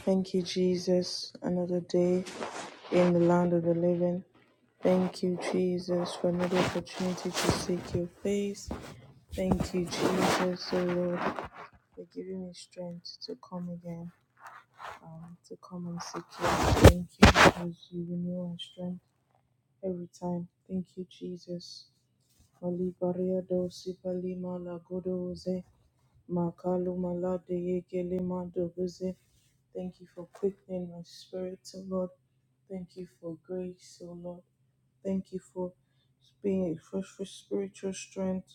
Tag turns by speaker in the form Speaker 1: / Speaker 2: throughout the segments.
Speaker 1: Thank you, Jesus. Another day in the land of the living. Thank you, Jesus, for another opportunity to seek your face. Thank you, Jesus, oh Lord, for giving me strength to come again, um, to come and seek you. Thank you because you renew our strength every time. Thank you, Jesus. Mali Baria Dosi Palima Lagodo Makalumalade yekele mandoguze. Thank you for quickening my spirit, O Lord. Thank you for grace, O Lord. Thank you for being a fresh for spiritual strength.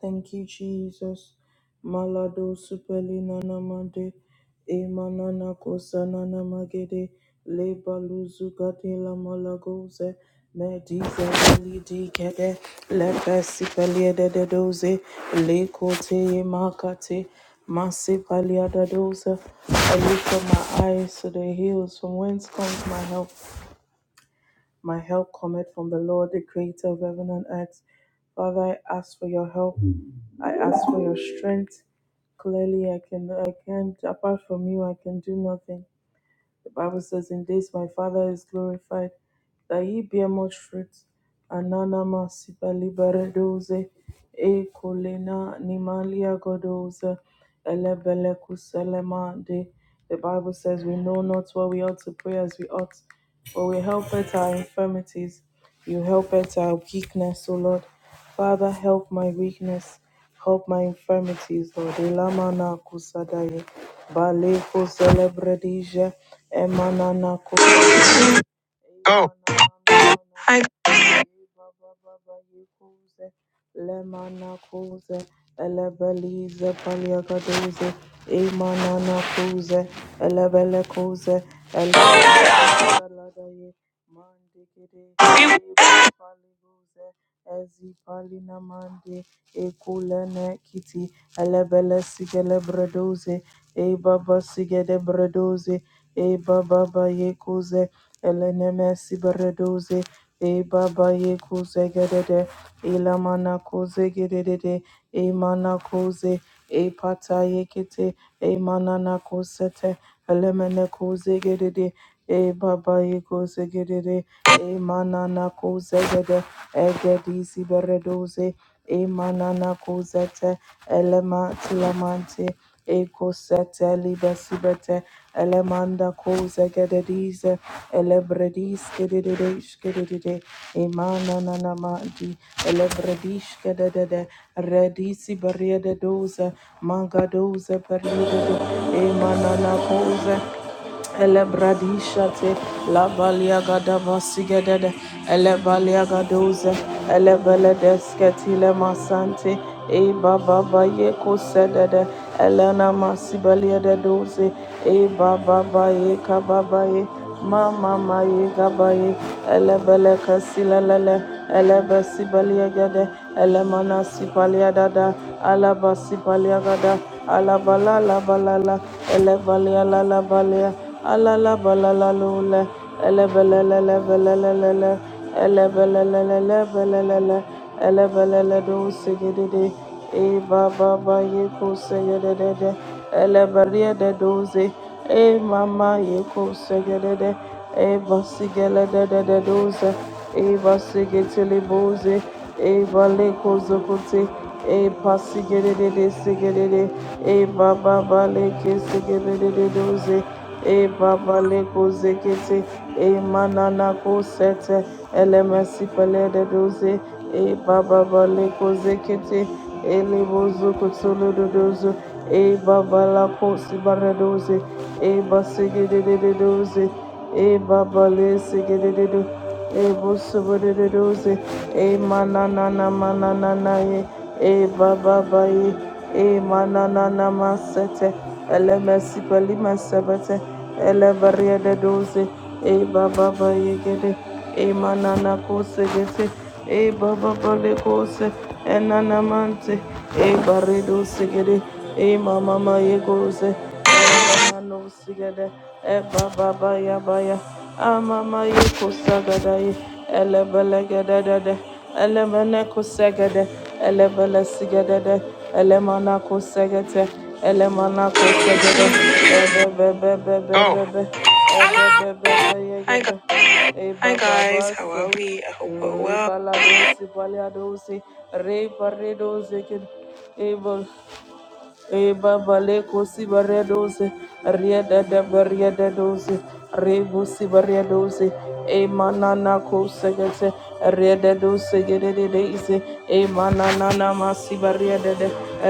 Speaker 1: Thank you, Jesus. Malado supelina namade, emanana kosana namagede, lebaluzu katila malagoze, medize validi kede, lepesi paliede de doze, lekote makate, masi paliada doze. I lift up my eyes to the hills, from whence comes my help. My help cometh from the Lord, the creator of heaven and earth. Father, I ask for your help. I ask for your strength. Clearly, I can, I can't, apart from you, I can do nothing. The Bible says, In this my Father is glorified that ye bear much fruit, ananama sipalibaredoze, e colena nimalia godoze, elebele kuselemande. The Bible says we know not what we ought to pray as we ought, but we help at our infirmities, you help at our weakness, O Lord. Father, help my weakness, help my infirmities, Lord. Elamana kusadaye, bale kuselebredize, emanana kusadaye. Go. Lemanakuze, elebelize paliakaduze, imananakuze, elebelekuze, elebelekuze, Mandekere palibuze ezi mande ekulene kiti elebele sigele bredoze e baba sigede bredoze e baba ba yekuze eleneme si e baba yekuze gedede ilamana kuze gedede e mana kuze e pata yekete e manana kosete elemene kozegedede e baba yekozegedede e manana kozegede egedisi beredoze e manana kozete elema tilamante Eko sete libe elemanda koze gededize elebredis kedidedesh kedidide imana nanamadi elebredish kededede redisi beriede doze manga doze periede do imana na koze Elebradishate, Labaliagada Basigade, Elebaliagadoze, Elebeledesketile Masante, E Baba Bayeko Sedede, Elena Masibalia de Doze, E Baba Baye Kababaye, Mama Maye Gabaye, Elebele Casilele, Elebesibalia Gade Elemana sipalia dada, alaba sipalia gada, alabala la balala, elevalia la la balia, alala balala lule, elebelelelebelelele, elebelelelebelele, elebelele lebelele, elebelele do sigididi, eva baba yeko sigididi, eleberia de doze, e mama yeko sigididi, Eba sigele de de de doze. Eba sigetele boze. Eba leko zokote. Eba sigele de de sigele de. Eba baba leke sigele de de doze. Eba ba leko zekete. Ema nana ko sete. Elemesi pele de doze. Eba baba leko zekete. Ele bozo kotolo de doze. Eba bala ko sibare doze. Eba sigele de de doze. E babale segededu. E busubudududuzi. E mananana mananana ye. E bababaye. E mananana masete. Ele mesipali mesebete. Ele bariededuzi. E bababaye gede. E manana kosegete. E bababale kose. Enanamante. E baredu segede. E mamama ye goze. Manusigede Eba Baba Yabaya Amama Yuko Sagadai Elebele Gedede Elemene Kusegede Elebele Sigedede Elemana Kusegete Elemana Kusegede Ebebebebebebe Ebebebebebe Hi guys, how are we? I hope we're well. Eba baleko sibaredose, rieda de beriedose, rebu sibaredose, emanana kosegese, rieda dose gededese, emanana masibariede,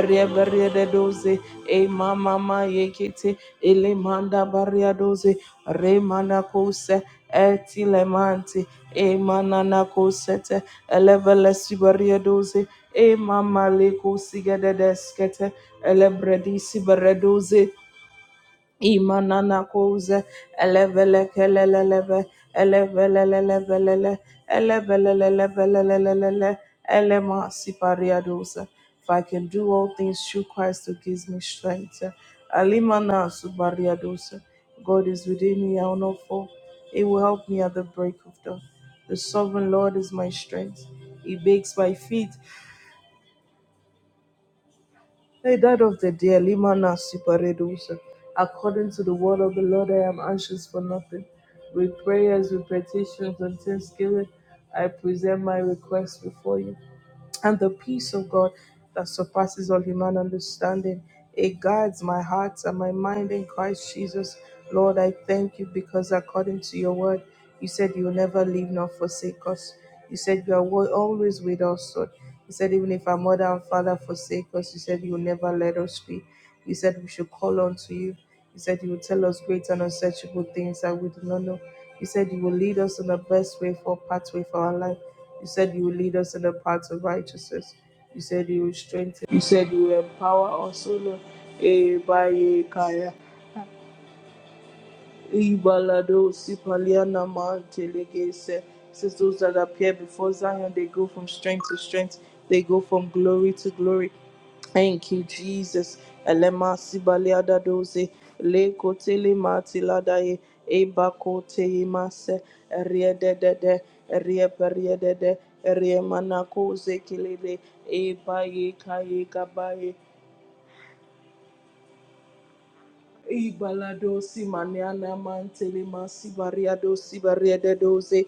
Speaker 1: rieberiedose, emamama yekete, elemanda bariadose, remana kose, etilemante e manana kosete elevele sibariedoze e mama leko sigededeskete elebredi sibaredoze Imanana koze elevele keleleleve elevelelelevelele elevelelelevelelelele elema sipariadosa. If I can do all things through Christ who gives me strength. Alimana subariadosa. God is within me, I will not fall. He will help me at the break of dawn. The sovereign Lord is my strength. He bakes my feet. They died of the dear Limana Siparedusha. According to the word of the Lord, I am anxious for nothing. With prayers, with petitions, and thanksgiving, I present my requests before you and the peace of God that surpasses all human understanding. It guards my heart and my mind in Christ Jesus. Lord, I thank you because according to your word, you said you will never leave nor forsake us. You said you are wa- always with us, Lord. You said even if our mother and father forsake us, you said you will never let us be. You said we should call on to you. You said you will tell us great and unsearchable things that we do not know. You said you will lead us in the best way for pathway for our life. You said you will lead us in the paths of righteousness. You said you will strengthen. You said you will empower us, O Lord. Eh, by ye, Kaya. Ibalado Sipaliana Mantelegese. Says those that appear before Zion, they go from strength to strength, they go from glory to glory. Thank you, Jesus. Elema sibaliada doze le kotele matiladae eba kote imase riede de de rie periede de rie manakoze kilede eba ye kaye Gabaye, Ibaladosi maniana mantele masi variadosi variede doze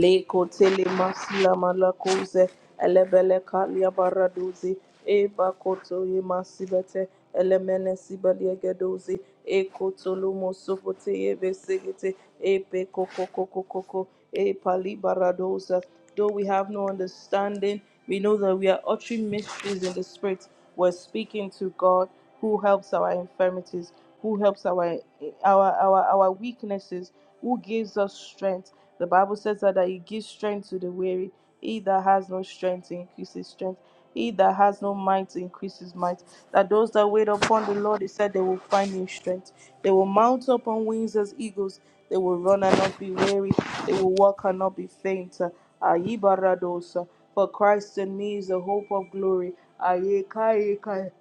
Speaker 1: le kotele masi la malakoze elebele kalia baradoze e bakoto ye masi bete elemene si baliege doze e kotolo mosopote ye besegete e pe koko koko koko e pali baradoza Though we have no understanding, we know that we are uttering mysteries in the Spirit. We're speaking to God who helps our infirmities, who helps our our our, our weaknesses, who gives us strength. The Bible says that, that He gives strength to the weary. He that has no strength increases strength. He that has no might increase his might. That those that wait upon the Lord, he said, they will find new strength. They will mount up on wings as eagles. They will run and not be weary. They will walk and not be faint. Ayibaradosa. For Christ in me is the hope of glory. Ayeka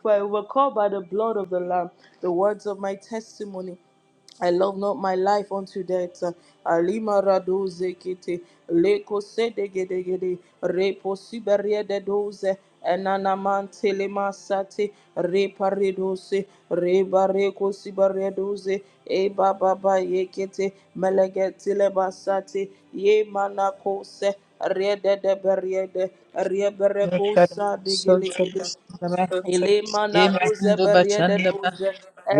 Speaker 1: for I overcome by the blood of the Lamb, the words of my testimony. I love not my life unto death. Alima rado zekete leko sede gede gede repo siberia de doze enanaman telema sate repare doze rebareko siberia doze e baba ba yekete melegete leba sate ye manakose riede de beriede riebereko
Speaker 2: Yemezindo
Speaker 1: sa de gele gede Ilimana kuze beriede
Speaker 2: Bashandaba,
Speaker 1: duze,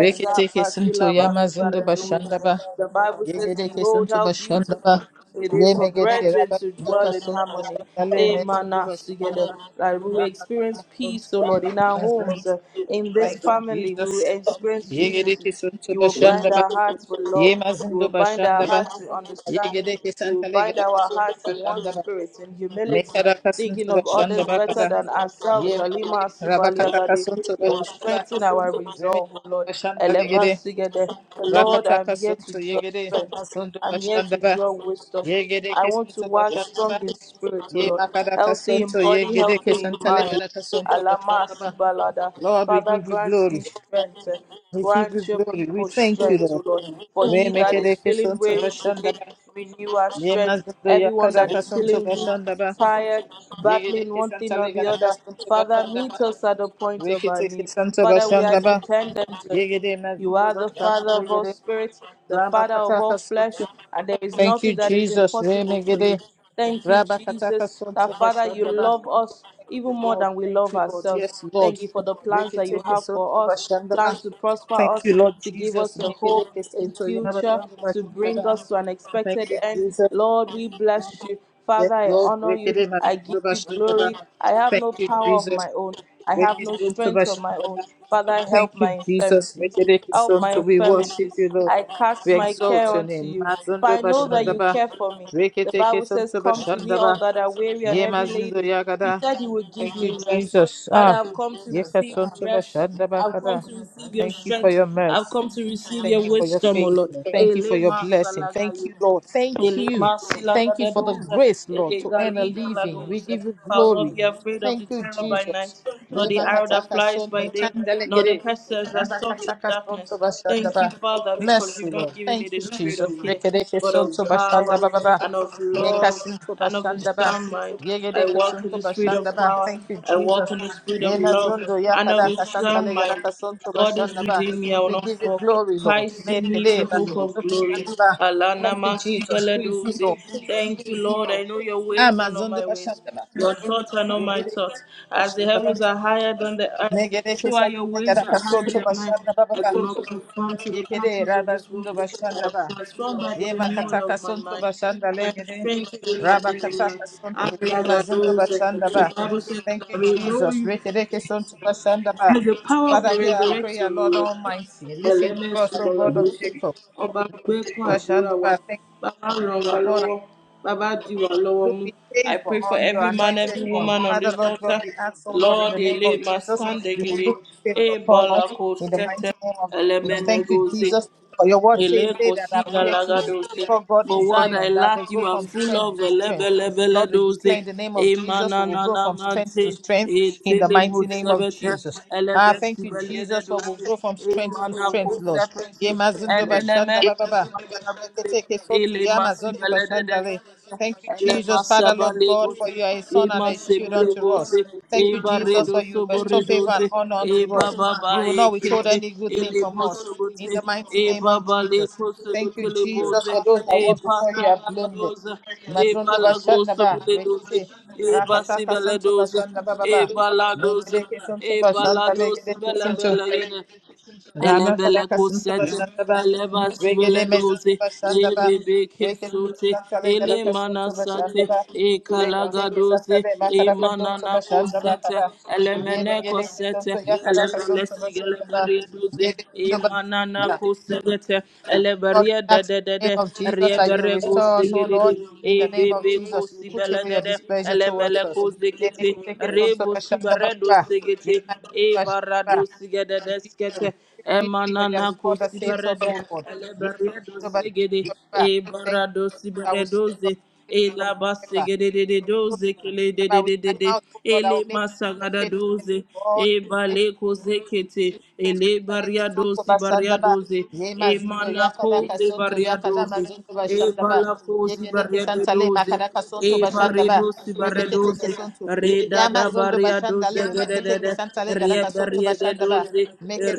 Speaker 1: exa
Speaker 2: Sunto
Speaker 1: patila basi
Speaker 2: Yamazindo Bashandaba,
Speaker 1: The Bible says,
Speaker 2: Yegedeke
Speaker 1: Behold
Speaker 2: Sunto
Speaker 1: how beautiful
Speaker 2: Bashandaba,
Speaker 1: it is for
Speaker 2: Yemegede
Speaker 1: brethren to dwell
Speaker 2: Rabaka
Speaker 1: in
Speaker 2: Sunto
Speaker 1: harmony.
Speaker 2: Shindale
Speaker 1: Amen.
Speaker 2: Mezindo
Speaker 1: Us Together,
Speaker 2: Bashandaba,
Speaker 1: that we will experience
Speaker 2: Rakataka
Speaker 1: peace,
Speaker 2: Sunto
Speaker 1: O Lord, in our
Speaker 2: Yemazin.
Speaker 1: homes, uh, in this
Speaker 2: Thank you,
Speaker 1: family, we
Speaker 2: Jesus.
Speaker 1: will experience unity.
Speaker 2: Yegedeke Sunto
Speaker 1: You will bind
Speaker 2: Bashandaba,
Speaker 1: our hearts with love. You will
Speaker 2: Yemazindo
Speaker 1: bind our
Speaker 2: Bashandaba,
Speaker 1: hearts with understanding.
Speaker 2: Yegedeke
Speaker 1: You will
Speaker 2: Santa
Speaker 1: bind
Speaker 2: Legaka
Speaker 1: our
Speaker 2: Sunto
Speaker 1: hearts in one
Speaker 2: Bashandaba,
Speaker 1: spirit, in humility,
Speaker 2: Mekaraka
Speaker 1: thinking
Speaker 2: Sunto
Speaker 1: of others better
Speaker 2: Bashandaba,
Speaker 1: than ourselves. Alima
Speaker 2: Yemegede, Rabakataka
Speaker 1: Sibaliagade.
Speaker 2: Sunto
Speaker 1: You will
Speaker 2: Bashandaba,
Speaker 1: strengthen our
Speaker 2: Remigede
Speaker 1: resolve, O Lord. Eleva
Speaker 2: Bashandabegede,
Speaker 1: Sigede. Lord,
Speaker 2: Rakataka
Speaker 1: I'm here to
Speaker 2: Sunto
Speaker 1: draw
Speaker 2: Yegede,
Speaker 1: strength.
Speaker 2: Masundo
Speaker 1: I'm here to
Speaker 2: Bashandaba,
Speaker 1: draw wisdom.
Speaker 2: Yegede
Speaker 1: I want to
Speaker 2: Kesunto
Speaker 1: walk strong
Speaker 2: Bashandaba,
Speaker 1: in spirit, O
Speaker 2: Ye
Speaker 1: Lord.
Speaker 2: Makadaka
Speaker 1: Healthy in
Speaker 2: Sunto
Speaker 1: body,
Speaker 2: Yegede
Speaker 1: healthy in mind.
Speaker 2: Kesantalegadaka Sunto
Speaker 1: Alamas
Speaker 2: Bashandaba.
Speaker 1: Balada.
Speaker 2: Lord, we
Speaker 1: Father,
Speaker 2: give you
Speaker 1: grant me
Speaker 2: glory.
Speaker 1: strength.
Speaker 2: We give you
Speaker 1: Grant your
Speaker 2: glory. We
Speaker 1: people
Speaker 2: thank you,
Speaker 1: strength, O
Speaker 2: Lord.
Speaker 1: Lord. For he that is
Speaker 2: Remekede
Speaker 1: feeling
Speaker 2: Kesunto
Speaker 1: weary today,
Speaker 2: Bashandaba,
Speaker 1: renew our
Speaker 2: Ye
Speaker 1: strength.
Speaker 2: Mazundo
Speaker 1: Everyone that
Speaker 2: Yakadaka
Speaker 1: is
Speaker 2: Sunto
Speaker 1: feeling weak,
Speaker 2: Bashandaba,
Speaker 1: tired,
Speaker 2: Yegede
Speaker 1: battling one thing or the
Speaker 2: Kesantalegadaka
Speaker 1: other,
Speaker 2: Sunto
Speaker 1: Father, meet
Speaker 2: Bashandaba.
Speaker 1: us at the point of our
Speaker 2: Rekete
Speaker 1: need.
Speaker 2: Kesanta
Speaker 1: Father, we are
Speaker 2: Bashandaba,
Speaker 1: dependent on you.
Speaker 2: Yegede
Speaker 1: You are
Speaker 2: mezunda
Speaker 1: the Father
Speaker 2: başlatları
Speaker 1: of all
Speaker 2: gede.
Speaker 1: spirits, the
Speaker 2: Rabba
Speaker 1: Father of all flesh, and there is
Speaker 2: Thank
Speaker 1: nothing
Speaker 2: you
Speaker 1: that is
Speaker 2: Jesus.
Speaker 1: impossible
Speaker 2: Reme
Speaker 1: for you.
Speaker 2: gede.
Speaker 1: Thank you,
Speaker 2: Rabba kataka
Speaker 1: Jesus, that
Speaker 2: sonsu
Speaker 1: Father, you
Speaker 2: başlandı ba.
Speaker 1: love us
Speaker 2: Thank
Speaker 1: even
Speaker 2: you
Speaker 1: more
Speaker 2: Lord.
Speaker 1: than we
Speaker 2: Thank
Speaker 1: love
Speaker 2: you Lord.
Speaker 1: ourselves.
Speaker 2: Yes Lord.
Speaker 1: Thank you for the plans that you
Speaker 2: Reketeke
Speaker 1: have for
Speaker 2: sonsu
Speaker 1: us
Speaker 2: başlandı ba.
Speaker 1: plans to prosper
Speaker 2: Thank
Speaker 1: us,
Speaker 2: you Lord
Speaker 1: to give
Speaker 2: Jesus.
Speaker 1: us a hope,
Speaker 2: Mekereke
Speaker 1: a
Speaker 2: sonsu
Speaker 1: future,
Speaker 2: yarabazandı
Speaker 1: to
Speaker 2: başlandı
Speaker 1: bring
Speaker 2: ba.
Speaker 1: us to an
Speaker 2: Thank
Speaker 1: expected
Speaker 2: you
Speaker 1: end.
Speaker 2: Jesus.
Speaker 1: Lord, we bless you.
Speaker 2: Yes
Speaker 1: Father, I
Speaker 2: Lord.
Speaker 1: honor you.
Speaker 2: Rekede
Speaker 1: I give
Speaker 2: mezunda
Speaker 1: you
Speaker 2: başlandı ba.
Speaker 1: glory. I have
Speaker 2: Thank
Speaker 1: no
Speaker 2: you
Speaker 1: power of
Speaker 2: Jesus.
Speaker 1: my own. I have
Speaker 2: Reketeke
Speaker 1: no
Speaker 2: sonsu
Speaker 1: strength of my
Speaker 2: başlandı
Speaker 1: own. Father, help
Speaker 2: Thank you,
Speaker 1: my
Speaker 2: Jesus. We
Speaker 1: infirmities.
Speaker 2: dedicate this
Speaker 1: Help
Speaker 2: song
Speaker 1: my
Speaker 2: to we worship
Speaker 1: infirmities.
Speaker 2: you, Lord.
Speaker 1: I cast
Speaker 2: We
Speaker 1: my care
Speaker 2: exalt your
Speaker 1: unto
Speaker 2: name.
Speaker 1: you. For
Speaker 2: Mazundo
Speaker 1: I know that you
Speaker 2: Bashandaba.
Speaker 1: care for me. The
Speaker 2: Reketeke
Speaker 1: Bible says,
Speaker 2: Santo
Speaker 1: Come to me, all
Speaker 2: Bashandaba.
Speaker 1: that are weary and
Speaker 2: Ye
Speaker 1: heavy
Speaker 2: Mazundo
Speaker 1: laden. You
Speaker 2: Yagada.
Speaker 1: said you would give
Speaker 2: Thank you,
Speaker 1: me rest.
Speaker 2: Jesus.
Speaker 1: Father,
Speaker 2: Ah.
Speaker 1: I've come to
Speaker 2: Yeka
Speaker 1: receive
Speaker 2: Santo
Speaker 1: rest.
Speaker 2: Bashandaba
Speaker 1: I've come
Speaker 2: Kada.
Speaker 1: to receive your
Speaker 2: Thank you for
Speaker 1: strength.
Speaker 2: your
Speaker 1: I've
Speaker 2: mercy.
Speaker 1: come to receive
Speaker 2: Thank
Speaker 1: your
Speaker 2: you for your
Speaker 1: wisdom, O
Speaker 2: favor.
Speaker 1: Lord.
Speaker 2: Thank you for your
Speaker 1: Elema
Speaker 2: blessing. Thank
Speaker 1: salagayo.
Speaker 2: you, Lord. Thank
Speaker 1: Ele
Speaker 2: you.
Speaker 1: masila da
Speaker 2: Thank you
Speaker 1: da
Speaker 2: for the
Speaker 1: dosa,
Speaker 2: grace, Lord,
Speaker 1: ele
Speaker 2: to earn a
Speaker 1: galiga la
Speaker 2: living. We
Speaker 1: dosa.
Speaker 2: give you
Speaker 1: I'll not
Speaker 2: glory.
Speaker 1: be afraid of
Speaker 2: Thank
Speaker 1: the
Speaker 2: you,
Speaker 1: terror by
Speaker 2: Jesus.
Speaker 1: night, nor the arrow that
Speaker 2: Remakataka
Speaker 1: flies by
Speaker 2: sonto
Speaker 1: day, nor the
Speaker 2: chandalegere.
Speaker 1: pestilence that stalks in
Speaker 2: Rabakataka sonto
Speaker 1: darkness. Thank you,
Speaker 2: bashandaba.
Speaker 1: Father, because
Speaker 2: Mercy,
Speaker 1: you've not
Speaker 2: Lord.
Speaker 1: given me
Speaker 2: Thank
Speaker 1: the
Speaker 2: you,
Speaker 1: spirit
Speaker 2: Jesus.
Speaker 1: of fear,
Speaker 2: Rekedeke
Speaker 1: but of
Speaker 2: sonto
Speaker 1: power
Speaker 2: bashandaba baba.
Speaker 1: and of
Speaker 2: Meka
Speaker 1: love
Speaker 2: sinto
Speaker 1: and of a
Speaker 2: bashandaba.
Speaker 1: sound mind. I
Speaker 2: Yegedeke
Speaker 1: walk in
Speaker 2: sonto
Speaker 1: the spirit of
Speaker 2: bashandaba.
Speaker 1: power.
Speaker 2: Thank you,
Speaker 1: I walk
Speaker 2: Jesus.
Speaker 1: in the spirit of
Speaker 2: Yena
Speaker 1: love
Speaker 2: zondo
Speaker 1: and of a
Speaker 2: yakadaka santa
Speaker 1: sound mind.
Speaker 2: legadaka sonto
Speaker 1: God is
Speaker 2: bashandaba.
Speaker 1: within me, I will
Speaker 2: We
Speaker 1: not
Speaker 2: give you
Speaker 1: fall.
Speaker 2: glory, Lord.
Speaker 1: Christ in
Speaker 2: Make
Speaker 1: me
Speaker 2: it
Speaker 1: is the
Speaker 2: eh, ba-
Speaker 1: hope of
Speaker 2: ba- ba-
Speaker 1: glory.
Speaker 2: ba. ba.
Speaker 1: Alana
Speaker 2: Thank you, Jesus.
Speaker 1: Masigala
Speaker 2: Praise you,
Speaker 1: Doze.
Speaker 2: Lord.
Speaker 1: Thank you, Lord. I know your ways are not
Speaker 2: Amazon do
Speaker 1: my ways.
Speaker 2: Bashandaba.
Speaker 1: Your thoughts are not my
Speaker 2: Negere
Speaker 1: thoughts. As the heavens are higher than the earth, so are your
Speaker 2: Santa
Speaker 1: ways
Speaker 2: Negara
Speaker 1: that are higher
Speaker 2: Casonto
Speaker 1: than mine.
Speaker 2: Bashanda
Speaker 1: I
Speaker 2: Baba.
Speaker 1: do not conform to the
Speaker 2: Yegere
Speaker 1: patterns of this world.
Speaker 2: Rabazindo
Speaker 1: I am
Speaker 2: Bashandaba.
Speaker 1: transformed by the
Speaker 2: Yema
Speaker 1: renewal
Speaker 2: Kataka
Speaker 1: of my
Speaker 2: Sonto
Speaker 1: mind.
Speaker 2: Bashanda
Speaker 1: I am
Speaker 2: Legere.
Speaker 1: strengthened in my
Speaker 2: Rabba
Speaker 1: inner man.
Speaker 2: Kataka
Speaker 1: I'm
Speaker 2: Sonto
Speaker 1: glad
Speaker 2: Yema
Speaker 1: that
Speaker 2: Zindo
Speaker 1: those, uh,
Speaker 2: Bashandaba.
Speaker 1: the Bible says that
Speaker 2: Thank
Speaker 1: I
Speaker 2: you,
Speaker 1: will know
Speaker 2: Jesus.
Speaker 1: you
Speaker 2: Rekereke Sonto Bashandaba.
Speaker 1: through the power of
Speaker 2: Father,
Speaker 1: your
Speaker 2: hear our
Speaker 1: resurrection,
Speaker 2: prayer,
Speaker 1: O
Speaker 2: Lord
Speaker 1: Lord
Speaker 2: Almighty. Listen to us,
Speaker 1: ẹlẹ́mẹ̀sùn
Speaker 2: O God of
Speaker 1: lọ́ládọ́sọ
Speaker 2: Jacob.
Speaker 1: ọba gbẹ́kún àdúrà wa
Speaker 2: Thank you, Duke
Speaker 1: bàbá ràn wá
Speaker 2: upon
Speaker 1: lọ́wọ́ bàbá dì wá lọ́wọ́
Speaker 2: Lord,
Speaker 1: mú
Speaker 2: be
Speaker 1: i
Speaker 2: favor
Speaker 1: pray for
Speaker 2: on your
Speaker 1: every man
Speaker 2: anointed
Speaker 1: every
Speaker 2: one.
Speaker 1: woman on
Speaker 2: Father,
Speaker 1: this
Speaker 2: Lord
Speaker 1: altar
Speaker 2: God, we ask, oh Lord, in
Speaker 1: lord
Speaker 2: the name
Speaker 1: ele
Speaker 2: of Jesus, you will
Speaker 1: masandegede
Speaker 2: look with favor upon
Speaker 1: ebala
Speaker 2: us
Speaker 1: ko
Speaker 2: in the
Speaker 1: sete
Speaker 2: mighty name of Jesus. Thank you,
Speaker 1: elemenegose
Speaker 2: Jesus. For your word says, They
Speaker 1: Eleko
Speaker 2: that
Speaker 1: sika
Speaker 2: appear to Z-
Speaker 1: lagadose.
Speaker 2: before God in
Speaker 1: For what I
Speaker 2: Zion, that they
Speaker 1: lack,
Speaker 2: go
Speaker 1: you are
Speaker 2: from
Speaker 1: full
Speaker 2: strength
Speaker 1: of
Speaker 2: to strength. Lord, we
Speaker 1: elebelebeledoze.
Speaker 2: declare in the name of Jesus, we will grow from strength
Speaker 1: Emanananamante.
Speaker 2: to strength in the mighty name of
Speaker 1: Etelemosebete.
Speaker 2: Jesus. Ah, thank you, Jesus, for we'll
Speaker 1: Elebesibeledoze.
Speaker 2: grow from strength to strength, Lord.
Speaker 1: Emanakosepete.
Speaker 2: Yemazindoba shandababa.
Speaker 1: Enenemesibelebete.
Speaker 2: Reketeke soto
Speaker 1: Elemasibeledes.
Speaker 2: yamazondobashandale. Thank you, Jesus, Father, Lord God,
Speaker 1: Elemasabalegose.
Speaker 2: for you are a son and a shield unto
Speaker 1: Emasebelegose.
Speaker 2: us. Thank you, Jesus, for you bestow favor and
Speaker 1: Ebaredosoboredoze.
Speaker 2: honor unto us.
Speaker 1: Ebababa
Speaker 2: You will not withhold
Speaker 1: ekete.
Speaker 2: any good thing from us. In the
Speaker 1: Elebosobote
Speaker 2: mighty
Speaker 1: e
Speaker 2: name of
Speaker 1: babale
Speaker 2: Jesus. Thank you,
Speaker 1: kosekele
Speaker 2: Jesus,
Speaker 1: boze
Speaker 2: for those that
Speaker 1: e
Speaker 2: walk before you are
Speaker 1: pasagala
Speaker 2: blameless.
Speaker 1: doze e
Speaker 2: Mazondo
Speaker 1: balagoso
Speaker 2: Bashandaba,
Speaker 1: bile doze
Speaker 2: Rekete,
Speaker 1: e basi
Speaker 2: Rakataka
Speaker 1: bele
Speaker 2: Santo
Speaker 1: doze
Speaker 2: Bashandaba
Speaker 1: e
Speaker 2: Baba,
Speaker 1: baladoze
Speaker 2: Megereke Santo
Speaker 1: e
Speaker 2: Bashanda
Speaker 1: baladoze
Speaker 2: Legereke
Speaker 1: bele
Speaker 2: Santo,
Speaker 1: bele yine
Speaker 2: Rama
Speaker 1: Elebele
Speaker 2: Kadaka Santa
Speaker 1: kusete,
Speaker 2: Bashandaba,
Speaker 1: eleba
Speaker 2: Regede
Speaker 1: sibeledoze
Speaker 2: Mezanta Bashandaba,
Speaker 1: ebebe
Speaker 2: Rekete
Speaker 1: kesote
Speaker 2: Santa
Speaker 1: ele
Speaker 2: Legadaka Santa
Speaker 1: manasate
Speaker 2: Bashandaba,
Speaker 1: e
Speaker 2: Rekete
Speaker 1: kalagadoze
Speaker 2: Santa Le
Speaker 1: e
Speaker 2: Makadaka Santa
Speaker 1: manana
Speaker 2: Bashandaba
Speaker 1: kosete
Speaker 2: Kada,
Speaker 1: elemene
Speaker 2: Yeme Gedeke
Speaker 1: kosete
Speaker 2: Santa Yakadaka
Speaker 1: elebele
Speaker 2: Santa
Speaker 1: sigele
Speaker 2: Bashandaba,
Speaker 1: bariadoze
Speaker 2: Yebe
Speaker 1: e
Speaker 2: Santa
Speaker 1: manana
Speaker 2: Bashandaba.
Speaker 1: kosete
Speaker 2: Lord,
Speaker 1: eleberia
Speaker 2: we ask in the
Speaker 1: dededede
Speaker 2: name of Jesus that you
Speaker 1: riebere
Speaker 2: restore us, oh
Speaker 1: gosigedede
Speaker 2: Lord,
Speaker 1: e
Speaker 2: in the name of
Speaker 1: bebe
Speaker 2: Jesus, you put
Speaker 1: kosibele
Speaker 2: away
Speaker 1: de
Speaker 2: your
Speaker 1: kosibelede
Speaker 2: displeasure
Speaker 1: elemele
Speaker 2: towards us. Yeme
Speaker 1: kozekete
Speaker 2: Gedeke Santa
Speaker 1: rebo subaredo
Speaker 2: Bashandaba,
Speaker 1: segete e
Speaker 2: Yema
Speaker 1: barado
Speaker 2: Jesus,
Speaker 1: sigededeskete
Speaker 2: Jesus, for you are
Speaker 1: Emanana
Speaker 2: the God that
Speaker 1: kosi
Speaker 2: saves us,
Speaker 1: berede
Speaker 2: O Lord. Yes,
Speaker 1: eleberedo
Speaker 2: Jehovah,
Speaker 1: segede e
Speaker 2: Jehovah. Thank you.
Speaker 1: barado
Speaker 2: I will sing
Speaker 1: siberedoze
Speaker 2: your
Speaker 1: e
Speaker 2: faithfulness of
Speaker 1: laba
Speaker 2: forever.
Speaker 1: segede de de
Speaker 2: So,
Speaker 1: doze kele de de
Speaker 2: Jehovah, with
Speaker 1: de de
Speaker 2: my
Speaker 1: de
Speaker 2: mouth, O Lord, I
Speaker 1: ele
Speaker 2: will make your
Speaker 1: masagada
Speaker 2: faithfulness
Speaker 1: doze
Speaker 2: to all
Speaker 1: e bale koze kete
Speaker 2: generations.
Speaker 1: ele
Speaker 2: Kadeke
Speaker 1: baria
Speaker 2: sonto
Speaker 1: dosi baria
Speaker 2: bashandaba.
Speaker 1: doze e
Speaker 2: Yema zindo
Speaker 1: mana
Speaker 2: yakada
Speaker 1: koze
Speaker 2: kasonto
Speaker 1: baria
Speaker 2: yakada
Speaker 1: doze
Speaker 2: mazindo
Speaker 1: e
Speaker 2: bashandaba.
Speaker 1: balakozi
Speaker 2: Yegedeke
Speaker 1: barriado
Speaker 2: santale
Speaker 1: doze
Speaker 2: makadaka sonto
Speaker 1: e
Speaker 2: bashandaba.
Speaker 1: barredo si
Speaker 2: Rebeke teke
Speaker 1: barredoze
Speaker 2: sonto.
Speaker 1: re da da
Speaker 2: Yama zondo
Speaker 1: barriado
Speaker 2: bashandale.
Speaker 1: zegede de de
Speaker 2: Reketeke santale
Speaker 1: re
Speaker 2: gadaka sonto bashandaba.
Speaker 1: doze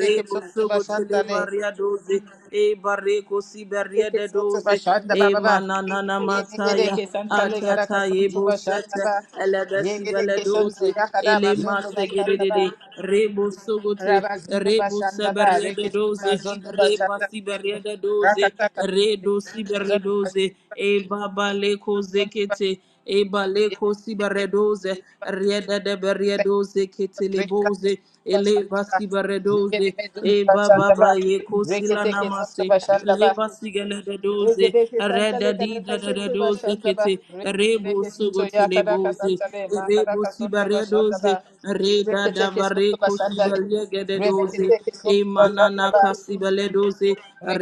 Speaker 1: re
Speaker 2: sonto
Speaker 1: busugo tele
Speaker 2: bashandale.
Speaker 1: barriadoze e barreko si
Speaker 2: Keseke
Speaker 1: barriade
Speaker 2: soto
Speaker 1: doze
Speaker 2: bashanda
Speaker 1: e
Speaker 2: baba ba.
Speaker 1: mananana
Speaker 2: Yeme gere
Speaker 1: mataya
Speaker 2: kesanta le gara
Speaker 1: atata e
Speaker 2: kasonto bashanda
Speaker 1: bosata
Speaker 2: ba. Ye
Speaker 1: elebesi
Speaker 2: gere kesonto
Speaker 1: beledoze
Speaker 2: yakada
Speaker 1: ele
Speaker 2: mazondo
Speaker 1: masegede
Speaker 2: bashanda
Speaker 1: de
Speaker 2: ba.
Speaker 1: de re busugo te
Speaker 2: Rabazindo
Speaker 1: Rebo
Speaker 2: bashanda ba.
Speaker 1: Sabereda
Speaker 2: Rekete
Speaker 1: Doze,
Speaker 2: mazondo
Speaker 1: Reba
Speaker 2: bashanda rekete.
Speaker 1: Sibereda Doze,
Speaker 2: Rakata kasonto
Speaker 1: Redo
Speaker 2: mazondo bashanda
Speaker 1: Siberedoze,
Speaker 2: ba.
Speaker 1: Eba Baleko
Speaker 2: Zonto ba. Son
Speaker 1: Zekete,
Speaker 2: to
Speaker 1: Eba
Speaker 2: başan. Ye
Speaker 1: Leko
Speaker 2: gere kesonto
Speaker 1: Siberedoze, Rieda de Beredoze,
Speaker 2: rekata kasonto
Speaker 1: Keteleboze,
Speaker 2: bashanda
Speaker 1: Eleva
Speaker 2: ba. Ye gere
Speaker 1: Siberedoze,
Speaker 2: mazondo
Speaker 1: Eba
Speaker 2: bashanda ba.
Speaker 1: Baba Yeko
Speaker 2: Rekete kesonto
Speaker 1: Silanamase,
Speaker 2: bashanda ba.
Speaker 1: Leva Sigeleda Doze,
Speaker 2: Regedeke
Speaker 1: Reda
Speaker 2: santale
Speaker 1: Dida
Speaker 2: kadaka
Speaker 1: de
Speaker 2: suntu
Speaker 1: Doze
Speaker 2: bashandaba.
Speaker 1: Kete, Rebo
Speaker 2: Regedeke suntu ya kadaka
Speaker 1: Sogoteleboze,
Speaker 2: santale ma
Speaker 1: Rebo
Speaker 2: kadaka suntu
Speaker 1: Siberedoze,
Speaker 2: bashandaba.
Speaker 1: Reda
Speaker 2: Reketeke suntu
Speaker 1: Davareko
Speaker 2: bashandale.
Speaker 1: Siberedoze gededoze
Speaker 2: Reketeke
Speaker 1: e
Speaker 2: suntu
Speaker 1: manana
Speaker 2: bashandaba.
Speaker 1: kasibeledoze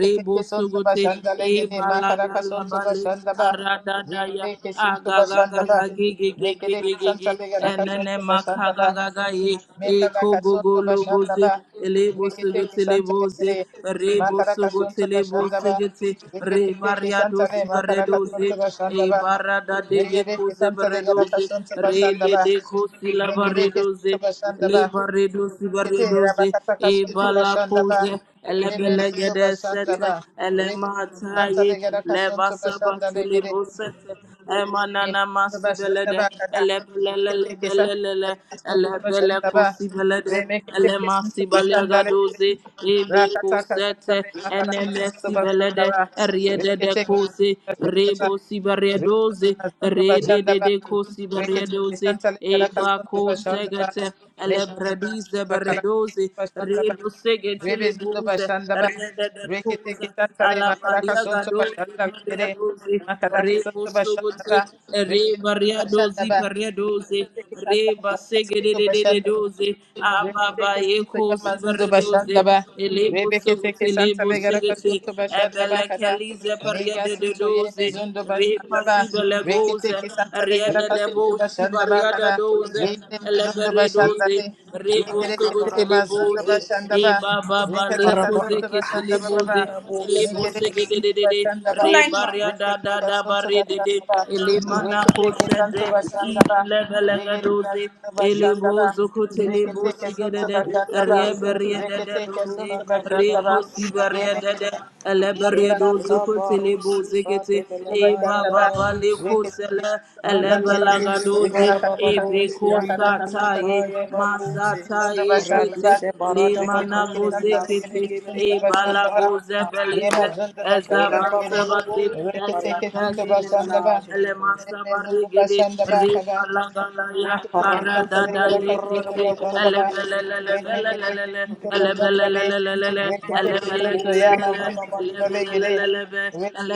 Speaker 1: rebo
Speaker 2: suntu
Speaker 1: sugote
Speaker 2: bashandale
Speaker 1: e
Speaker 2: gede ma kadaka suntu
Speaker 1: balalalabale
Speaker 2: bashandaba.
Speaker 1: aradadaya
Speaker 2: Regedeke suntu bashandaba. Mekedeke
Speaker 1: agagagagagegegegegege
Speaker 2: santale kadaka
Speaker 1: enene
Speaker 2: suntu bashandaba.
Speaker 1: makagagagaye e
Speaker 2: Mekada kasuntu
Speaker 1: kogogologoze
Speaker 2: bashandaba.
Speaker 1: elebo
Speaker 2: Rekete
Speaker 1: sugote
Speaker 2: kisanta
Speaker 1: leboze
Speaker 2: lekere.
Speaker 1: rebo
Speaker 2: Makara
Speaker 1: sugote
Speaker 2: kasuntu
Speaker 1: lebo
Speaker 2: bashandaba.
Speaker 1: sugete
Speaker 2: Rekete kisanta
Speaker 1: rebariadosi
Speaker 2: le makara
Speaker 1: baredoze
Speaker 2: kasuntu
Speaker 1: e
Speaker 2: bashandaba.
Speaker 1: barada de
Speaker 2: Rekete
Speaker 1: yekoze
Speaker 2: kisanta le gara
Speaker 1: baredoze
Speaker 2: kasuntu
Speaker 1: re de
Speaker 2: bashandaba.
Speaker 1: de kosi
Speaker 2: Mekede
Speaker 1: lavaredoze
Speaker 2: kisuntu bashandaba.
Speaker 1: Libarido
Speaker 2: Kete
Speaker 1: Sibaridoze,
Speaker 2: rabakata kasuntu
Speaker 1: Ebalacoze,
Speaker 2: bashandaba. Reme zindu
Speaker 1: Elebelegadesete,
Speaker 2: bashandaba. Rekete kisanta
Speaker 1: Elemataye,
Speaker 2: le gara kasuntu
Speaker 1: Levasabati
Speaker 2: bashandaba.
Speaker 1: Libosete,
Speaker 2: Yemi
Speaker 1: Emanana
Speaker 2: baba shanda
Speaker 1: Masibelede,
Speaker 2: kada. Rekete ke santa
Speaker 1: Elebelelebelele,
Speaker 2: kada kasto baba shanda ba.
Speaker 1: Elebelekusibelede,
Speaker 2: Remekete ke santa ba shanda le.
Speaker 1: Elemasibalegadoze,
Speaker 2: Rakata ka santa
Speaker 1: Ebecosete,
Speaker 2: le makara ka santa ba shanda
Speaker 1: Enemesibelede,
Speaker 2: ba.
Speaker 1: Riede de
Speaker 2: Rekete ke
Speaker 1: kose,
Speaker 2: ba shanda
Speaker 1: Rebo
Speaker 2: ba. Rekete
Speaker 1: Sibariadoze,
Speaker 2: ke santa ba
Speaker 1: Rede
Speaker 2: shanda ba.
Speaker 1: de
Speaker 2: Rekete ke
Speaker 1: Kosiberedozi,
Speaker 2: santa kada ka
Speaker 1: eba
Speaker 2: santa ba shanda ba.
Speaker 1: Ebaco
Speaker 2: Mekete ke
Speaker 1: elebredis
Speaker 2: santa ba kada
Speaker 1: beredozi
Speaker 2: ka santa ba shanda ba.
Speaker 1: redo
Speaker 2: Rebe
Speaker 1: segetele
Speaker 2: zinto ba
Speaker 1: boze
Speaker 2: shanda
Speaker 1: rede de
Speaker 2: Rekete ke
Speaker 1: toza
Speaker 2: santa makara ka
Speaker 1: Maria
Speaker 2: santa ba
Speaker 1: gadozi
Speaker 2: shanda
Speaker 1: maria
Speaker 2: le.
Speaker 1: dozi
Speaker 2: Makara ka
Speaker 1: rebo
Speaker 2: santa ba shanda
Speaker 1: sogote
Speaker 2: Rebe
Speaker 1: reba
Speaker 2: zinto
Speaker 1: ria
Speaker 2: ba shanda
Speaker 1: dozi paria dozi reba segedede
Speaker 2: Thank you.
Speaker 1: dozi ababa
Speaker 2: Rekete kesinti
Speaker 1: eko zibare
Speaker 2: yamazın
Speaker 1: dozi
Speaker 2: başında ba.
Speaker 1: elebo
Speaker 2: Rebekete
Speaker 1: sogote
Speaker 2: kesanta
Speaker 1: lebo
Speaker 2: legara
Speaker 1: segete
Speaker 2: kasuntu başında ba
Speaker 1: ebele
Speaker 2: kada.
Speaker 1: kelize paria
Speaker 2: Mega
Speaker 1: de de
Speaker 2: suntu
Speaker 1: dozi
Speaker 2: yemezun do
Speaker 1: repa
Speaker 2: başında ba.
Speaker 1: sibele boze
Speaker 2: Rekete kesanta
Speaker 1: ria
Speaker 2: legara
Speaker 1: de debo
Speaker 2: kasuntu başında ba
Speaker 1: shibaria de
Speaker 2: kada.
Speaker 1: dozi
Speaker 2: Yemezun do
Speaker 1: eleberedo
Speaker 2: başında
Speaker 1: doze,
Speaker 2: le.
Speaker 3: Good
Speaker 1: reboso
Speaker 2: Yegerekete
Speaker 1: gotele
Speaker 2: mazun do
Speaker 1: boze,
Speaker 2: başında
Speaker 1: e
Speaker 2: ba.
Speaker 1: baba bale
Speaker 2: Rekete
Speaker 1: koze
Speaker 2: kasuntu
Speaker 1: ketele
Speaker 2: başında ba
Speaker 1: boze,
Speaker 2: baba.
Speaker 1: ele
Speaker 2: Mekere
Speaker 1: bose gede de
Speaker 2: kesinti
Speaker 1: de de,
Speaker 2: başında
Speaker 1: re
Speaker 2: ba.
Speaker 3: night, mom.
Speaker 1: baria da da
Speaker 2: Rekete
Speaker 1: da
Speaker 2: kasuntu
Speaker 1: bare de de,
Speaker 2: başında ba.
Speaker 1: ele mana
Speaker 2: Rekete
Speaker 1: kose de,
Speaker 2: kesantu
Speaker 1: e
Speaker 2: başında ba.
Speaker 1: lege lege doze,
Speaker 2: Yegerekete
Speaker 1: ele
Speaker 2: başında ba.
Speaker 1: bozo kotele bosi
Speaker 2: Reketeke
Speaker 1: gede
Speaker 2: suntu
Speaker 1: de,
Speaker 3: Makuza
Speaker 1: re
Speaker 2: bakandaba.
Speaker 1: berie
Speaker 3: takarabu
Speaker 1: de de
Speaker 2: Reketeke
Speaker 1: doze,
Speaker 3: kutuba
Speaker 2: suntu
Speaker 1: re
Speaker 2: bakandaba.
Speaker 3: kababu
Speaker 1: kosi berie
Speaker 2: Yeme
Speaker 3: sharaba
Speaker 1: de
Speaker 2: gebe
Speaker 1: de, ele
Speaker 2: suntu
Speaker 1: berie
Speaker 3: ela
Speaker 1: dozo kotele
Speaker 3: kabarusi
Speaker 1: boze
Speaker 3: ba
Speaker 1: gete,
Speaker 3: debele
Speaker 1: e
Speaker 3: kaya
Speaker 1: baba
Speaker 2: bakandaba.
Speaker 3: babu
Speaker 1: bale kose
Speaker 2: Reketeke
Speaker 1: le,
Speaker 2: suntu
Speaker 3: malikiri
Speaker 2: bakandaba.
Speaker 3: buso
Speaker 1: doze,
Speaker 2: Rema
Speaker 3: bara
Speaker 1: e
Speaker 2: kataka
Speaker 3: babu
Speaker 2: suntu
Speaker 1: beko
Speaker 2: yakara
Speaker 3: shana mana
Speaker 2: kasanta
Speaker 1: Ekete
Speaker 2: regede.
Speaker 3: kaya babu se
Speaker 1: Masata
Speaker 2: Suntu bakandaba.
Speaker 1: Ekete
Speaker 3: raduse barada
Speaker 1: Limana
Speaker 2: Reketeke
Speaker 3: bakunde
Speaker 2: suntu regede
Speaker 3: menasi
Speaker 1: Gozekete
Speaker 3: gebre
Speaker 2: suntu
Speaker 3: buso
Speaker 1: Ebala
Speaker 2: bakandaba.
Speaker 3: bara
Speaker 1: Goze
Speaker 3: nasa
Speaker 2: Rema
Speaker 1: Belize
Speaker 3: kaya
Speaker 2: suntu
Speaker 3: ora
Speaker 2: bakandaba regede.
Speaker 3: babu
Speaker 1: Ezabansabate
Speaker 3: babu se bala
Speaker 2: Reketeke suntu
Speaker 3: kande nena
Speaker 1: Esepesibete
Speaker 2: bakandaba.
Speaker 3: nazi
Speaker 2: Reme suntu
Speaker 1: Elemasabarigede
Speaker 2: bakandaba kaba.
Speaker 1: Rimalagalaya
Speaker 2: Rekete Santa
Speaker 1: Aradada
Speaker 3: Harakusu, brada,
Speaker 1: Ekete
Speaker 3: baba baba baba
Speaker 2: Sandaba,
Speaker 3: bada, bada, bada, bada,
Speaker 2: Remekete
Speaker 1: Elebelelelebelelele
Speaker 3: bada, bada,
Speaker 2: Santa
Speaker 3: bada.
Speaker 2: Santa Bay,
Speaker 1: Elebelelelelele
Speaker 2: Rekete
Speaker 3: Malikiri
Speaker 2: Soto
Speaker 3: bosa, bara,
Speaker 1: Elebelegelelele
Speaker 2: Yamazunda
Speaker 3: baba, likiri
Speaker 2: Sindalegede,
Speaker 3: bosa.
Speaker 1: Elebelelelelebe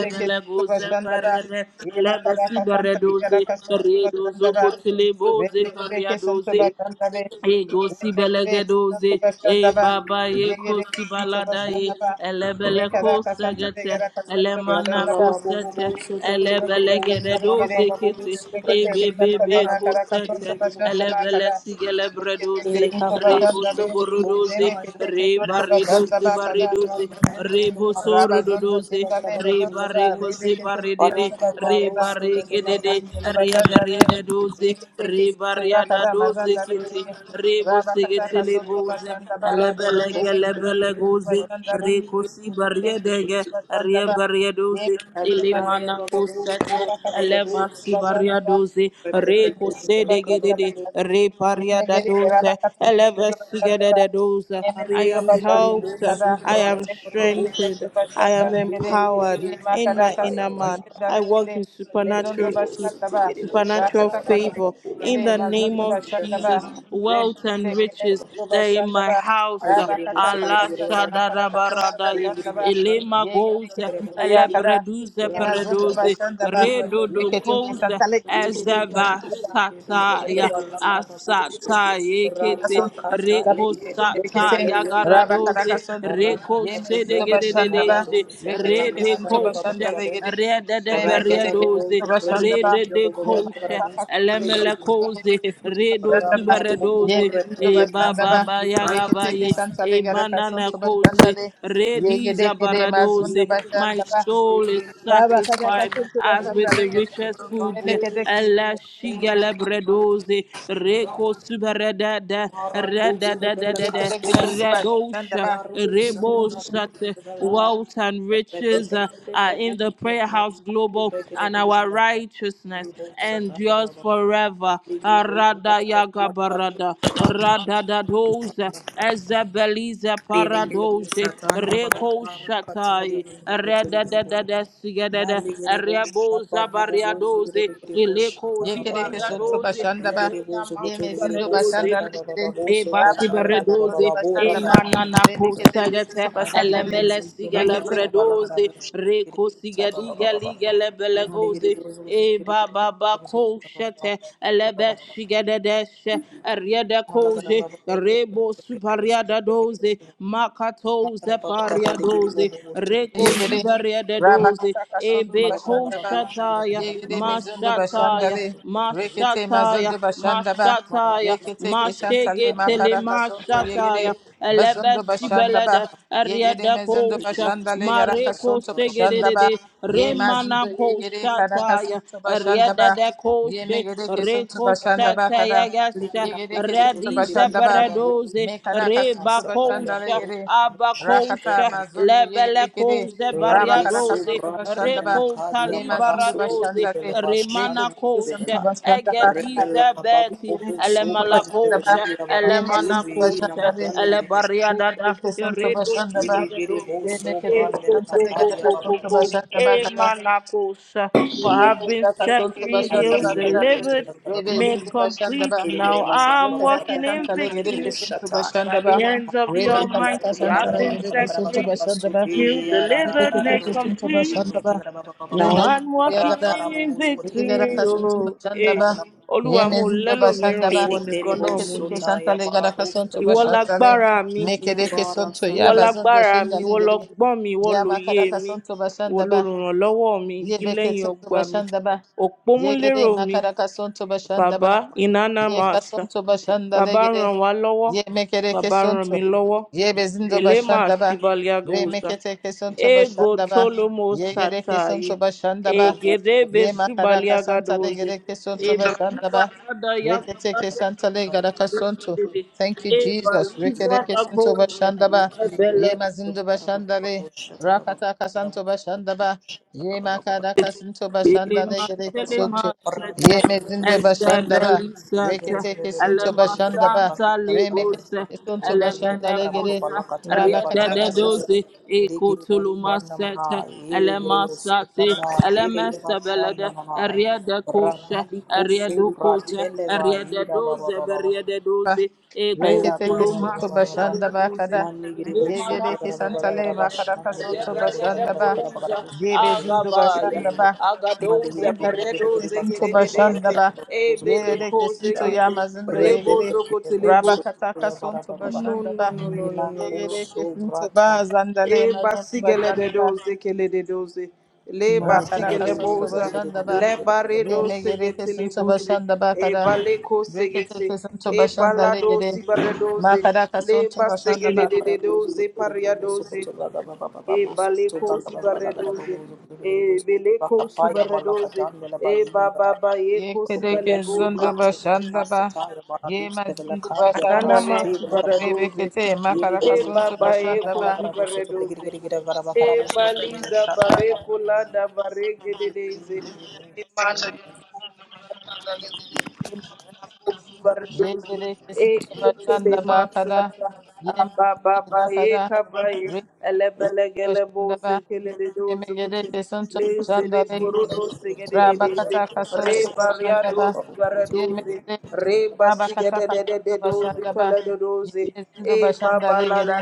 Speaker 2: Rekete Soto Sandaba,
Speaker 1: Parere
Speaker 2: Yemakaraka Santa
Speaker 1: Elebesibaredoze
Speaker 2: Garaka Soto
Speaker 1: Redozo
Speaker 2: Sandaba,
Speaker 1: Kotile Boze
Speaker 2: Rekete Santa
Speaker 1: Pariadoze
Speaker 2: Santa Bay,
Speaker 1: E gosi
Speaker 2: Rekete
Speaker 1: belegedoze,
Speaker 2: Soto
Speaker 1: e
Speaker 2: Sandaba,
Speaker 1: baba ye
Speaker 2: Yegere
Speaker 1: kosi
Speaker 2: Soto
Speaker 1: balada ye,
Speaker 2: Sandaba,
Speaker 1: elebele
Speaker 2: Mekaraka Santa
Speaker 1: kosegete,
Speaker 2: Garaka Soto
Speaker 3: Laka,
Speaker 1: elemana
Speaker 3: baba,
Speaker 2: Sandaba,
Speaker 3: bobo,
Speaker 1: kosete,
Speaker 3: bosu,
Speaker 2: Rekete
Speaker 3: brigiri,
Speaker 2: Soto
Speaker 3: bigiri, bosa, bara,
Speaker 2: Sandaba,
Speaker 1: elebelegedoze
Speaker 3: baba, bobo,
Speaker 1: kete,
Speaker 3: su,
Speaker 1: e
Speaker 3: brigiri,
Speaker 2: Beketeke
Speaker 3: bigiri,
Speaker 2: tantale
Speaker 1: bebebe
Speaker 3: bakara,
Speaker 2: na
Speaker 3: bosu,
Speaker 2: karaka tonso
Speaker 1: kosete,
Speaker 3: tiriri, bo-
Speaker 2: bashanda na
Speaker 1: elebele
Speaker 2: kara.
Speaker 1: sigele
Speaker 2: Beketeke
Speaker 1: bredoze,
Speaker 3: Eleka,
Speaker 2: tunso
Speaker 3: bara,
Speaker 1: re
Speaker 3: su,
Speaker 2: bashanda
Speaker 1: boso
Speaker 2: be.
Speaker 3: tikiri, bosa,
Speaker 1: borodoze,
Speaker 2: Meme
Speaker 3: ya.
Speaker 2: keteke
Speaker 1: re
Speaker 2: tunso
Speaker 3: Mali, bali,
Speaker 2: bashanda
Speaker 1: baridose
Speaker 2: ba
Speaker 3: bosu,
Speaker 2: kara.
Speaker 1: baridose,
Speaker 3: brada, baba
Speaker 1: re
Speaker 3: baba bara,
Speaker 1: boso
Speaker 3: su,
Speaker 2: Raba zonzo
Speaker 3: bosu,
Speaker 1: rododoze,
Speaker 2: shinda
Speaker 3: brada,
Speaker 2: meme
Speaker 3: baba,
Speaker 1: re
Speaker 2: zonzo
Speaker 3: likiri,
Speaker 1: bare
Speaker 2: ba. Rebe
Speaker 3: bosa.
Speaker 1: kosi
Speaker 2: keteke
Speaker 1: baridede,
Speaker 2: tunso
Speaker 3: Barata,
Speaker 2: bashanda
Speaker 1: re
Speaker 2: ba.
Speaker 3: barosa,
Speaker 1: bare
Speaker 3: de, de, la,
Speaker 2: Meme zonzo
Speaker 3: kandela,
Speaker 2: bashanda be.
Speaker 1: gedede, da doze,
Speaker 2: Beketeke sunso ya
Speaker 1: ribaria
Speaker 3: baba
Speaker 1: da
Speaker 2: kara
Speaker 1: doze
Speaker 2: mazanda
Speaker 1: kiti,
Speaker 2: be.
Speaker 1: ribu
Speaker 2: Raba
Speaker 1: sigiti
Speaker 2: kataka sonso
Speaker 1: Boze,
Speaker 2: bashanda ba.
Speaker 1: elebelege
Speaker 2: Meme
Speaker 3: bakozi
Speaker 2: keteke
Speaker 1: lebele
Speaker 3: bengana
Speaker 2: tunso
Speaker 1: goze,
Speaker 2: bashanda
Speaker 3: babashandi
Speaker 1: rikusi
Speaker 2: be.
Speaker 1: baria
Speaker 3: bosote
Speaker 1: dege,
Speaker 2: Bashanda
Speaker 1: ribaria doze,
Speaker 2: ba.
Speaker 3: alikaya
Speaker 1: ilimana
Speaker 3: bababuze
Speaker 1: kusete,
Speaker 3: bana
Speaker 2: Rabakata
Speaker 3: bababuze
Speaker 1: elebaksi baria doze,
Speaker 3: repete
Speaker 1: rikuse
Speaker 3: kalaka
Speaker 1: dege dede,
Speaker 3: bababu
Speaker 1: ribaria da doze, elevesige de doze. I am
Speaker 3: arese kerebu
Speaker 1: helped, I am
Speaker 3: subrata bababuze
Speaker 1: strengthened, I am
Speaker 3: mandiri
Speaker 1: empowered
Speaker 3: kerebu
Speaker 1: in my
Speaker 3: shataya
Speaker 1: inner man.
Speaker 3: bababa
Speaker 1: I walk in
Speaker 3: yede
Speaker 1: supernatural
Speaker 3: kerebu
Speaker 1: peace
Speaker 3: sute kerebu shat
Speaker 1: supernatural
Speaker 3: bababa
Speaker 1: favor in the name
Speaker 3: kerebu
Speaker 1: of
Speaker 3: shat mama
Speaker 1: Jesus.
Speaker 3: mama mama
Speaker 1: Wealth and riches that in my house.
Speaker 3: Rapa
Speaker 1: Allah
Speaker 2: kasanta le makara kasanta
Speaker 1: Shadarabarada
Speaker 2: bashanda ba
Speaker 1: Elema
Speaker 2: yege de
Speaker 1: goes
Speaker 2: kesunto yakada
Speaker 1: Elebreduze
Speaker 2: Yemazonda
Speaker 1: Peredoze
Speaker 2: bashanda ba
Speaker 1: Redodo
Speaker 2: reketeke
Speaker 1: goes
Speaker 2: santale sonto
Speaker 1: Ezeva
Speaker 2: bashanda ba
Speaker 1: Sataya Asata Ekete
Speaker 2: asonto bashanda ba
Speaker 1: Reko
Speaker 2: rekete
Speaker 1: sataya
Speaker 2: raba karaka
Speaker 1: garadoze
Speaker 2: sonto
Speaker 1: Reko
Speaker 2: yemezinto bashanda ba
Speaker 1: Sedegedeze
Speaker 2: reketeke sinto
Speaker 1: Redeko
Speaker 2: bashanda
Speaker 1: koshe
Speaker 2: legede
Speaker 1: rede de
Speaker 2: remeketeke
Speaker 1: beredoze
Speaker 2: sonto bashanda ba
Speaker 1: rede de
Speaker 2: rema
Speaker 1: koshe
Speaker 2: kataka sonto
Speaker 1: elemele koze
Speaker 2: yegereke sinto
Speaker 1: redo
Speaker 2: bashanda ba
Speaker 1: suberedoze
Speaker 2: yemezinto
Speaker 1: e
Speaker 2: bashanda
Speaker 1: baba
Speaker 2: ba
Speaker 1: ba
Speaker 2: reketeke
Speaker 1: yagabaye e
Speaker 2: santale garaka
Speaker 1: manana
Speaker 2: sonto bashanda
Speaker 1: koshe
Speaker 2: le
Speaker 1: redi
Speaker 2: yegedeke de
Speaker 1: zabaradoze
Speaker 2: mazonda
Speaker 1: my
Speaker 2: bashanda
Speaker 1: soul is
Speaker 2: Raba kata
Speaker 1: satisfied
Speaker 2: kasuntu ba
Speaker 1: as
Speaker 2: sanda
Speaker 1: with the
Speaker 2: legede.
Speaker 1: richest foods.
Speaker 2: Mene kede
Speaker 1: Ella
Speaker 2: kisuntu.
Speaker 1: shigele bredoze, reko suberedede,
Speaker 2: Ye
Speaker 1: redededede,
Speaker 2: kede kisuntu ba sanda
Speaker 1: redosha,
Speaker 2: ba.
Speaker 1: rebosate. Wealth and riches uh, are in the prayer house global, and our righteousness and yours forever. Arada yaga barada, rada da doze, ezebelize
Speaker 3: Ele que ele
Speaker 1: paradose,
Speaker 3: satanya bagara
Speaker 1: reko
Speaker 3: bara katali
Speaker 1: shatai,
Speaker 3: no
Speaker 1: reda da da
Speaker 3: kutuli
Speaker 1: da sigada da,
Speaker 3: Maligere bosha
Speaker 1: reboza
Speaker 3: babu bobo zogere
Speaker 1: bariadoze,
Speaker 3: begere bosha
Speaker 1: ileko
Speaker 2: Ye
Speaker 3: baba baba
Speaker 2: kede
Speaker 3: baba baba.
Speaker 2: kisuntu ba
Speaker 1: zibariadoze,
Speaker 2: sanda ba.
Speaker 3: Ligere
Speaker 1: rena
Speaker 3: bozo
Speaker 2: Ye
Speaker 3: koto begere
Speaker 2: mezindo ba
Speaker 3: bosha
Speaker 2: sanda
Speaker 1: masibaredoze.
Speaker 3: baba
Speaker 2: legede.
Speaker 3: baba
Speaker 1: E
Speaker 3: boso
Speaker 2: Raba
Speaker 3: kataya
Speaker 2: kata
Speaker 3: baba baba
Speaker 2: mazundu
Speaker 1: basiberedoze,
Speaker 3: baba
Speaker 2: ba
Speaker 3: bora
Speaker 1: e
Speaker 2: sanda ba.
Speaker 3: kada baba
Speaker 1: manana
Speaker 2: Reme
Speaker 3: boza.
Speaker 2: kede kisuntu
Speaker 1: kosegete,
Speaker 2: ba sanda
Speaker 3: Aligere bozo
Speaker 1: elemele
Speaker 3: koto
Speaker 2: le.
Speaker 3: baba baba baba la kada
Speaker 1: sigelebredoze,
Speaker 3: bosha begere
Speaker 1: reko
Speaker 3: bosha baba baba baba.
Speaker 1: sigedigeligele
Speaker 3: Maligere
Speaker 1: belegoze,
Speaker 3: bozo koto
Speaker 1: e
Speaker 3: begere
Speaker 1: baba
Speaker 3: begere bozo koto
Speaker 1: bako
Speaker 3: baba
Speaker 1: shete,
Speaker 3: baba baba
Speaker 1: elebe
Speaker 3: baba.
Speaker 1: shigededeshe, eriede
Speaker 3: Malagara
Speaker 1: koje,
Speaker 3: baba baba bozo koto
Speaker 1: rebo
Speaker 3: begere bosha
Speaker 1: superiada
Speaker 3: begere
Speaker 1: doze,
Speaker 3: baba.
Speaker 1: makatoze
Speaker 3: Makara baba baba ligere
Speaker 1: pariadoze,
Speaker 3: bobo boso koto
Speaker 1: reko
Speaker 2: Yegere
Speaker 3: begere baba.
Speaker 1: ziberiede doze,
Speaker 2: Rabakataka
Speaker 1: e
Speaker 3: Rebele
Speaker 2: Suntu
Speaker 1: beko
Speaker 2: Bashandaba
Speaker 1: shataya,
Speaker 2: Yegere
Speaker 1: masha
Speaker 2: Mizundu
Speaker 1: mashataya,
Speaker 2: Bashandale Rekete
Speaker 1: mashataya,
Speaker 2: Mazundu Bashandaba
Speaker 1: mashataya,
Speaker 2: Rekete Keshantale
Speaker 1: mashegetele
Speaker 2: Makaraka Suntu
Speaker 1: mashataya,
Speaker 2: Yegere
Speaker 1: elebe
Speaker 2: Bazundu
Speaker 1: shibelede,
Speaker 2: Bashandaba Yegere
Speaker 1: eriede
Speaker 2: Mizundu
Speaker 1: kosha,
Speaker 2: Bashandale Yaraka
Speaker 1: mareko
Speaker 2: Suntu Bashandaba
Speaker 1: segedede,
Speaker 2: Ye
Speaker 1: remana
Speaker 2: Mazundu Yegere Karaka
Speaker 1: koshataya,
Speaker 2: Suntu
Speaker 1: eriede
Speaker 2: Bashandaba
Speaker 1: de
Speaker 2: Ye
Speaker 1: koshe,
Speaker 2: Megere Kesuntu
Speaker 1: reko
Speaker 2: Bashandaba Kada
Speaker 1: setaya yasha,
Speaker 2: Yegere Kesuntu
Speaker 1: redize
Speaker 2: Bashandaba
Speaker 1: beredoze,
Speaker 2: Me Karaka Suntu
Speaker 1: reba
Speaker 2: Bashandale
Speaker 1: kosha,
Speaker 2: Yegere Rakata
Speaker 1: abakosha
Speaker 2: mazundo
Speaker 1: lebele
Speaker 2: yegedegede.
Speaker 1: koze
Speaker 2: Rabakaraka soto bashanda ba
Speaker 1: reko
Speaker 2: Ye mazundo
Speaker 1: talibaradoze
Speaker 2: de.
Speaker 1: remana
Speaker 2: Rekete kesanta
Speaker 1: kosha
Speaker 2: bashandaba kara.
Speaker 1: egedize beti
Speaker 2: Yere kesanta
Speaker 1: elemala
Speaker 2: bashandaba.
Speaker 1: kosha
Speaker 2: Ye
Speaker 1: elemana
Speaker 2: mazundo
Speaker 1: kosha
Speaker 2: bashandare. Rekete
Speaker 1: elebariadada
Speaker 2: kesanta ba
Speaker 1: redo
Speaker 3: Ilegere bo
Speaker 1: shidadadoze
Speaker 2: Ye
Speaker 3: so
Speaker 2: mekete
Speaker 3: brande
Speaker 2: kesanta
Speaker 3: mena kari
Speaker 2: legaraka
Speaker 3: ababa.
Speaker 2: soto bashandaba kara.
Speaker 1: emana kosha
Speaker 2: Ye
Speaker 1: for I have been
Speaker 2: makaraka
Speaker 1: set
Speaker 2: soto ba
Speaker 1: free healed
Speaker 3: Alegere bo
Speaker 2: kara.
Speaker 3: so so
Speaker 1: delivered
Speaker 3: da da da
Speaker 2: Rebe
Speaker 3: da.
Speaker 1: made
Speaker 2: zindo
Speaker 1: complete
Speaker 2: ba.
Speaker 1: now
Speaker 3: Ilegere ba so so da
Speaker 1: I'm
Speaker 3: da da
Speaker 2: Rekadata
Speaker 1: walking
Speaker 3: bo so
Speaker 1: in
Speaker 2: Santa
Speaker 3: so da da bo
Speaker 2: Legedeke
Speaker 1: victory
Speaker 2: Suntu
Speaker 1: by the
Speaker 2: Bashandaba,
Speaker 1: hands of the
Speaker 2: Rema
Speaker 3: so
Speaker 2: Kadata
Speaker 3: so
Speaker 1: Almighty.
Speaker 3: da
Speaker 2: Santa
Speaker 3: da
Speaker 1: I've been
Speaker 2: Legedeke
Speaker 1: set
Speaker 2: Suntu
Speaker 1: free,
Speaker 3: so
Speaker 2: Bashandaba,
Speaker 1: healed,
Speaker 3: ra ra ra
Speaker 1: delivered,
Speaker 3: ra ra
Speaker 1: made
Speaker 3: ro
Speaker 2: Rebekeke
Speaker 3: so ko
Speaker 2: Suntu
Speaker 3: de
Speaker 1: complete.
Speaker 3: bo so ko de
Speaker 2: Bashandaba,
Speaker 1: Now
Speaker 2: Rema
Speaker 1: I'm
Speaker 3: Ra
Speaker 1: walking
Speaker 2: Yagada,
Speaker 3: ka ra bo
Speaker 1: in
Speaker 3: bo so ko de de de de
Speaker 1: victory.
Speaker 2: Yegaraka
Speaker 3: so
Speaker 2: Suntu
Speaker 1: Oh, eh.
Speaker 2: Bashandaba,
Speaker 1: Olúwa mo ò
Speaker 2: Yemezindo
Speaker 1: lẹ́lòmíràn,
Speaker 2: Bashandaba,
Speaker 1: ìwọ nìkan náà mo
Speaker 3: so
Speaker 1: ní.
Speaker 2: Reketeke Santa
Speaker 3: bara
Speaker 2: Legaraka
Speaker 3: do se
Speaker 2: Suntu
Speaker 3: da
Speaker 1: Ìwọ
Speaker 2: Bashandale,
Speaker 1: lágbára mi,
Speaker 2: Mekedeke
Speaker 3: bara
Speaker 2: Suntu
Speaker 3: sa
Speaker 1: ìwọ
Speaker 3: ta.
Speaker 2: Yabazundo
Speaker 1: lágbára mi,
Speaker 2: Shinda
Speaker 1: ìwọ
Speaker 2: Legede,
Speaker 1: lọgbọ́n mi, ìwọ
Speaker 2: Yama
Speaker 1: lóye
Speaker 2: Kadaka
Speaker 1: mi,
Speaker 2: Suntu
Speaker 1: ìwọ
Speaker 2: Bashandaba,
Speaker 1: lolùrànlọ́wọ́ mi, igi
Speaker 2: Yebeke
Speaker 1: lẹ́yìn
Speaker 2: Suntu
Speaker 1: ọgbà mi,
Speaker 2: Bashandaba, Yegede
Speaker 1: òpómúlérò mi,
Speaker 2: Makaraka Suntu Bashandaba,
Speaker 1: bàbá ìnáná
Speaker 2: Ye
Speaker 1: master.
Speaker 2: kasonto başanda
Speaker 1: Bàbá
Speaker 2: legere.
Speaker 1: ràn wá lọ́wọ́,
Speaker 2: Ye mekere
Speaker 1: Bàbá ràn mí
Speaker 2: kesonto.
Speaker 1: lọ́wọ́.
Speaker 2: Ye bezindo
Speaker 1: Elema
Speaker 2: başanda ba. Re
Speaker 1: Sibaliagusa,
Speaker 2: mekete kesonto
Speaker 1: Ego
Speaker 2: başanda ba.
Speaker 1: Tolomo
Speaker 2: Ye gere
Speaker 1: Sataye,
Speaker 2: kesonto başanda ba.
Speaker 1: Egedebe
Speaker 2: Ye makara kasanta le
Speaker 1: Subaliagadoze,
Speaker 2: gere kesonto ba.
Speaker 1: Ebabada
Speaker 2: Rekete
Speaker 1: Yakabaya,
Speaker 2: kesanta le gara kasonto. Thank you, Jesus.
Speaker 1: Ebaliza
Speaker 2: Rekete kesonto bashanda ba. Ye
Speaker 1: Dagosa,
Speaker 2: mazindo bashanda le. Rakata kasanto bashanda ba. Ye makara kasanto bashanda le gere kesonto. Ye
Speaker 1: Ilimantelemaset,
Speaker 2: mezindo bashanda ba.
Speaker 1: Exedelisat,
Speaker 2: Rekete kesonto bashanda ba.
Speaker 1: Elemasanta Libus,
Speaker 2: Remekete kesonto bashanda le
Speaker 1: Elemenegus,
Speaker 2: gere. Rabakata
Speaker 1: Riededosi,
Speaker 2: kasonto.
Speaker 1: Ecotulumaset, Elemasati, Elemesabelede, Riedecus,
Speaker 3: Rabali kosu
Speaker 1: Rieducus,
Speaker 3: pratelewa ira baba
Speaker 1: Riededosi,
Speaker 3: baba
Speaker 1: Riededosi,
Speaker 3: Ayla
Speaker 2: Rekete
Speaker 3: kaya baba
Speaker 1: Ecotulumas,
Speaker 2: kesinto
Speaker 3: baba baba, ba
Speaker 2: bashanda
Speaker 1: Riedosi,
Speaker 2: bakada.
Speaker 3: Mandi giri bo so
Speaker 2: Yegede
Speaker 3: ba ba ba ba la ba
Speaker 2: kesantale
Speaker 3: ba
Speaker 2: makada
Speaker 3: shandi giri
Speaker 2: kasonto
Speaker 3: bo ba ba ba
Speaker 2: bashanda
Speaker 3: ba
Speaker 2: ba.
Speaker 3: ba ba ba bo so giri
Speaker 2: Yebe
Speaker 3: giri
Speaker 2: zindo
Speaker 3: giri
Speaker 1: agabaya,
Speaker 2: bashanda
Speaker 3: bo bo.
Speaker 2: ba.
Speaker 3: Mandi
Speaker 1: agadoze
Speaker 3: giri bo so
Speaker 2: Yemekete
Speaker 3: giri giri
Speaker 1: peredoze
Speaker 3: ba sa
Speaker 2: kesinto
Speaker 3: sa ba ba ba la
Speaker 2: bashanda
Speaker 1: gedededeze,
Speaker 3: ba
Speaker 2: ba.
Speaker 3: ba bo so giri
Speaker 1: ebele
Speaker 3: giri
Speaker 2: Yegede
Speaker 3: bo
Speaker 1: koze
Speaker 2: kesinto
Speaker 3: sha.
Speaker 1: kete,
Speaker 2: yamazindo
Speaker 3: Rebe be
Speaker 1: rebozo
Speaker 2: yegede.
Speaker 3: giri bo so
Speaker 2: Rabakata
Speaker 3: ya ba baba
Speaker 2: kasonto
Speaker 3: baba,
Speaker 1: No,
Speaker 2: bashanda
Speaker 1: no,
Speaker 2: ba.
Speaker 1: no, no, no,
Speaker 3: Mila
Speaker 1: no,
Speaker 3: ko
Speaker 1: no
Speaker 2: Yegede
Speaker 3: so
Speaker 2: kesinto ba
Speaker 3: brata.
Speaker 2: zandale
Speaker 1: e
Speaker 2: mazondo
Speaker 1: basigele de
Speaker 2: bashanda ba.
Speaker 1: doze kele de doze le
Speaker 3: Mani
Speaker 2: Rakada
Speaker 3: bara bo
Speaker 1: basigele
Speaker 3: so
Speaker 2: kasonto
Speaker 3: giri
Speaker 1: boza
Speaker 3: giri
Speaker 2: bashanda
Speaker 3: giri giri
Speaker 2: ba.
Speaker 1: le
Speaker 3: giri
Speaker 1: bare doze
Speaker 2: Yemegede
Speaker 1: gete le
Speaker 2: kesinto
Speaker 1: boze
Speaker 2: bashanda ba
Speaker 1: e bale ko
Speaker 2: Rekete
Speaker 1: segete
Speaker 2: kesinto
Speaker 1: e
Speaker 2: bashanda
Speaker 1: balado
Speaker 2: legede.
Speaker 1: si bare doze
Speaker 2: Makada
Speaker 1: le
Speaker 2: kasonto bashanda ba.
Speaker 1: basegele de de
Speaker 3: Thank
Speaker 1: doze paria doze e bale si bare doze e bele si bare doze e baba ba ko si
Speaker 2: Yekedeke
Speaker 1: bale goza
Speaker 2: zundu bashanda ba ye Yema zinduba
Speaker 1: anana ma
Speaker 2: le
Speaker 1: si bare doze
Speaker 2: Rebekete makaraka
Speaker 1: e
Speaker 2: suntuba
Speaker 1: baba e
Speaker 2: shandaba.
Speaker 1: kozi baredoze e baliza bareko lada barege dedeze E manu
Speaker 2: Yekedeke suntuba
Speaker 1: Ekele
Speaker 2: shandaba kada.
Speaker 1: masata
Speaker 2: Yema
Speaker 1: ababa ba
Speaker 2: zinduba kada.
Speaker 1: ekabaye
Speaker 2: Rebekete
Speaker 1: elebele gele boze
Speaker 2: shandaba.
Speaker 1: kele
Speaker 2: Yemegedeke suntuba
Speaker 1: leze de
Speaker 2: shandale.
Speaker 1: buru doze
Speaker 2: Rabakata
Speaker 1: re
Speaker 2: kasuntuba
Speaker 1: baria
Speaker 2: shandaba.
Speaker 1: doze bara doze
Speaker 2: Yemende
Speaker 1: re
Speaker 2: raba
Speaker 1: basi gede
Speaker 2: kataka
Speaker 1: de
Speaker 2: sonto
Speaker 3: you.
Speaker 2: bashanda ba yezindo
Speaker 1: e
Speaker 2: bashanda
Speaker 1: baba la la
Speaker 2: legere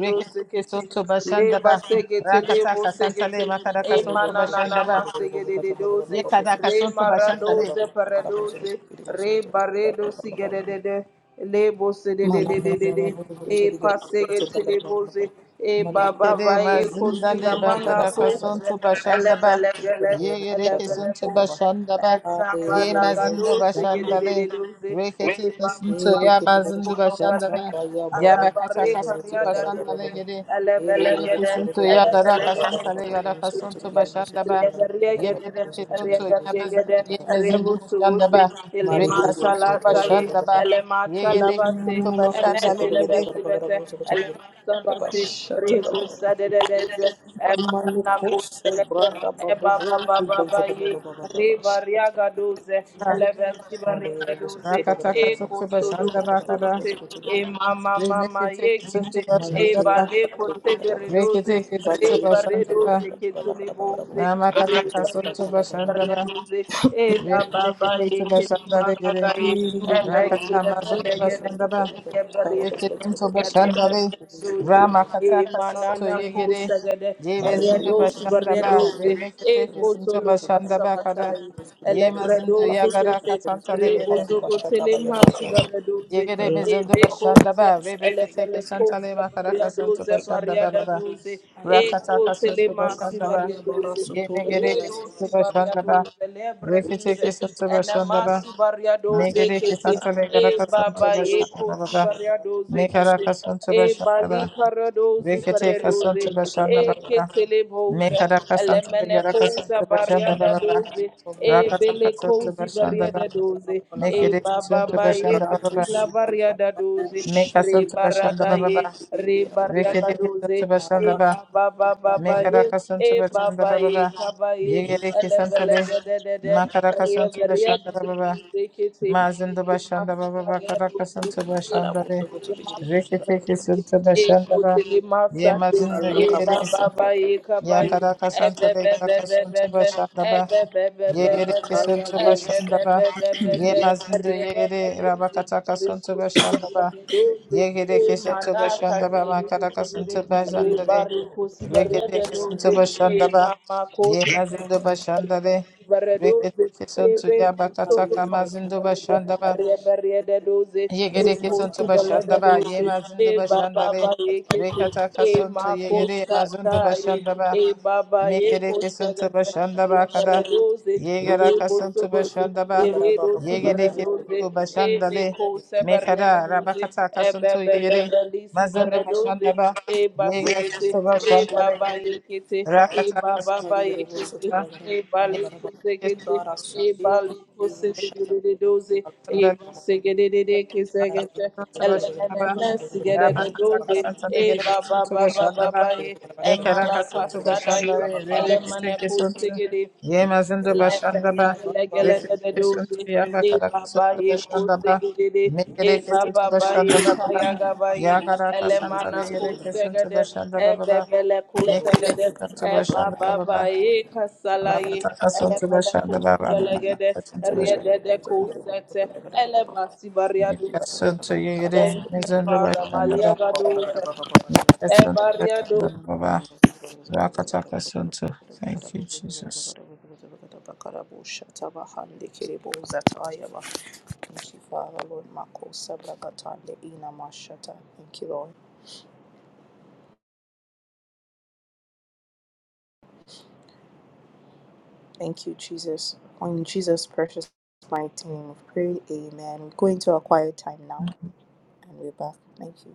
Speaker 2: rekete
Speaker 1: doze
Speaker 2: ke
Speaker 1: kete
Speaker 2: sonto
Speaker 1: le
Speaker 2: bashanda ba
Speaker 1: basi gete le
Speaker 2: rakataka
Speaker 1: boze
Speaker 2: santa le
Speaker 1: gete e
Speaker 2: makaraka sonto
Speaker 3: Mana
Speaker 1: manana na
Speaker 2: bashanda ba
Speaker 1: masi
Speaker 2: yekadaka sonto bashanda le
Speaker 1: para doze Re baredo sigedede. Lebo
Speaker 3: kana
Speaker 1: sededededede.
Speaker 3: baba bolo bolo
Speaker 1: E
Speaker 3: sobi kiri bolo
Speaker 1: pasege
Speaker 3: sobi kara baba
Speaker 1: teleboze.
Speaker 3: baba.
Speaker 1: E
Speaker 2: Ye
Speaker 3: Mari
Speaker 1: baba
Speaker 3: bolo
Speaker 2: Yekere
Speaker 1: vae
Speaker 3: sobi
Speaker 2: mazinda
Speaker 3: bolo
Speaker 1: kosila
Speaker 2: le
Speaker 3: sobi kiri
Speaker 1: mana
Speaker 2: bakada
Speaker 3: basa tara
Speaker 1: koze.
Speaker 2: kasonto
Speaker 3: baba baba
Speaker 2: bashanda
Speaker 3: baba
Speaker 2: ba.
Speaker 3: bolo
Speaker 1: Elevelevele.
Speaker 3: sobi kiri
Speaker 2: Ye
Speaker 3: bolo
Speaker 2: yere
Speaker 3: shata baba
Speaker 2: kesonto
Speaker 3: baba baba.
Speaker 1: Elevelevoze.
Speaker 2: bashanda
Speaker 1: E
Speaker 2: ba. Ye
Speaker 1: sabala
Speaker 3: bolo
Speaker 1: gado
Speaker 2: mazindo bashanda
Speaker 3: shata
Speaker 2: le.
Speaker 1: segedededede.
Speaker 2: Rekete
Speaker 1: E baba
Speaker 2: kesonto
Speaker 3: Malaysia was
Speaker 2: ya
Speaker 1: Elemata
Speaker 3: also
Speaker 2: mazindo
Speaker 3: covered
Speaker 2: bashanda ba.
Speaker 3: by the
Speaker 2: Ya
Speaker 3: Baba Baba.
Speaker 2: bakata kasonto bashanda le yere.
Speaker 3: It
Speaker 2: Remi
Speaker 3: was covered
Speaker 2: kesonto
Speaker 3: by the
Speaker 2: ya
Speaker 3: Baba! Baba,
Speaker 2: dara
Speaker 3: It was
Speaker 2: kasanta
Speaker 3: covered
Speaker 2: le yara kasonto bashanda
Speaker 3: by
Speaker 2: ba.
Speaker 3: the
Speaker 2: Ye yere kesonto ya mazindo ye
Speaker 3: Baba,
Speaker 2: mazindo bashanda ba. Rekasonto bashanda
Speaker 3: Baba.
Speaker 2: ba. Ye yere kesonto bashanda le yere.
Speaker 1: Sabasi, Riku Sadedeze, Emana Kuselete, Eba Baba Baba Ye, Riva Riaga Doze, Eleven Sibarika Doze, Eko Solomo
Speaker 2: Rakatakatotubashandabakara.
Speaker 1: Sobote, E Mama
Speaker 3: Malukoso
Speaker 1: Mama Ye Kise,
Speaker 3: Maliki
Speaker 1: Eba
Speaker 2: Reneketeketotubashandaba.
Speaker 1: Leko Segere Doze, Riva
Speaker 2: Reketeketotubashandaba.
Speaker 1: Redoze Ketule Boze, Riva Redoze
Speaker 2: Ramakatakasotubashandaba.
Speaker 1: Redoze, Eba Baba Ye Kese
Speaker 2: Reketeketotubashandaregere.
Speaker 1: Magaga Ye, Ebek Lebele Gede,
Speaker 2: Rakatamazotubashandaba. Reketotubashandare.
Speaker 1: Manana
Speaker 2: Ramakatakasotoyegere.
Speaker 1: Pusagade, Barriados,
Speaker 2: Yebezindubashandaba.
Speaker 1: Barriados, Eco Soloma
Speaker 2: Reneketeketotubashandabakara.
Speaker 1: Samatai, Elebrados,
Speaker 2: Yemazinduyagarakasantalegere.
Speaker 1: Rebozoco Telemas, Barriados,
Speaker 2: Yegere mezondo bashanda
Speaker 1: Ebecos,
Speaker 2: ba rebeke teke
Speaker 1: Elevele
Speaker 2: shantale
Speaker 1: Cosa,
Speaker 2: makaraka
Speaker 1: Barriados,
Speaker 2: sonto bashanda ba ba ba
Speaker 1: Barriadados, Eko
Speaker 2: rakataka sonto
Speaker 1: telema
Speaker 2: bashanda ba
Speaker 1: sibaria
Speaker 3: Kapaya bara
Speaker 1: doze.
Speaker 3: soto
Speaker 2: yemegere ke
Speaker 1: Redo
Speaker 3: derevas.
Speaker 2: sonto
Speaker 1: sibaria
Speaker 2: bashanda ba
Speaker 1: doze. Lebre
Speaker 2: reke teke
Speaker 1: doze.
Speaker 2: sonto bashanda
Speaker 1: Enema
Speaker 2: ba
Speaker 1: sibaria doze
Speaker 2: megere ke
Speaker 1: kete.
Speaker 2: santale
Speaker 1: E
Speaker 2: garaka sonto
Speaker 1: baba
Speaker 2: bashanda
Speaker 1: eko
Speaker 2: ba ba ba
Speaker 3: Shada
Speaker 1: sibaria doze kete.
Speaker 3: babusu,
Speaker 2: mekaraka sonto
Speaker 1: E
Speaker 2: bashanda
Speaker 1: bali
Speaker 2: ba
Speaker 1: karadozi
Speaker 2: reke teke sonto
Speaker 1: karadozi.
Speaker 3: balagara
Speaker 2: bashanda
Speaker 3: babu,
Speaker 1: E
Speaker 2: ba ba
Speaker 1: ketele boze.
Speaker 2: mekaraka santale
Speaker 1: Elemene
Speaker 2: garaka
Speaker 1: koza
Speaker 2: sonto bashanda
Speaker 1: baria
Speaker 2: ba
Speaker 1: da
Speaker 2: ba ba
Speaker 1: doze. E
Speaker 3: babusu,
Speaker 2: rakataka
Speaker 1: bele
Speaker 2: sonto
Speaker 1: kozi
Speaker 2: bashanda
Speaker 1: baria
Speaker 2: ba
Speaker 1: da
Speaker 3: balagara
Speaker 1: doze.
Speaker 3: babu, balagara
Speaker 1: E
Speaker 2: megere
Speaker 3: babu,
Speaker 2: ke
Speaker 1: baba
Speaker 2: sonto
Speaker 1: ba
Speaker 2: bashanda ba
Speaker 1: eko
Speaker 2: ba ba
Speaker 1: sila
Speaker 3: ratusu,
Speaker 1: baria da
Speaker 3: babu,
Speaker 1: doze.
Speaker 2: Make us ba,
Speaker 1: Re
Speaker 3: shandi,
Speaker 1: barada
Speaker 2: ba
Speaker 1: ye.
Speaker 2: ba.
Speaker 1: Re
Speaker 3: balagara,
Speaker 1: baria da
Speaker 2: Rikere kisanta
Speaker 1: doze e
Speaker 2: başlanda ba.
Speaker 3: maratu,
Speaker 1: baba baba ba
Speaker 2: Mekara
Speaker 1: ye e
Speaker 2: kasanta başlanda
Speaker 1: baba
Speaker 2: ba ba
Speaker 1: ye
Speaker 2: ba.
Speaker 1: kaba ye
Speaker 2: Yegere
Speaker 1: ele
Speaker 2: kisanta
Speaker 1: bele
Speaker 2: be.
Speaker 1: gede de de
Speaker 2: Makara
Speaker 1: riye
Speaker 2: kasanta
Speaker 1: riye
Speaker 2: başlanda
Speaker 1: de
Speaker 2: ba
Speaker 1: de
Speaker 2: ba ba.
Speaker 1: de kete
Speaker 2: Mazindu
Speaker 1: e
Speaker 2: başlanda
Speaker 1: masu
Speaker 2: ba ba ba.
Speaker 1: riye
Speaker 2: Kara
Speaker 1: de de
Speaker 2: kasanta
Speaker 1: e
Speaker 3: nakara
Speaker 2: başlanda
Speaker 3: busu,
Speaker 2: be.
Speaker 1: kaso
Speaker 3: busu,
Speaker 1: ye
Speaker 3: bigiri
Speaker 1: masu
Speaker 3: busu,
Speaker 1: riye
Speaker 2: Rikete
Speaker 1: de
Speaker 2: kisanta
Speaker 1: de e
Speaker 2: başlanda ba.
Speaker 1: kote ye masa
Speaker 2: Ye
Speaker 1: de
Speaker 2: mazindu
Speaker 3: ala
Speaker 1: e
Speaker 2: yegere.
Speaker 1: baba
Speaker 3: kabasa,
Speaker 1: ba ye kaba
Speaker 2: Ya
Speaker 1: ye
Speaker 2: kara
Speaker 1: e be
Speaker 2: kasanta be.
Speaker 1: be
Speaker 2: Kara
Speaker 1: be be be
Speaker 2: kasanta
Speaker 1: be
Speaker 2: başlanda
Speaker 1: e
Speaker 2: ba.
Speaker 1: be be be be be
Speaker 2: Yegere
Speaker 3: la
Speaker 1: be
Speaker 3: kaya
Speaker 2: kisanta
Speaker 1: e be
Speaker 3: busu,
Speaker 2: başlanda
Speaker 1: be
Speaker 2: ba.
Speaker 1: be be be
Speaker 2: Ye
Speaker 1: be
Speaker 2: mazindu
Speaker 1: riye de
Speaker 2: yegere.
Speaker 1: de de
Speaker 2: Rabakata
Speaker 1: ria
Speaker 2: kasanta
Speaker 1: kute
Speaker 2: başlanda ba.
Speaker 1: de de de. E
Speaker 2: Yegede
Speaker 1: mama
Speaker 2: kesinti başında ba makara kasıntı
Speaker 3: aligiri
Speaker 2: başında
Speaker 3: busu,
Speaker 2: de.
Speaker 3: babusu,
Speaker 2: Rekete kesinti başında ba. Yemezinde başında de. Rekete kesinti ya bakata
Speaker 3: aligiri busu,
Speaker 2: kamazinde başında ba.
Speaker 1: kothaai,
Speaker 2: Yegede kesinti
Speaker 3: aligiri busu,
Speaker 2: başında ba.
Speaker 1: e
Speaker 2: Yemezinde başında
Speaker 1: baba
Speaker 2: de.
Speaker 1: ekhte,
Speaker 2: Rekata
Speaker 1: e
Speaker 2: kasıntı
Speaker 1: mama
Speaker 2: yegede yemezinde
Speaker 1: kothaai,
Speaker 2: başında ba.
Speaker 1: e baba
Speaker 2: Mekere
Speaker 1: ekhte
Speaker 2: kesinti başında bakada. Yegara kasıntı başında ba.
Speaker 3: Lagara baba bala
Speaker 2: Yegere
Speaker 3: gana bala.
Speaker 1: baradoze
Speaker 2: kesinti
Speaker 1: e
Speaker 2: başında
Speaker 1: me
Speaker 2: le.
Speaker 1: kose
Speaker 2: Mekara
Speaker 1: baradoze
Speaker 2: rabakata
Speaker 1: e be
Speaker 2: kasıntı
Speaker 1: be be
Speaker 2: yegere.
Speaker 1: be lisi
Speaker 2: Mazında
Speaker 1: baradoze
Speaker 2: başında ba.
Speaker 1: e
Speaker 2: Yegara
Speaker 1: basete
Speaker 2: kasıntı
Speaker 1: e
Speaker 2: başında le
Speaker 1: baba
Speaker 2: yegere.
Speaker 1: yekete e
Speaker 2: Rakata
Speaker 1: baba
Speaker 2: kasıntı
Speaker 1: ba
Speaker 3: Mali gere bol
Speaker 1: yekete
Speaker 3: sotu
Speaker 2: başında.
Speaker 3: bala gana
Speaker 1: e
Speaker 3: bala
Speaker 2: Yegere
Speaker 1: bali
Speaker 3: gana bala.
Speaker 1: kose kete
Speaker 2: kesinti
Speaker 3: Ibara
Speaker 1: e
Speaker 3: sote
Speaker 1: bali
Speaker 3: ni
Speaker 1: kose
Speaker 3: mu shata
Speaker 1: gedede
Speaker 3: bala bala
Speaker 1: doze e
Speaker 3: gana
Speaker 2: başında le.
Speaker 3: bala.
Speaker 1: base gedede kese
Speaker 3: Mali
Speaker 1: kete
Speaker 3: gere bol
Speaker 2: kasıntı
Speaker 3: gere bol
Speaker 1: elene
Speaker 3: gana
Speaker 2: başında
Speaker 3: bala
Speaker 2: ba.
Speaker 3: bala bol gere
Speaker 1: mesi
Speaker 3: bol
Speaker 1: gedede
Speaker 3: bas
Speaker 2: Rabakata
Speaker 3: gana
Speaker 1: doze
Speaker 3: bala.
Speaker 2: kasıntı
Speaker 1: e
Speaker 2: yegere
Speaker 1: baba
Speaker 2: kesinti
Speaker 1: baba
Speaker 2: başında ba.
Speaker 1: baba ye e
Speaker 2: Mekara kasuntu
Speaker 1: malakasa da ye
Speaker 2: başanda ve rebekete
Speaker 1: elemane kose
Speaker 2: kesuntu.
Speaker 1: gedede
Speaker 2: Yemazındı
Speaker 3: La
Speaker 1: Thank
Speaker 2: başanda
Speaker 3: kaya
Speaker 2: ba.
Speaker 3: baba bol
Speaker 2: Rekete
Speaker 3: gere.
Speaker 2: kesuntu ya bakara kasuntu başanda ba. Mekere kesuntu başanda ba baba. Ya kara
Speaker 3: Sokoto gere
Speaker 2: kasanta
Speaker 3: bol
Speaker 2: ve
Speaker 3: sokoto
Speaker 2: gere
Speaker 3: bala gana bala.
Speaker 2: kesuntu başanda ba baba.
Speaker 3: Gere bol sokoto bala
Speaker 2: Mekere kesuntu
Speaker 3: gana
Speaker 2: başanda
Speaker 3: bala.
Speaker 2: ba baba. Rakata kasuntu başanda ba baba. Makata kasuntu başanda.
Speaker 3: Ibara bala bala
Speaker 2: Mekasuntu
Speaker 3: bala
Speaker 2: yere.
Speaker 3: bol sokoto
Speaker 1: you,
Speaker 3: gere
Speaker 2: Mezundu
Speaker 3: bol
Speaker 1: Father.
Speaker 3: shata
Speaker 2: başanda ba.
Speaker 1: Malia
Speaker 3: bala bala
Speaker 1: Gadoza.
Speaker 3: bala gana bala bala.
Speaker 2: Mekasuntu
Speaker 1: Ebaria
Speaker 2: başanda ba
Speaker 1: dos
Speaker 3: Thank
Speaker 2: baba.
Speaker 3: you,
Speaker 2: Rakata kasuntu. Thank you Jesus.
Speaker 3: Father, Lord. Mako sabrakatande ina mashata. Thank you, Lord. Thank you, Jesus. In Jesus' precious mighty name of prayer, amen. We're going to a quiet time now, and we're back. Thank you.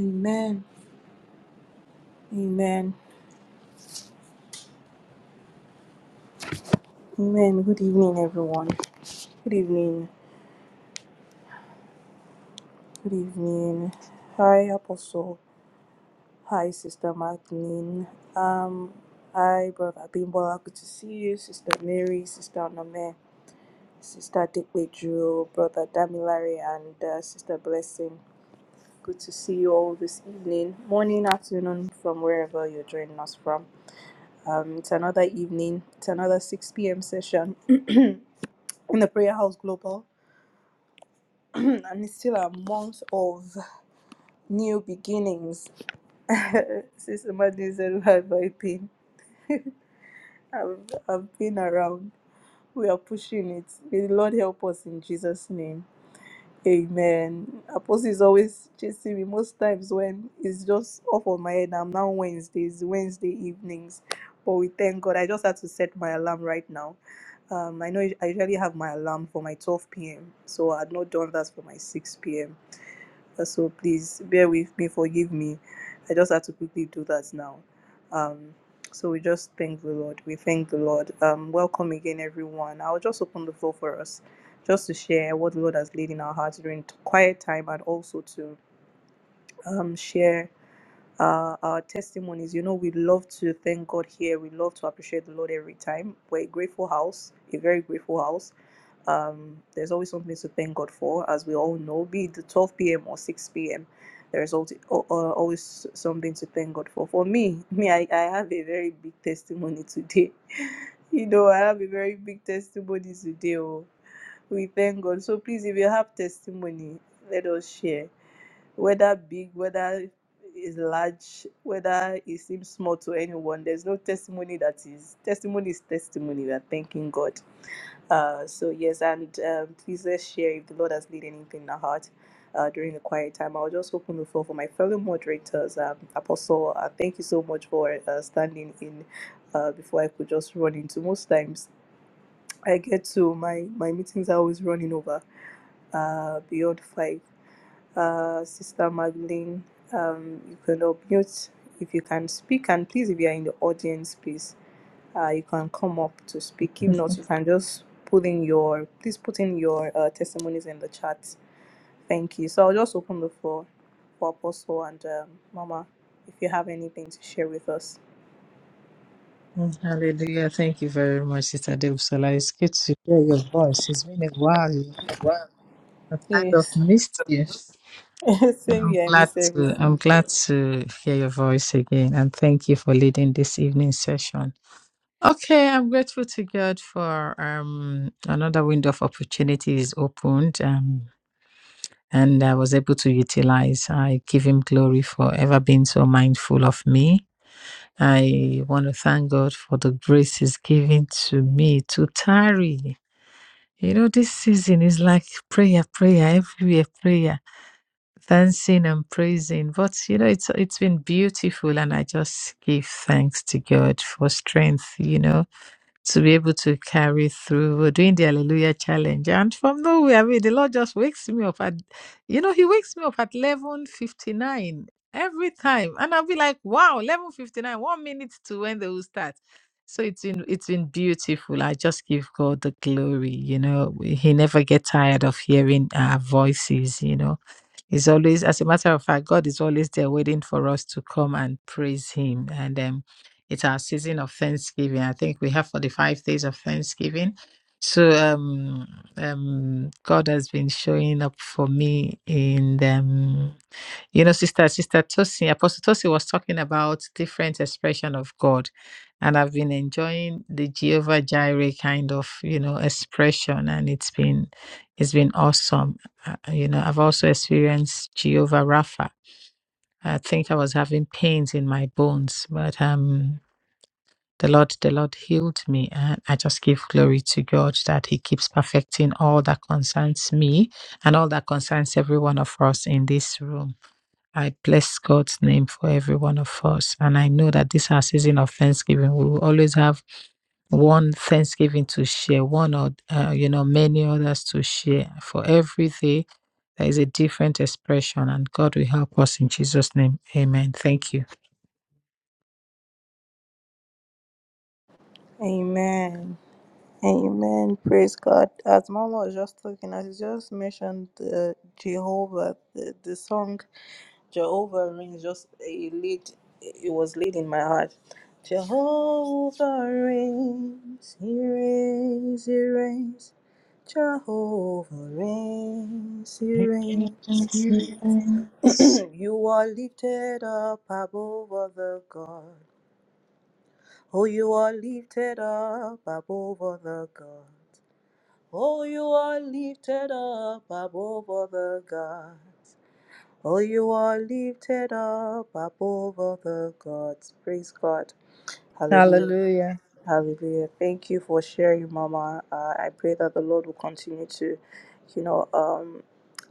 Speaker 3: Amen. Amen. Amen. Good evening, everyone. Good evening. Good evening. Hi, Apostle. Hi, Sister Magdalene. Um, hi, Brother Abimbola. Good to see you, Sister Mary, Sister Nome, Sister Dikweju, Brother Damilare, and uh, Sister Blessing. Good to see you all this evening, morning, afternoon, from wherever you're joining us from. Um, it's another evening. It's another 6 p.m. session in the Prayer House Global, and it's still a month of new beginnings. Sister Magdalene said, "Where have I been?" I've, I've been around. We are pushing it. May the Lord help us in Jesus' name. Amen. Apostle is always chasing me most times when it's just off of my head. I'm now Wednesdays, Wednesday evenings. But we thank God. I just had to set my alarm right now. Um, I know I usually have my alarm for my 12 p.m. So I had not done that for my 6 p.m. So please bear with me, forgive me. I just had to quickly do that now. Um, so we just thank the Lord. We thank the Lord. Um, welcome again, everyone. I'll just open the floor for us just to share what the Lord has laid in our hearts during t- quiet time and also to um, share uh, our testimonies. You know, we love to thank God here. We love to appreciate the Lord every time. We're a grateful house, a very grateful house. Um, there's always something to thank God for, as we all know, be it 12 p.m. or 6 p.m. There's always, something to thank God for. For me, me, I, I have a very big testimony today. you know, I have a very big testimony today. Oh. We thank God. So please, if you have testimony, let us share. Whether big, whether is large, whether it seems small to anyone, there's no testimony that is testimony is testimony. We are thanking God. Uh, so yes, and um, please let's share if the Lord has laid anything in our heart uh, during the quiet time. I'll just open the floor for my fellow moderators. Um, Apostle, uh, thank you so much for uh, standing in uh, before I could just run into. Most times I get to my my meetings are always running over uh, beyond five. Uh, Sister Magdalene, um, you can unmute if you can speak, and please if you are in the audience, please uh, you can come up to speak. If not, you can just put in your please put in your uh, testimonies in the chat. Thank you. So I'll just open the floor for Apostle and um, Mama if you have anything to share with us.
Speaker 2: Hallelujah. Thank you very much, Sister Debsola. It's good to hear your voice. It's been a while. You know? I kind of
Speaker 3: Yes.
Speaker 2: missed you.
Speaker 3: Same
Speaker 2: I'm
Speaker 3: here. I
Speaker 2: glad
Speaker 3: miss
Speaker 2: to
Speaker 3: everyone.
Speaker 2: I'm glad to hear your voice again and thank you for leading this evening session. Okay, I'm grateful to God for um another window of opportunity is opened um and I was able to utilize. I give him glory for ever being so mindful of me I want to thank God for the grace He's given to me to tarry. You know, this season is like prayer, prayer, everywhere, prayer, dancing and praising. But you know, it's it's been beautiful, and I just give thanks to God for strength. You know, to be able to carry through. We're doing the Hallelujah Challenge, and from nowhere, I mean, the Lord just wakes me up at, you know, He wakes me up at eleven fifty nine every time, and I'll be like, wow, eleven fifty nine, one minute to when they will start. So it's been it's been beautiful. I just give God the glory. You know, he never gets tired of hearing our voices. You know, He's always, as a matter of fact, God is always there waiting for us to come and praise Him. And um, it's our season of Thanksgiving. I think we have 45 days of Thanksgiving. So um, um, God has been showing up for me in them. You know, Sister Sister Tosi, Apostle Tosi was talking about different expression of God, and I've been enjoying the Jehovah Jireh kind of you know expression, and it's been it's been awesome. Uh, uh, you know, I've also experienced Jehovah Rapha. I think I was having pains in my bones, but um, the Lord the Lord healed me, and I just give glory to God that He keeps perfecting all that concerns me and all that concerns every one of us in this room. I bless God's name for every one of us. And I know that this our season of Thanksgiving, we will always have one Thanksgiving to share, one or, uh, you know, many others to share. For every day, there is a different expression, and God will help us in Jesus' name. Amen. Thank you.
Speaker 3: Amen. Amen. Praise God. As Mama was just talking, I just mentioned uh, Jehovah, the, the song. Jehovah rings just a lead it was laid in my heart. Jehovah reigns, he reigns, he reigns. Jehovah reigns, he reigns, he reigns. you are lifted up above all the gods. Oh, you are lifted up above all the gods. Oh, you are lifted up above all the gods. Oh, you are lifted up above all the gods. Praise God. Hallelujah.
Speaker 2: Hallelujah.
Speaker 3: Hallelujah. Thank you for sharing, Mama. Uh, I pray that the Lord will continue to, you know, um,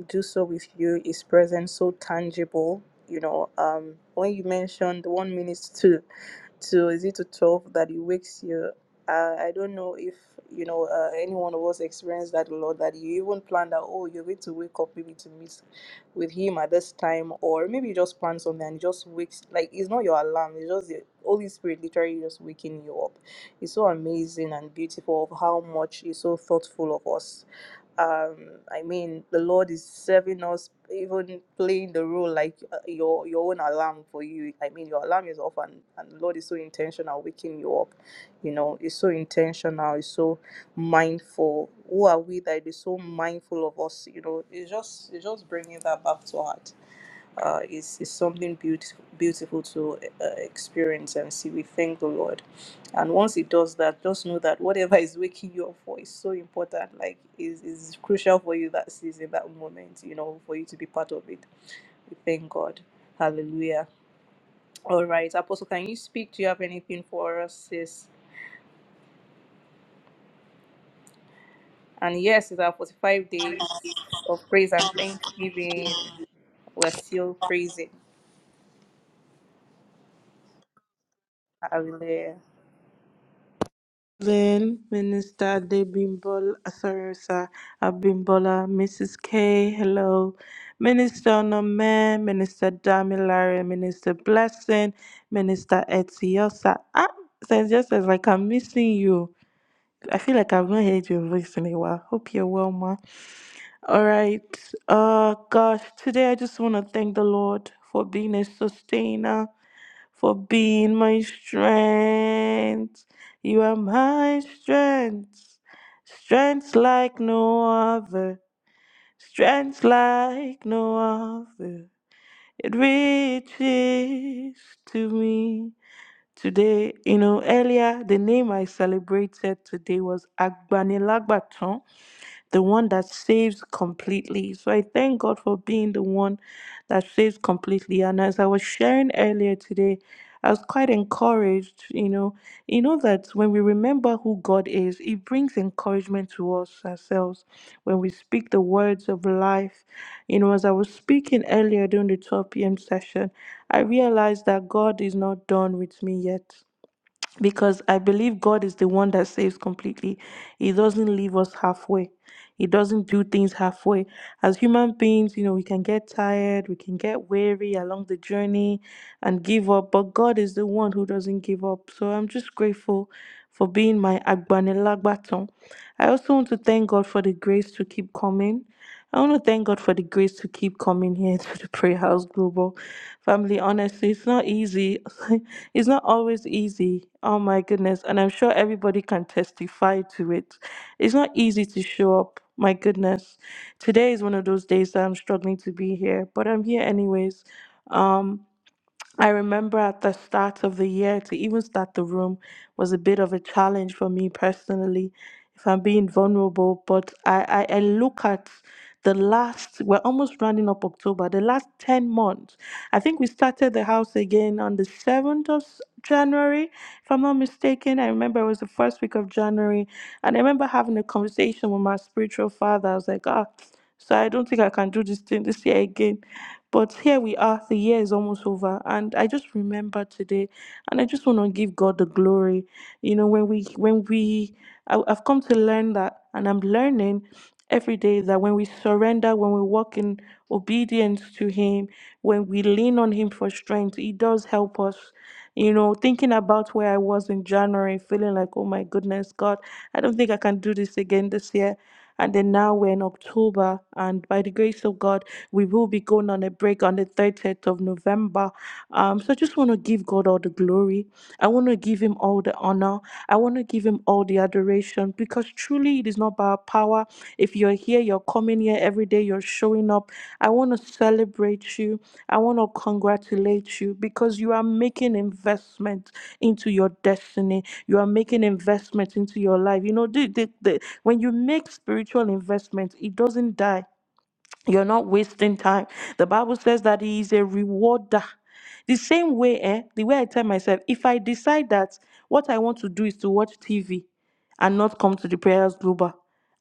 Speaker 3: do so with you. His presence so tangible. You know, um, when you mentioned one minute to to is it to twelve that He wakes you. Uh, I don't know if you know uh, any one of us experienced that, Lord, that you even planned that. Oh, you're going to wake up maybe to meet with him at this time, or maybe you just plan something and it just wakes like it's not your alarm, it's just the Holy Spirit literally just waking you up. It's so amazing and beautiful of how much he's so thoughtful of us um i mean the lord is serving us even playing the role like uh, your your own alarm for you i mean your alarm is off and and the lord is so intentional waking you up you know it's so intentional it's so mindful who are we that is so mindful of us you know it's just it's just bringing that back to heart uh, is, is something beautiful, beautiful to uh, experience and see. We thank the Lord. And once He does that, just know that whatever is waking you up for is so important, like, is, is crucial for you that season, that moment, you know, for you to be part of it. We thank God. Hallelujah. All right, Apostle, can you speak? Do you have anything for us, sis? And yes, it's our 45 days of praise and thanksgiving. We're still praising. Hallelujah.
Speaker 1: Lynn, Minister Debimbol, sorry, sir, Abimbola, Mrs. K, hello, Minister Onome, Minister Damilare, Minister Blessing, Minister Etiosa. Ah, it's just as like I'm missing you. I feel like I've not heard your voice in a while. Hope you're well, ma. All right. Uh, gosh, today I just want to thank the Lord for being a sustainer for being my strength. You are my strength, strength like no other, strength like no other. It reaches to me today. You know, earlier the name I celebrated today was Agbanilagbaton the one that saves completely. So I thank God for being the one that saves completely. And as I was sharing earlier today, I was quite encouraged, you know, you know that when we remember who God is, it brings encouragement to us ourselves when we speak the words of life. You know, as I was speaking earlier during the 12 p.m. session, I realized that God is not done with me yet because I believe God is the one that saves completely. He doesn't leave us halfway. He doesn't do things halfway. As human beings, you know, we can get tired, we can get weary along the journey and give up, but God is the one who doesn't give up. So I'm just grateful for being my Agbanelagbaton. I also want to thank God for the grace to keep coming. I want to thank God for the grace to keep coming here to the Prayer House Global family. Honestly, it's not easy. it's not always easy. Oh my goodness. And I'm sure everybody can testify to it. It's not easy to show up. My goodness. Today is one of those days that I'm struggling to be here, but I'm here anyways. Um. I remember at the start of the year to even start the room was a bit of a challenge for me personally, if I'm being vulnerable. But I, I, I look at the last, we're almost rounding up October, the last 10 months. I think we started the house again on the 7th of s- January, if I'm not mistaken. I remember it was the first week of January. And I remember having a conversation with my spiritual father. I was like, ah. So I don't think I can do this thing this year again. But here we are, the year is almost over. And I just remember today and I just want to give God the glory. You know, when we when we I, I've come to learn that and I'm learning every day that when we surrender, when we walk in obedience to him, when we lean on him for strength, he does help us. You know, thinking about where I was in January, feeling like, oh my goodness, God, I don't think I can do this again this year. And then now we're in October, and by the grace of God, we will be going on a break on the 30th of November. Um, so I just want to give God all the glory. I want to give Him all the honor. I want to give Him all the adoration because truly it is not by our power. If you're here, here, you're coming here every day, you're showing up. I want to celebrate you. I want to congratulate you because you are making investment into your destiny. You are making investment into your life. You know, the, the, the, when you make spiritual investment, it doesn't die. You're not wasting time. The Bible says that He is a rewarder. The same way, eh, the way I tell myself, if I decide that what I want to do is to watch TV and not come to the prayers global,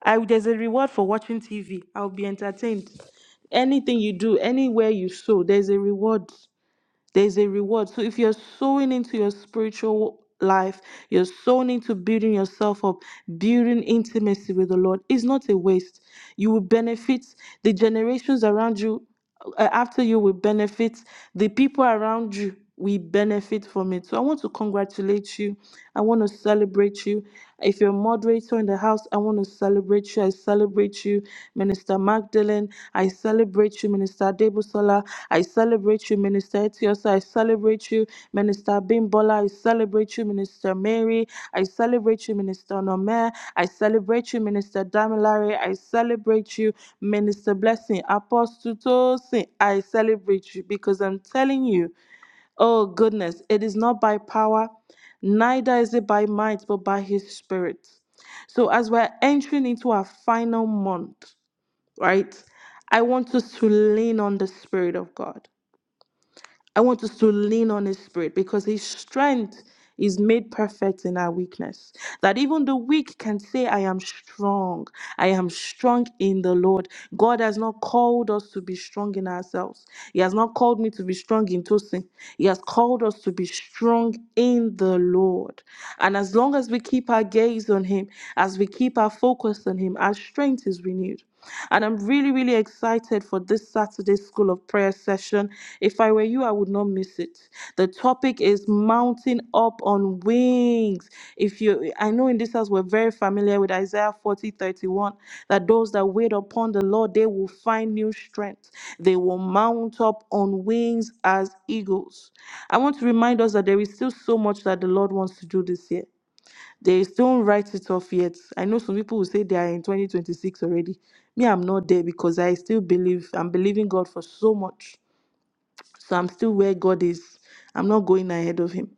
Speaker 1: I there's a reward for watching TV. I'll be entertained. Anything you do, anywhere you sow, there's a reward there's a reward. So if you're sowing into your spiritual life, you're sowing into building yourself up, building intimacy with the Lord, it's not a waste. You will benefit the generations around you, uh, after you will benefit, the people around you will benefit from it. So I want to congratulate you. I want to celebrate you. If you're a moderator in the house, I want to celebrate you. I celebrate you. Minister Magdalene, I celebrate you, Minister Debusola. I celebrate you, Minister Etiosa. I celebrate you, Minister Bimbola. I celebrate you, Minister Mary. I celebrate you, Minister Nomer. I celebrate you, Minister Damilare. I celebrate you, Minister Blessing. Apostle Tosin, I celebrate you because I'm telling you, oh goodness, it is not by power, neither is it by might, but by his spirit. So as we're entering into our final month, right? I want us to lean on the Spirit of God. I want us to lean on His Spirit because His strength is made perfect in our weakness. That even the weak can say, I am strong. I am strong in the Lord. God has not called us to be strong in ourselves. He has not called me to be strong in Tosin. He has called us to be strong in the Lord. And as long as we keep our gaze on Him, as we keep our focus on Him, our strength is renewed. And I'm really, really excited for this Saturday School of Prayer session. If I were you, I would not miss it. The topic is mounting up on wings. If you I know in this house we're very familiar with Isaiah 40:31, that those that wait upon the Lord, they will find new strength. They will mount up on wings as eagles. I want to remind us that there is still so much that the Lord wants to do this year. They don't write it off yet. I know some people will say they are in 2026 already. Me, I'm not there because I still believe, I'm believing God for so much. So I'm still where God is. I'm not going ahead of Him.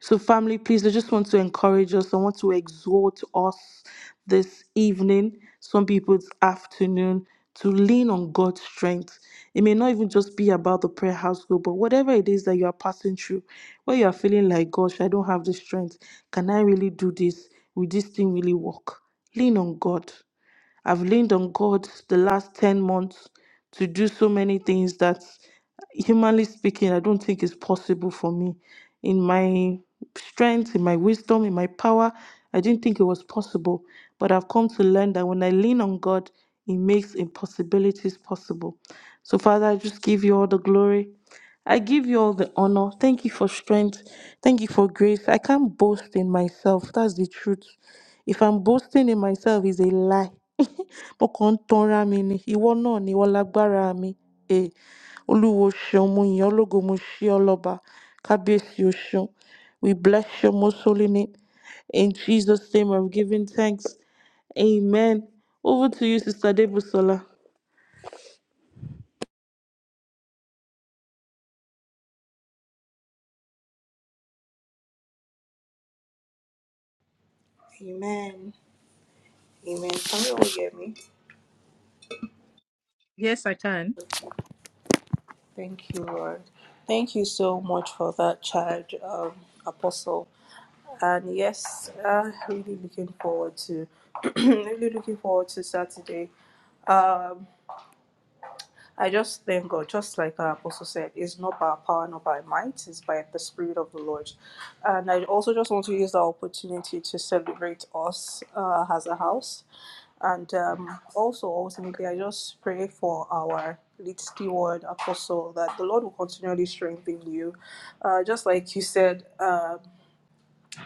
Speaker 1: So, family, please, I just want to encourage us. I want to exhort us this evening, some people it's afternoon, to lean on God's strength. It may not even just be about the prayer house group, but whatever it is that you are passing through, where you are feeling like, gosh, I don't have the strength. Can I really do this? Will this thing really work? Lean on God. I've leaned on God the last 10 months to do so many things that, humanly speaking, I don't think is possible for me. In my strength, in my wisdom, in my power, I didn't think it was possible. But I've come to learn that when I lean on God, He makes impossibilities possible. So, Father, I just give you all the glory. I give you all the honor. Thank you for strength. Thank you for grace. I can't boast in myself. That's the truth. If I'm boasting in myself, it's a lie. mo kàn ń tanra mi ni ìwọ náà ni ìwọ lágbára mi eh olúwo ṣeun mo yìn ọ́ lógo mo ṣe ọ́ lọ́ba kábíyèsí o ṣeun we bless your most holy name in jesus name i'm giving thanks amen over to you sister debusola.
Speaker 3: Amen. Amen. Can you all hear me?
Speaker 2: Yes, I can.
Speaker 3: Thank you, Lord. Thank you so much for that charge, um, Apostle. And yes, uh, really looking forward to really looking forward to Saturday. Um, I just thank God, just like our apostle said, it's not by power, not by might, it's by the Spirit of the Lord. And I also just want to use the opportunity to celebrate us uh, as a house. And um, also, ultimately, I just pray for our lead steward, apostle, that the Lord will continually strengthen you. Uh, just like you said, uh,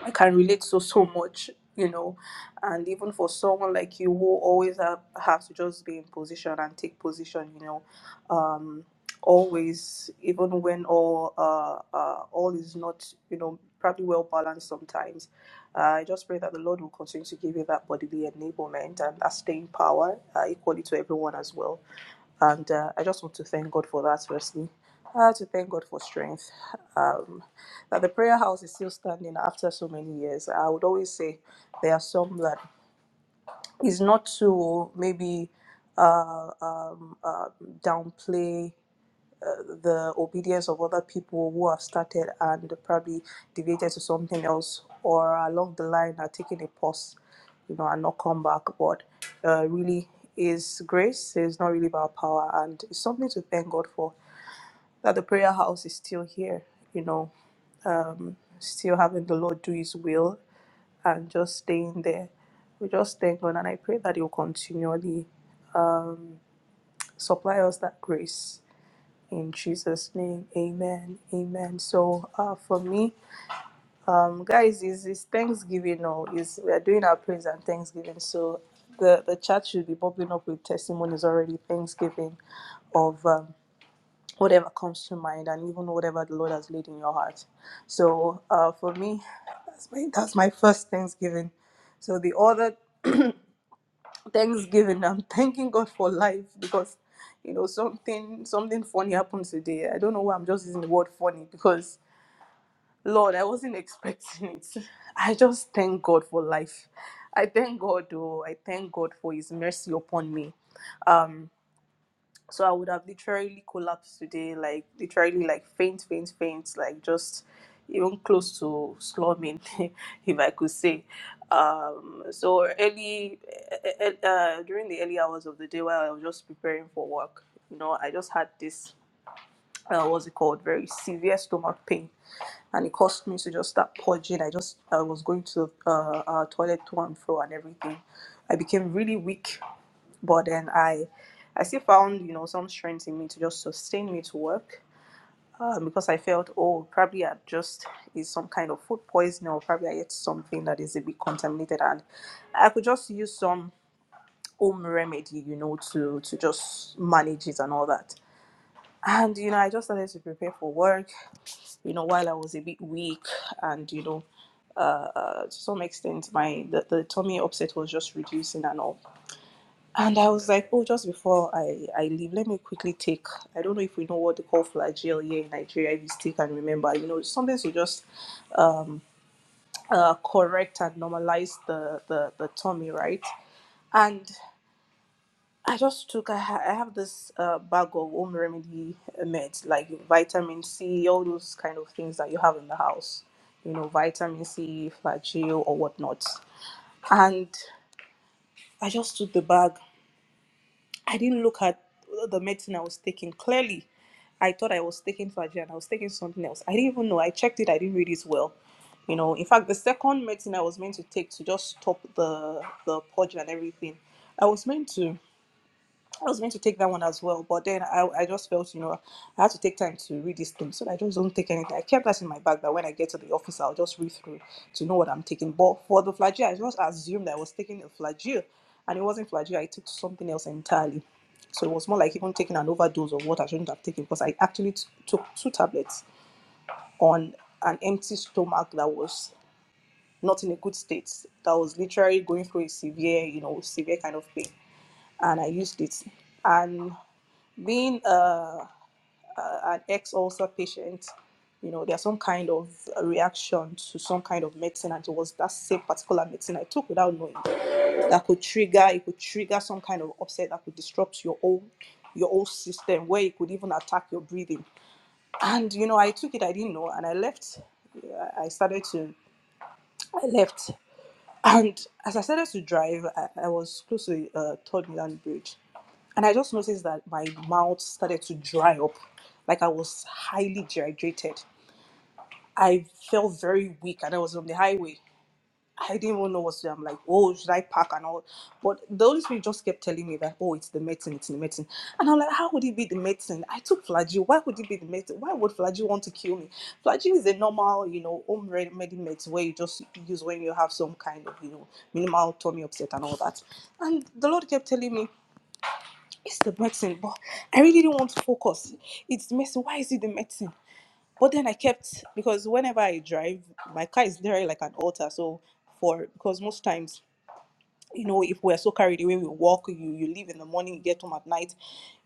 Speaker 3: I can relate so so much, you know. And even for someone like you who always have, have to just be in position and take position, you know, um, always, even when all uh, uh, all is not, you know, probably well balanced sometimes. Uh, I just pray that the Lord will continue to give you that bodily enablement and that staying power uh, equally to everyone as well. And uh, I just want to thank God for that, firstly. Uh, to thank God for strength. Um, that the prayer house is still standing after so many years. I would always say there are some that is not to maybe uh, um, uh, downplay uh, the obedience of other people who have started and probably deviated to something else or along the line are taking a pause, you know, and not come back. But uh, really, is grace. It's not really about power, and it's something to thank God for that the prayer house is still here, you know, um, still having the Lord do His will and just staying there. We just thank God, and I pray that He will continually supply us that grace In Jesus' name, amen, amen. So, uh, for me, um, guys, is is Thanksgiving now? Is we are doing our praise and Thanksgiving. So, the the chat should be bubbling up with testimonies already. Thanksgiving, of um, whatever comes to mind, and even whatever the Lord has laid in your heart. So, uh, for me, that's my that's my first Thanksgiving. So the other Thanksgiving. I'm thanking God for life because you know something something funny happened today. I don't know why I'm just using the word funny because Lord, I wasn't expecting it. I just thank God for life. I thank God, oh, I thank God for His mercy upon me. Um. So I would have literally collapsed today, like literally like faint, faint, faint, like just even close to slumming, if I could say. Um, so early, uh, uh, during the early hours of the day while I was just preparing for work, you know, I just had this, uh, what's it called, very severe stomach pain. And it caused me to just start purging. I just I was going to uh, uh toilet to and fro and everything. I became really weak but then I, I still found you know some strength in me to just sustain me to work uh, because I felt oh probably I just is some kind of food poisoning or probably I ate something that is a bit contaminated and I could just use some home remedy you know to to just manage it and all that. And you know, I just started to prepare for work. You know, while I was a bit weak, and you know, uh, to some extent, my the, the tummy upset was just reducing and all. And I was like, oh, just before I, I leave, let me quickly take. I don't know if we know what they call flagell here in Nigeria. If you still can remember, you know, sometimes you just um, uh, correct and normalize the, the the tummy, right? And I just took. I, ha- I have this uh, bag of home remedy meds like vitamin C, all those kind of things that you have in the house, you know, vitamin C, flagell or whatnot. And I just took the bag I didn't look at the medicine I was taking clearly. I thought I was taking Flagyl and I was taking something else. I didn't even know. I checked it. I didn't read it well. You know, in fact, the second medicine I was meant to take to just stop the the purge and everything, I was meant to. I was going to take that one as well, but then I, I just felt, you know, I had to take time to read this thing so that I just don't take anything. I kept that in my bag that when I get to the office, I'll just read through to know what I'm taking. But for the flagyl, I just assumed that I was taking a flagyl, and it wasn't flagyl. I took something else entirely. So it was more like even taking an overdose of what I shouldn't have taken because I actually t- took two tablets on an empty stomach that was not in a good state, that was literally going through a severe, you know, severe kind of pain. And I used it. And being uh, an ex ulcer patient, you know, there's some kind of reaction to some kind of medicine, and it was that same particular medicine I took without knowing that could trigger. It could trigger some kind of upset that could disrupt your own your whole system, where it could even attack your breathing. And you know, I took it. I didn't know, and I left. I I started to. I left. And as I started to drive, I, I was close to uh, Third Milan Bridge. And I just noticed that my mouth started to dry up, like I was highly dehydrated. I felt very weak and I was on the highway. I didn't even know what to do. I'm like, oh, should I pack and all? But the Holy Spirit just kept telling me that, oh, it's the medicine, it's the medicine. And I'm like, how would it be the medicine? I took flagyl. Why would it be the medicine? Why would flagyl want to kill me? Flagyl is a normal, you know, home remedy medicine where you just use when you have some kind of, you know, minimal tummy upset and all that. And the Lord kept telling me, it's the medicine, but I really didn't want to focus. It's the medicine. Why is it the medicine? But then I kept because whenever I drive, my car is literally like an altar. So for because most times, you know, if we're so carried away, we walk, you you leave in the morning, you get home at night.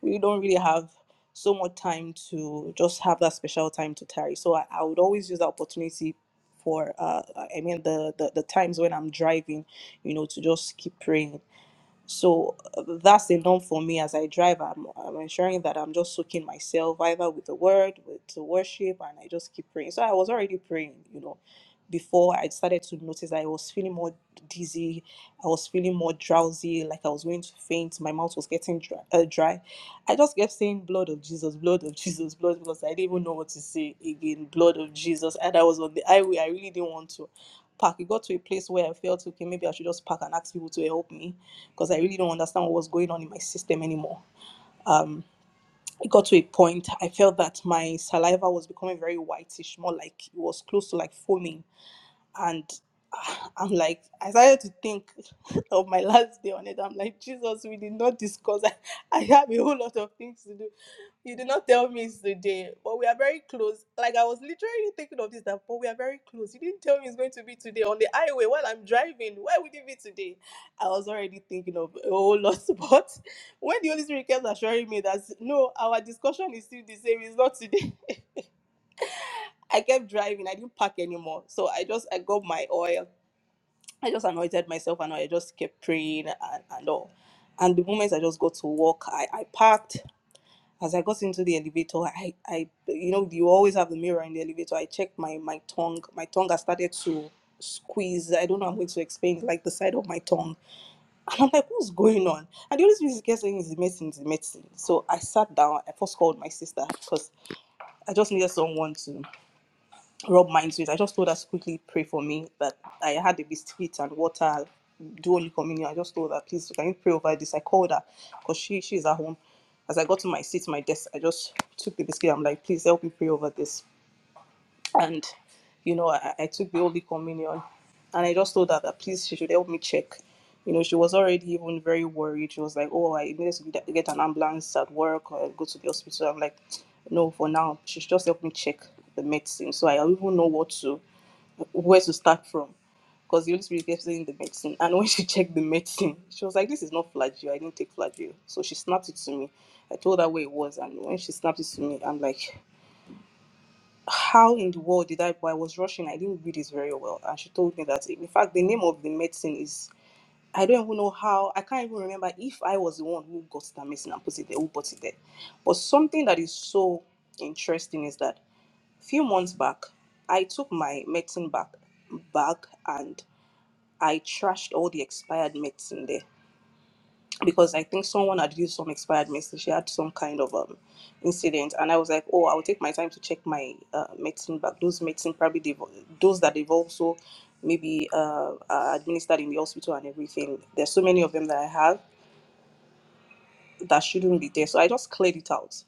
Speaker 3: We don't really have so much time to just have that special time to tarry. So I, I would always use the opportunity for uh I mean the, the the times when I'm driving, you know, to just keep praying so uh, that's enough for me as I drive. I'm, I'm ensuring that I'm just soaking myself either with the word, with the worship, and I just keep praying. So I was already praying, you know, before I started to notice that I was feeling more dizzy. I was feeling more drowsy, like I was going to faint. My mouth was getting dry. Uh, dry. I just kept saying, Blood of Jesus, blood of Jesus, blood, because I didn't even know what to say again, blood of Jesus. And I was on the highway. I really didn't want to park. It got to a place where I felt, okay, maybe I should just park and ask people to help me because I really don't understand what was going on in my system anymore. Um, it got to a point I felt that my saliva was becoming very whitish, more like it was close to like foaming. And ah, I'm like, I started to think of my last day on it. I'm like, Jesus, we did not discuss. I, I have a whole lot of things to do. You did not tell me it's today, but we are very close. Like I was literally thinking of this that, but we are very close. You didn't tell me it's going to be today on the highway while I'm driving. Why would it be today? I was already thinking of a whole lot, but when the Holy Spirit kept assuring me that no, our discussion is still the same. It's not today. I kept driving. I didn't park anymore, so I just I got my oil. I just anointed myself and I just kept praying and, and all. And the moment I just got to work, I, I parked as I got into the elevator, I, I, you know, you always have the mirror in the elevator. I checked my my tongue. My tongue has started to squeeze. I don't know. how I'm going to explain like the side of my tongue, and I'm like, what's going on? And the only thing she kept saying is the medicine, is the medicine. So I sat down. I first called my sister because I just needed someone to rub minds with. I just told her to quickly pray for me that I had the biscuit and water, do only communion. I just told her, please, can you pray over this? I called her because she, she's at home. As I got to my seat, my desk, I just took the biscuit. I'm like, please help me pray over this and you know I, I took the holy communion and i just told her that please she should help me check you know she was already even very worried she was like oh i needed to get get an ambulance at work or go to the hospital i'm like no for now she should just help me check the medicine so i don't even know what to where to start from because the Holy Spirit kept saying the medicine. And when she checked the medicine, she was like, This is not flagyl. I didn't take flagyl. So she snapped it to me. I told her where it was. And when she snapped it to me, I'm like, how in the world did I buy? I was rushing. I didn't read it very well. And she told me that, in fact, the name of the medicine is, I don't even know how, I can't even remember if I was the one who got that medicine and put it there, who bought it there. But something that is so interesting is that a few months back, I took my medicine back, back and I trashed all the expired medicine there because I think someone had used some expired medicine. She had some kind of um incident, and I was like, oh, I'll take my time to check my uh, medicine bag. Those medicine probably they've, those that they've also maybe uh, are administered in the hospital and everything. There's so many of them that I have that shouldn't be there, so I just cleared it out.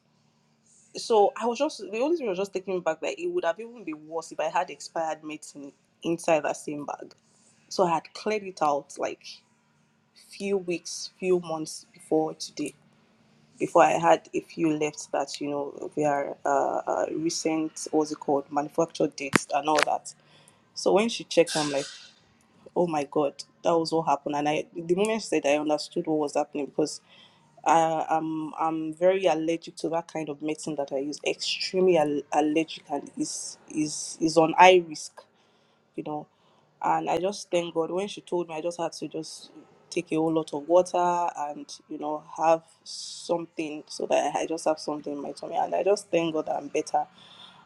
Speaker 3: So I was just the only thing I was just taking back that it would have even been worse if I had expired medicine inside that same bag. So I had cleared it out like few weeks, few months before today before I had a few left that you know their uh, uh, recent what's it called manufacture dates and all that. So when she checked, I'm like, oh my god, that was what happened. And I, the moment she said, I understood what was happening because I, I'm I'm very allergic to that kind of medicine that I use. Extremely al- allergic and is is is on high risk you know. And I just thank God when she told me, I just had to just take a whole lot of water and you know have something so that I just have something in my tummy. And I just thank God that I'm better.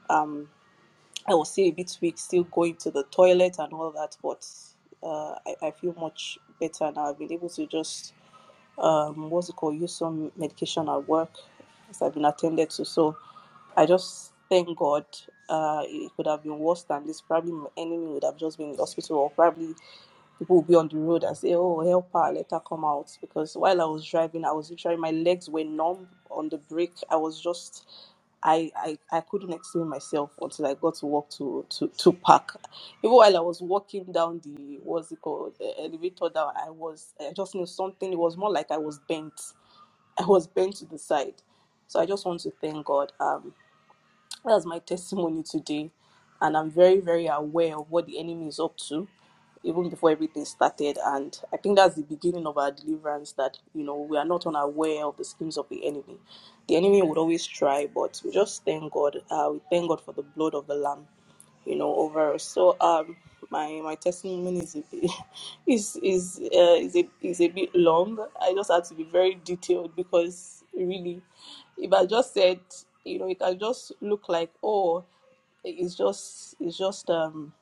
Speaker 3: Um, I was still a bit weak, still going to the toilet and all that, but uh, I, I feel much better now. I've been able to just, um, what's it called, use some medication at work as I've been attended to. So I just thank God. Uh, it could have been worse than this. Probably my enemy would have just been in the hospital, or probably people will be on the road and say, "Oh, help her, let her come out." Because while I was driving, I was literally my legs were numb on the brake. I was just I, I, I couldn't explain myself until I got to walk to, to, to park. Even while I was walking down the what's it called the elevator down, I was I just knew something. It was more like I was bent. I was bent to the side. So I just want to thank God. Um, that's my testimony today. And I'm very, very aware of what the enemy is up to, even before everything started. And I think that's the beginning of our deliverance that, you know, we are not unaware of the schemes of the enemy. The enemy would always try, but we just thank God. Uh, we thank God for the blood of the Lamb you know overall so um my my testimony is a bit, is is uh, is a is a bit long i just had to be very detailed because really if i just said you know it can just look like oh it's just it's just um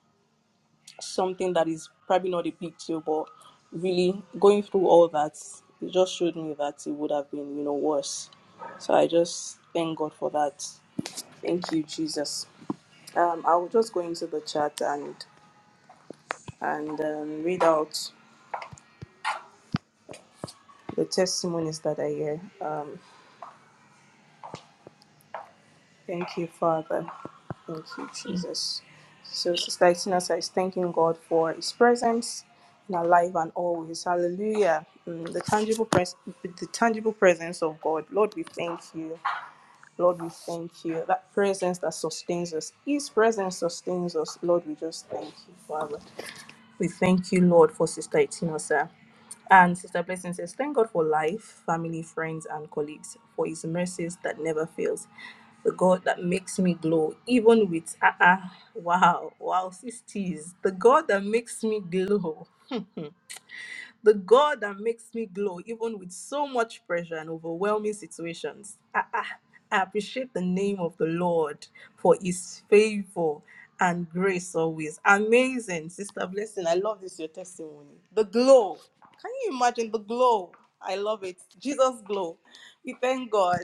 Speaker 3: something that is probably not a big deal but really going through all that it just showed me that it would have been you know worse so i just thank god for that thank you jesus um i will just go into the chat and and um, read out the testimonies that are here. Um, thank you, Father. Thank you, Jesus. So, Sister Itina says, thanking God for His presence in our life and always. Hallelujah. Mm, the tangible pres- the tangible presence of God. Lord, we thank you. Lord, we thank you. That presence that sustains us. His presence sustains us. Lord, we just thank you, Father. We thank you, Lord, for Sister Itinosa. And Sister Blessing says, Thank God for life, family, friends, and colleagues, for his mercies that never fails. The God that makes me glow, even with ah ah, wow, wow, sisters. The God that makes me glow. the God that makes me glow, even with so much pressure and overwhelming situations. Ah, ah. I appreciate the name of the Lord for his favor and grace always. Amazing, Sister Blessing. I love this, your testimony. The glow. Can you imagine the glow? I love it. Jesus glow. We thank God.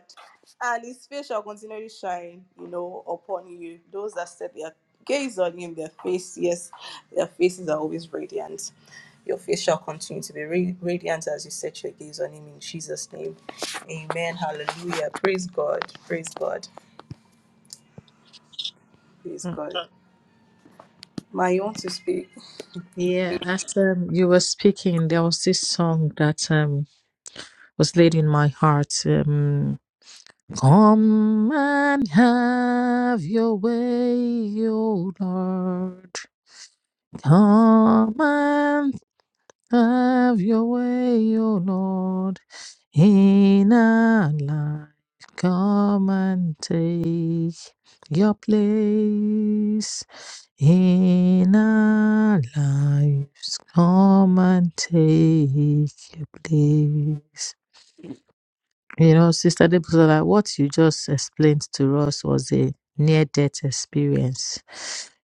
Speaker 3: And his face shall continually shine, you know, upon you. Those that set their gaze on him, their face, yes, their faces are always radiant. Your face shall continue to be ra- radiant as you set your gaze on him in Jesus' name. Amen. Hallelujah. Praise God. Praise God. Praise
Speaker 2: Mm.
Speaker 3: God. Ma, you want to speak?
Speaker 2: Yeah, as um, you were speaking, there was this song that um, was laid in my heart. Um, Come and have your way, O Lord. Come and have your way, O Lord. In our life, come and take your place. In our lives, come and take your place. You know, Sister Debusola, what you just explained to us was a near death experience.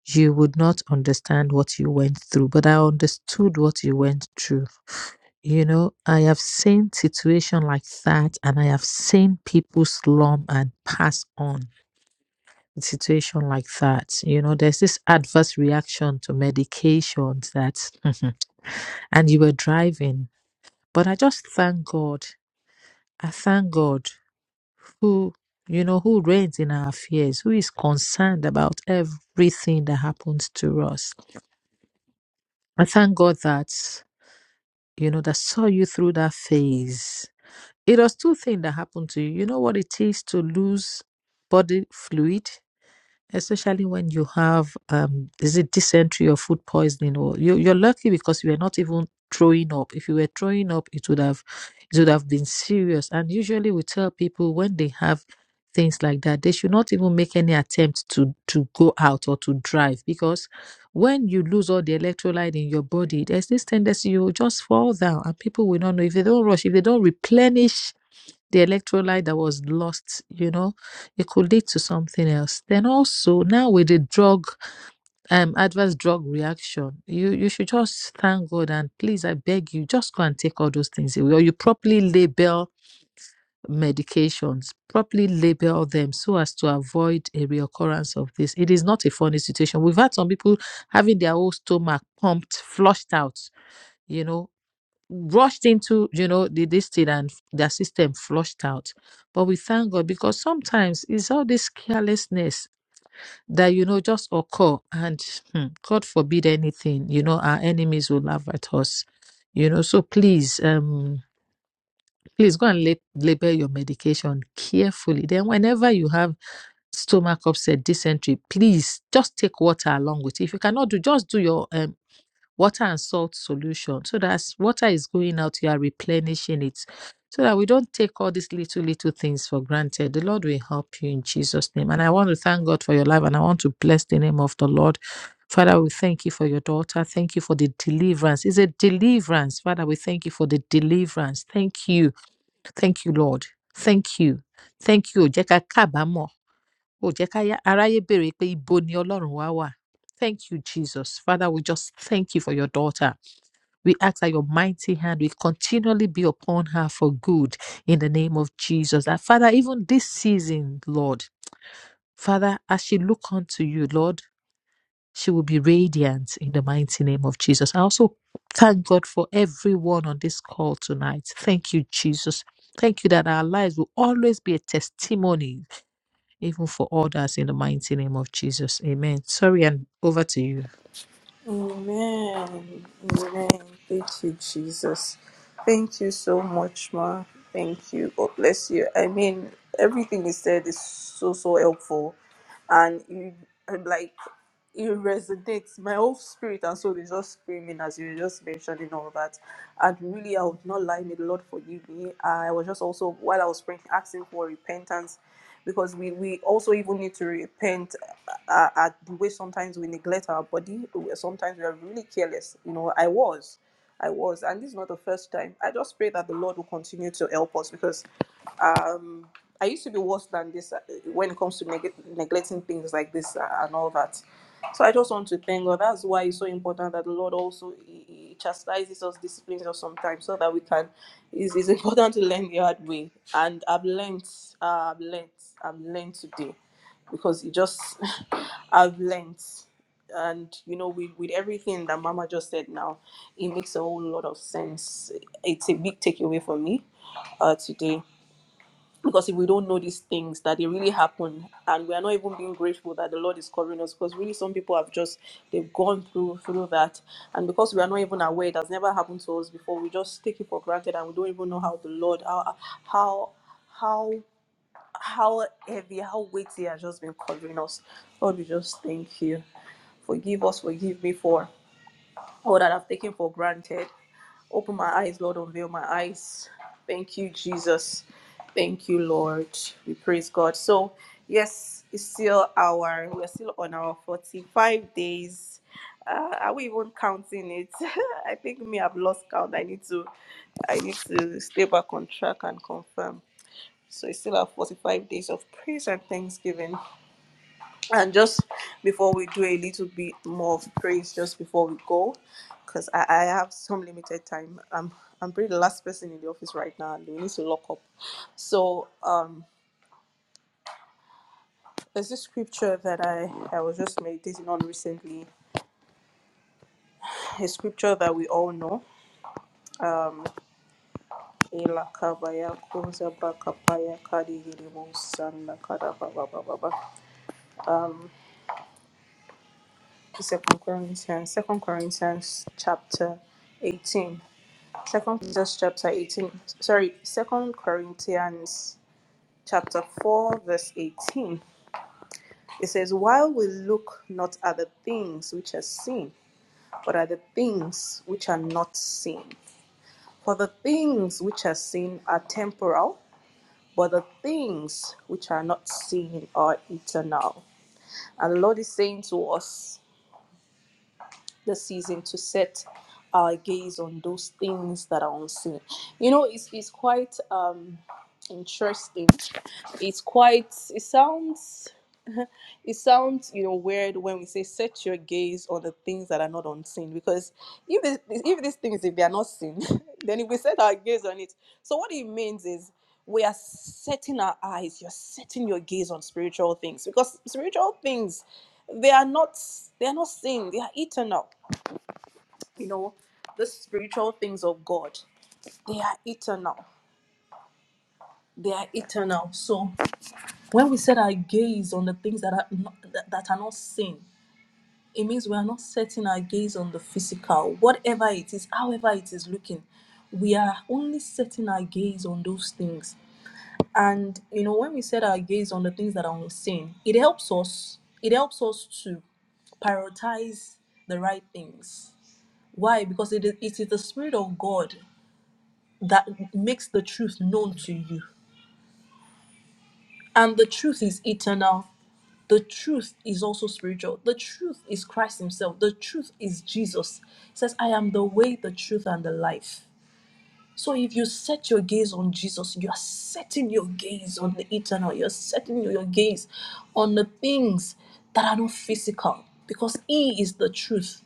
Speaker 2: You would not understand what you went through, but I understood what you went through. You know, I have seen situation like that, and I have seen people slum and pass on in situation like that. You know, there's this adverse reaction to medications that, and you were driving. But I just thank God. I thank God who you know who reigns in our fears who is concerned about everything that happens to us i thank god that you know that saw you through that phase it was two things that happened to you you know what it is to lose body fluid especially when you have um is it dysentery or food poisoning or you, you're lucky because you are not even throwing up if you were throwing up it would have it would have been serious and usually we tell people when they have things like that they should not even make any attempt to to go out or to drive because when you lose all the electrolyte in your body there's this tendency you will just fall down and people will not know if they don't rush if they don't replenish the electrolyte that was lost, you know, it could lead to something else. Then also now with the drug, um, adverse drug reaction, you you should just thank God and please, I beg you, just go and take all those things away, or you properly label medications, properly label them so as to avoid a reoccurrence of this. It is not a funny situation. We've had some people having their whole stomach pumped, flushed out, you know, rushed into you know the this thing and their system flushed out but we thank god because sometimes it's all this carelessness that you know just occur and hmm, god forbid anything you know our enemies will laugh at us you know so please um please go and lab- label your medication carefully then whenever you have stomach upset dysentery please just take water along with it if you cannot do just do your um water and salt solution so that as water is going out, you are replenishing it. So that we don't take all these little, little things for granted. The Lord will help you in Jesus' name. And I want to thank God for your life and I want to bless the name of the Lord. Father, we thank you for your daughter. Thank you for the deliverance. It's a deliverance. Father, we thank you for the deliverance. Thank you. Thank you, Lord. Thank you. Thank you. Ò jẹ́ ká kábàámọ̀. Ò jẹ́ ká yá- aráyé béèrè pé ibo ni Ọlọ́run wá wà. Thank you, Jesus. Father, we just thank you for your daughter. We ask that your mighty hand will continually be upon her for good in the name of Jesus. That Father, even this season, Lord, Father, as she look unto you, Lord, she will be radiant in the mighty name of Jesus. I also thank God for everyone on this call tonight. Thank you, Jesus. Thank you that our lives will always be a testimony, even for others, in the mighty name of Jesus. Amen. Sorry, and over to you.
Speaker 3: Amen. Amen. Thank you, Jesus. Thank you so much, Ma. Thank you. God bless you. I mean, everything you said is so, so helpful. And you, and like, it resonates. My whole spirit and soul is just screaming as you were just mentioning all that. And really, I would not lie. May the Lord forgive me. I was just also, while I was praying, asking for repentance because we, we also even need to repent uh, uh, at the way sometimes we neglect our body. Sometimes we are really careless. You know, I was. I was. And this is not the first time. I just pray that the Lord will continue to help us because um i used to be worse than this uh, when it comes to neg- neglecting things like this uh, and all that so i just want to thank god that's why it's so important that the lord also he, he chastises us disciplines us sometimes so that we can it's, it's important to learn the hard way and i've learned uh, i've learned i've learned today because it just i've learned and you know with, with everything that mama just said now it makes a whole lot of sense it's a big takeaway for me uh, today because if we don't know these things that they really happen and we are not even being grateful that the lord is covering us because really some people have just they've gone through through that and because we are not even aware it has never happened to us before we just take it for granted and we don't even know how the lord how how how how heavy how weighty has just been covering us lord we just thank you forgive us forgive me for or that I've taken for granted. Open my eyes, Lord, unveil my eyes. Thank you, Jesus. Thank you, Lord. We praise God. So, yes, it's still our, we're still on our 45 days. Uh, are we even counting it? I think me, I've lost count. I need to, I need to stay back on track and confirm. So it's still our 45 days of praise and thanksgiving. And just before we do a little bit more of praise, just before we go, because I, I have some limited time. I'm I'm pretty the last person in the office right now, and we need to lock up. So um, there's this scripture that I I was just meditating on recently. A scripture that we all know. Um, Ela kabaya koza bakapaya kadi hiribo sanda kada ba ba ba ba ba. Second Corinthians, Second Corinthians chapter 18. Second Peter's chapter 18, sorry, Second Corinthians chapter 4, verse 18. It says, While we look not at the things which are seen, but at the things which are not seen. For the things which are seen are temporal, but the things which are not seen are eternal. And the Lord is saying to us this season to set our gaze on those things that are unseen. You know, it's, it's quite um, interesting It's quite. It sounds. It sounds, you know, weird when we say set your gaze on the things that are not unseen. Because if this, if these things, if they are not seen, then if we set our gaze on it, so what it means is we are setting our eyes. You're setting your gaze on spiritual things because spiritual things, they are not, they are not seen. They are eternal. You know, the spiritual things of God, they are eternal. They are eternal. So When we set our gaze on the things that are not, that, that are not seen, it means we are not setting our gaze on the physical, whatever it is, however it is looking. We are only setting our gaze on those things. And you know, when we set our gaze on the things that are unseen, it helps us. It helps us to prioritize the right things. Why? Because it is, it is the Spirit of God that makes the truth known to you. And the truth is eternal. the truth is also spiritual. The truth is Christ Himself. The truth is Jesus. He says, I am the way, the truth, and the life. So if you set your gaze on Jesus, you are setting your gaze on the eternal. You're setting your gaze on the things that are not physical because He is the truth.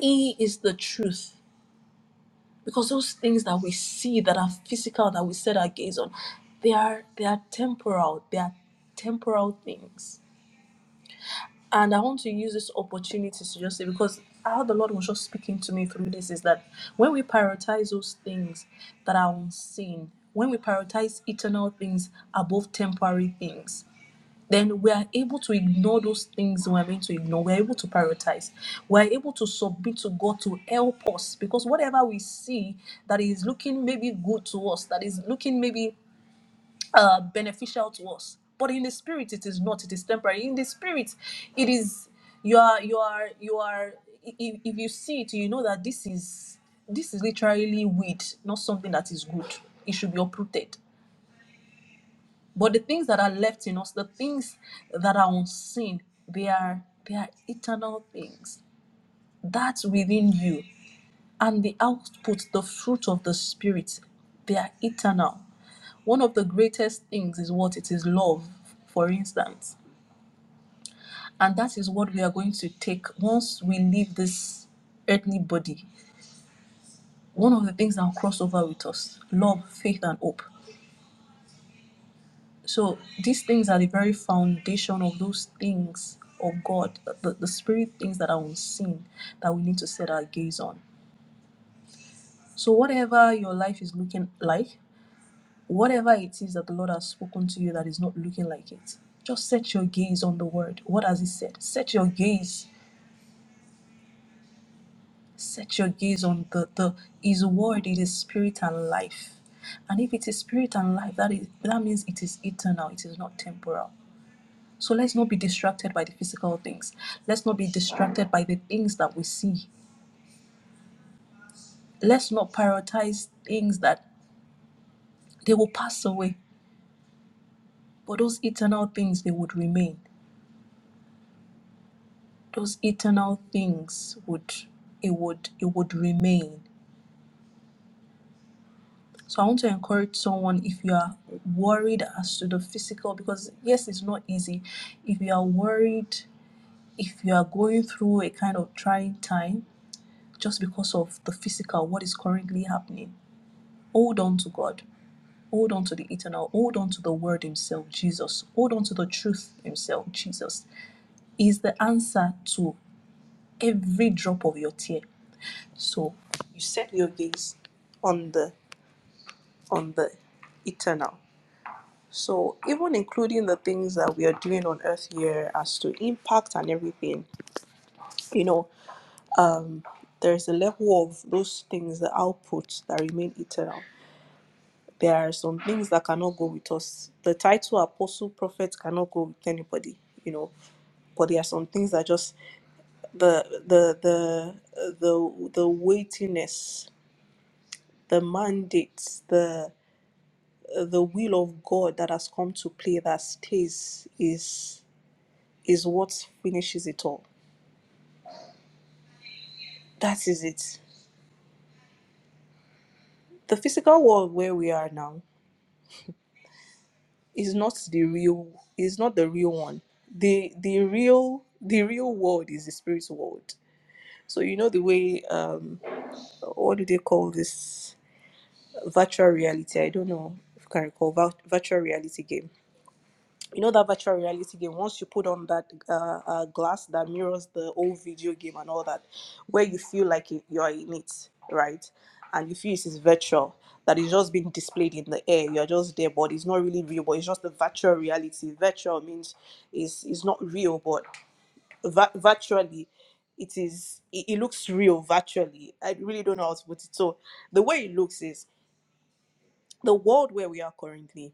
Speaker 3: He is the truth. Because those things that we see that are physical, that we set our gaze on, they are they are temporal. They are temporal things And I want to use this opportunity to just say, because how the Lord was just speaking to me through this is that when we prioritize those things that are unseen, when we prioritize eternal things above temporary things, then we are able to ignore those things we're meant to ignore. We're able to prioritize. We're able to submit to God to help us because whatever we see that is looking maybe good to us, that is looking maybe uh, beneficial to us. But in the spirit, it is not. It is temporary. In the spirit, it is you are you are you are. i- If you see it, you know that this is this is literally weed, not something that is good. It should be uprooted. But the things that are left in us, the things that are unseen, they are they are eternal things. That's within you, and the output, the fruit of the spirit, they are eternal. One of the greatest things is what? It is love, for instance. And that is what we are going to take once we leave this earthly body. One of the things that will cross over with us love, faith, and hope. So these things are the very foundation of those things of God, the, the spirit things that are unseen that we need to set our gaze on. So, whatever your life is looking like, Whatever it is that the Lord has spoken to you that is not looking like it, just set your gaze on the word. What has He said? Set your gaze. Set your gaze on the, the His word. It is spirit and life. And if it is spirit and life, that is that means it is eternal, it is not temporal. So let's not be distracted by the physical things. Let's not be distracted by the things that we see. Let's not prioritize things that they will pass away. But those eternal things they would remain. those eternal things would it would it would remain so i want to encourage someone if you are worried as to the physical because yes it's not easy if you are worried if you are going through a kind of trying time just because of the physical what is currently happening hold on to god hold on to the eternal hold on to the word himself jesus hold on to the truth himself jesus is the answer to every drop of your tear So you set your gaze on the on the eternal. So even including the things that we are doing on earth here as to impact and everything, you know, there's a level of those things, the outputs that remain eternal. There are some things that cannot go with us. The title apostle prophet cannot go with anybody, you know. But there are some things that just the the the uh, the the weightiness, the mandates, the. the will of God that has come to play that stays is is what finishes it all. That is it. The physical world where we are now is not the real is not the real one. The the real the real world is the spirit world. So you know the way um what do they call this virtual reality? I don't know if you can recall virtual reality game you know that virtual reality game once you put on that uh, uh, glass that mirrors the old video game and all that where you feel like you you are in it right and you feel it is virtual that is just being displayed in the air you're just there but it's not really real but it's just the virtual reality virtual means is is not real but va- virtually it is it, it looks real virtually i really don't know how to put it so the way it looks is the world where we are currently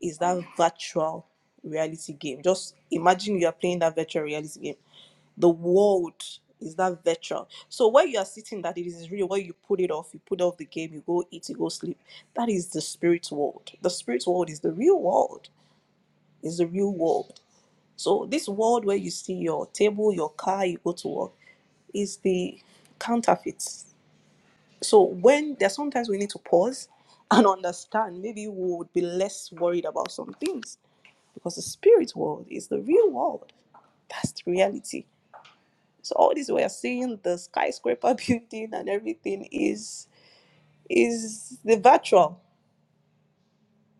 Speaker 3: is that virtual reality game. Just imagine you are playing that virtual reality game. The world is that virtual. So where you are sitting, that it is real. Where you put it off, you put off the game, you go eat, you go sleep. That is the spirit world. The spirit world is the real world. Is the real world. So this world where you see your table, your car, you go to work, is the counterfeit. So when there's sometimes we need to pause and understand, maybe we would be less worried about some things because the spirit world is the real world. That's the reality. So all this we are seeing, the skyscraper building and everything is is the virtual,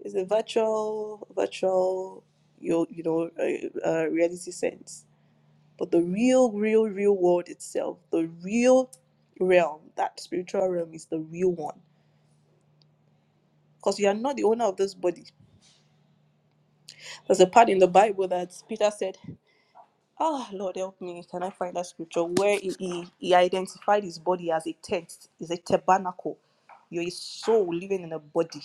Speaker 3: is the virtual virtual you you know uh, uh, reality sense. But the real, real, real world itself, the real realm, that spiritual realm is the real one because you are not the owner of this body There's a part in the Bible that Peter said, "Ah, Lord, help me. Can I find that scripture where he, he, he identified his body as a tent, is a tabernacle? You're a soul living in a body.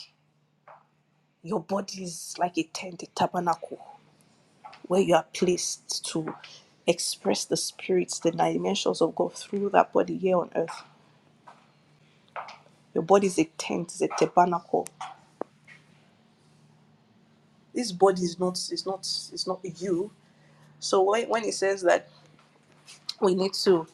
Speaker 3: Your body is like a tent, a tabernacle, where you are placed to express the spirits, the dimensions of God through that body here on earth. Your body is a tent, is a tabernacle. This body is not, is not, is not you. So when, when he says that we need to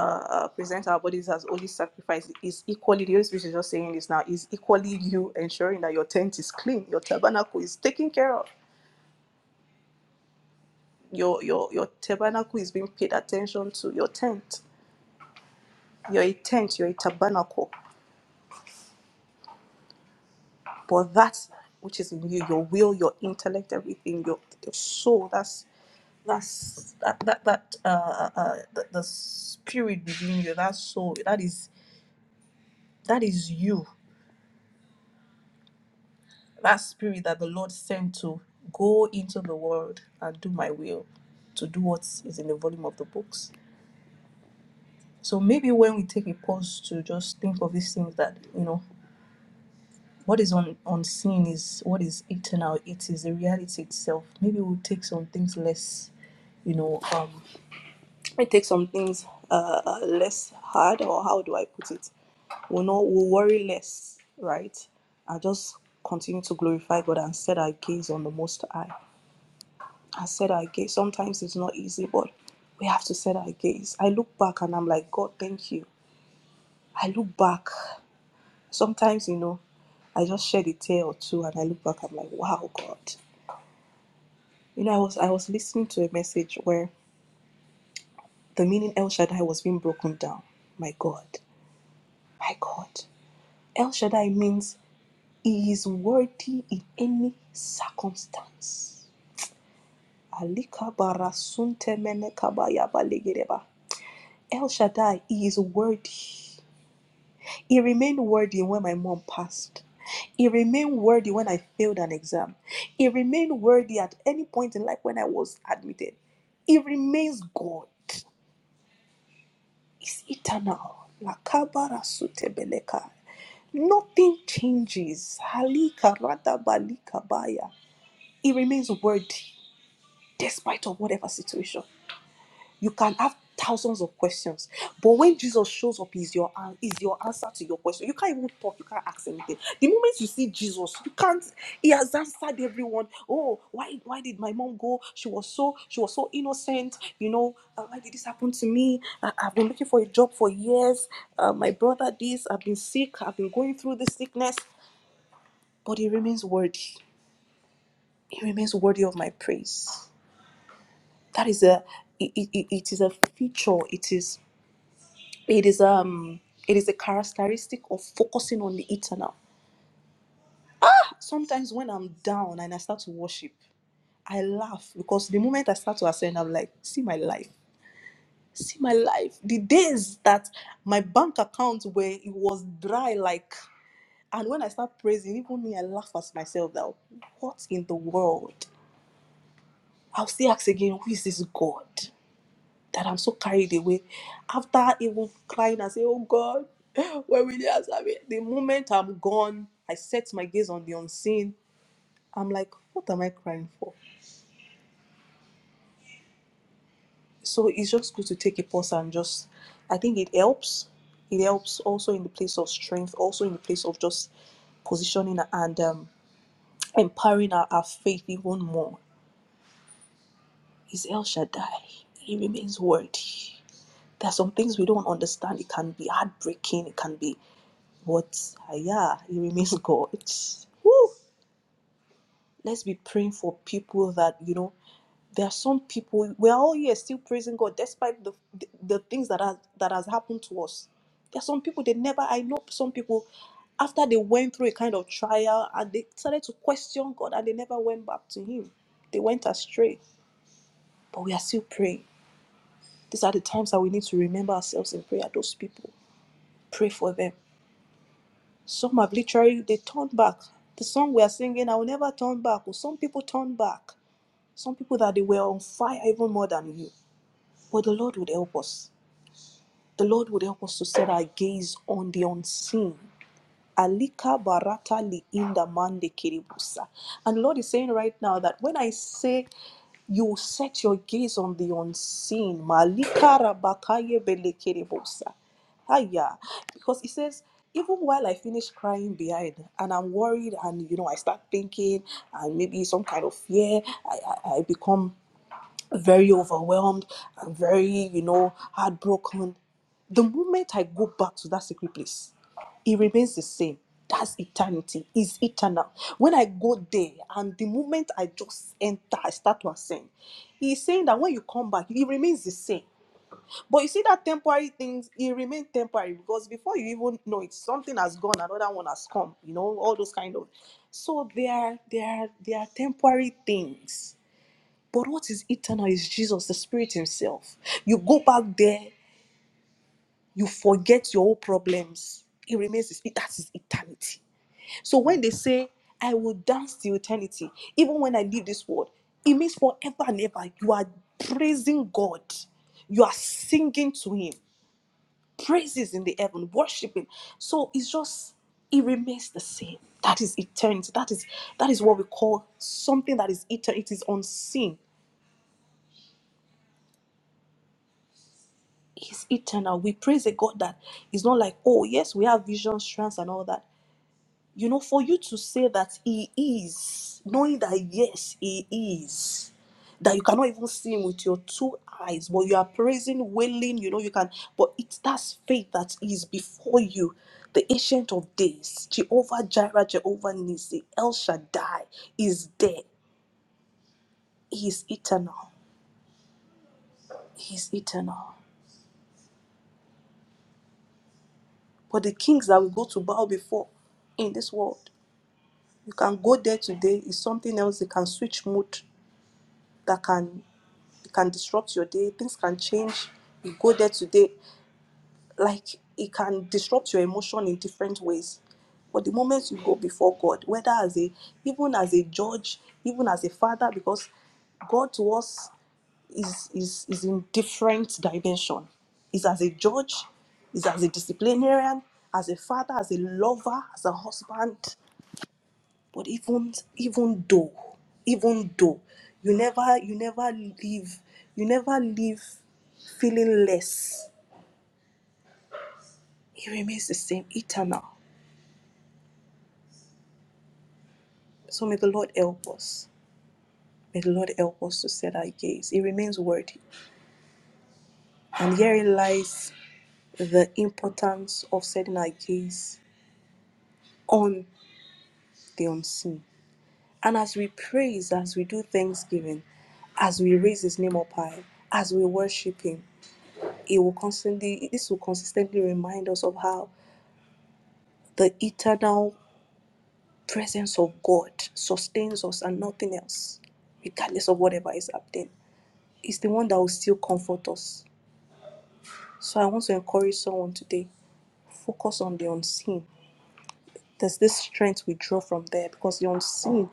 Speaker 3: uh, present our bodies as holy sacrifice is equally the Holy Spirit is just saying this now is equally you ensuring that your tent is clean, your tabernacle is taken care of, your your your tabernacle is being paid attention to, your tent, you're a tent, you're a tabernacle, but that which is in you, your will, your intellect, everything, your your soul, that's that's that that that uh, uh uh, the, the spirit within you, that soul, that is that is you that spirit that the Lord sent to go into the world and do my will, to do what is in the volume of the books. So maybe when we take a pause to just think of these things that, you know, what is un- unseen is what is eternal, it is the reality itself. Maybe we'll take some things less, you know, um, we take some things uh, uh, less hard, or how do I put it? We'll not, we'll worry less, right? And just continue to glorify God and set our gaze on the Most High I said our gaze. Sometimes it's not easy, but we have to set our gaze. I look back and I'm like, God, thank you. I look back. Sometimes, you know, I just share a tale or two and I look back, I'm like, wow, God. You know, I was I was listening to a message where the meaning El Shaddai was being broken down. My God. My God. El Shaddai means he is worthy in any circumstance. Alika bara sunte mene kabaya balegereba. El Shaddai he is worthy. He remained worthy when my mom passed. He remained worthy when I failed an exam. He remained worthy at any point in life when I was admitted. He remains God. He's eternal. Lakabara sutebeleka. Nothing changes. Halika rada balika baya. He remains worthy despite of whatever situation. You can have thousands of questions, but when Jesus shows up, is your an- is your answer to your question. You can't even talk. You can't ask anything. The moment you see Jesus, you can't. He has answered everyone. Oh, why why did my mom go? She was so she was so innocent. You know, uh, why did this happen to me? I, I've been looking for a job for years. Uh, my brother, this. I've been sick. I've been going through this sickness, but he remains worthy. He remains worthy of my praise. That is a it, it, it it is a feature. It is. it is um it is a characteristic of focusing on the eternal sometimes when i'm down and i start to worship i laugh because the moment i start to ascend i'm like see my life see my life the days that my bank account where it was dry like and when i start praising even me i laugh at myself that what in the world i'll still ask again who is this god that I'm so carried away. After even crying and say, Oh God, where will you answer me? The moment I'm gone, I set my gaze on the unseen. I'm like, what am I crying for? So it's just good to take a pause and just I think it helps. It helps also in the place of strength, also in the place of just positioning and um, empowering our, our faith even more. Is El Shaddai. He remains worthy. There are some things we don't understand. It can be heartbreaking. It can be But uh, yeah, He remains God. Woo! Let's be praying for people that you know. There are some people we are all here still praising God despite the the, the things that has that has happened to us. There are some people they never. I know some people after they went through a kind of trial and they started to question God and they never went back to Him. They went astray, but we are still praying. These are the times that we need to remember ourselves in prayer. Those people, pray for them Some have literally they turned back. The song we are singing, I will never turn back. Well, some people turn back. Some people that they were on fire even more than you. But the Lord would help us. The Lord would help us to set our gaze on the unseen. Alika barata li inda mande kiribusa. And the Lord is saying right now that when I say you set your gaze on the unseen, malika rabakaye bele kiribusa. Aya. Because he says, even while I finish crying behind and I'm worried and you know I start thinking and maybe some kind of fear, I, I, I become very overwhelmed and very, you know, heartbroken. The moment I go back to that secret place, it remains the same. That's eternity, is eternal. When I go there, and the moment I just enter, I start to ascend. He's saying that when you come back, it remains the same. But you see that temporary things, it remains temporary because before you even know it, something has gone, another one has come. You know, all those kind of. So they are they are they are temporary things but what is eternal is Jesus, the Spirit Himself. You go back there, you forget your old problems. It remains, that is eternity. So when they say, I will dance till eternity, even when I leave this world, it means forever and ever. You are praising God, you are singing to Him, praises in the heaven, worshiping. So it's just, it remains the same. That is eternity. That is that is what we call something that is eternal. It is unseen. is eternal. We praise a God that is not like, oh, yes, we have vision, strands, and all that. You know, for you to say that He is, knowing that yes, He is, that you cannot even see Him with your two eyes, but you are praising, wailing, you know, you can, but it's that faith that is before you. The Ancient of Days, Jehovah Jireh, Jehovah Nissi, El Shaddai is there. He is eternal. He is eternal. But the kings that we go to bow before in this world, You can go there today, it's something else, it can switch mood that can it can disrupt your day, things can change. You go there today, like it can disrupt your emotion in different ways. But the moment you go before God, whether as a even as a judge, even as a father, because God to us is is is in different dimension. Is as a judge, is as a disciplinarian, as a father, as a lover, as a husband. But even even though, even though you never you never leave you never leave feeling less, it remains the same, eternal. So may the Lord help us. May the Lord help us to set our gaze. It remains worthy. And herein lies the importance of setting our gaze on the unseen. And as we praise, as we do thanksgiving, as we raise his name up high, as we worship him, it will constantly this will consistently remind us of how the eternal presence of God sustains us and nothing else, regardless of whatever is happening. It's the one that will still comfort us. So I want to encourage someone today, focus on the unseen. There's this strength we draw from there because the unseen,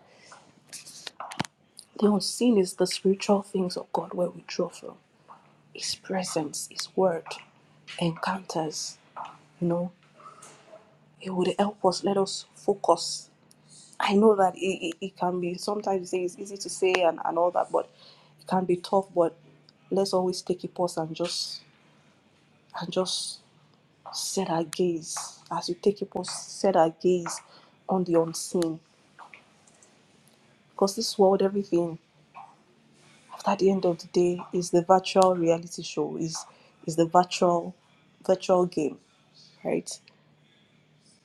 Speaker 3: the unseen is the spiritual things of God where we draw from. His presence, His word, encounters, you know, it would help us let us focus I know that it, it, it can be sometimes you say it's easy to say and, and all that, but it can be tough. But let's always take a pause and just and just set our gaze as you take a pause, set our gaze on the unseen. Because this world, everything at the end of the day is the virtual reality show, is is the virtual virtual game, right?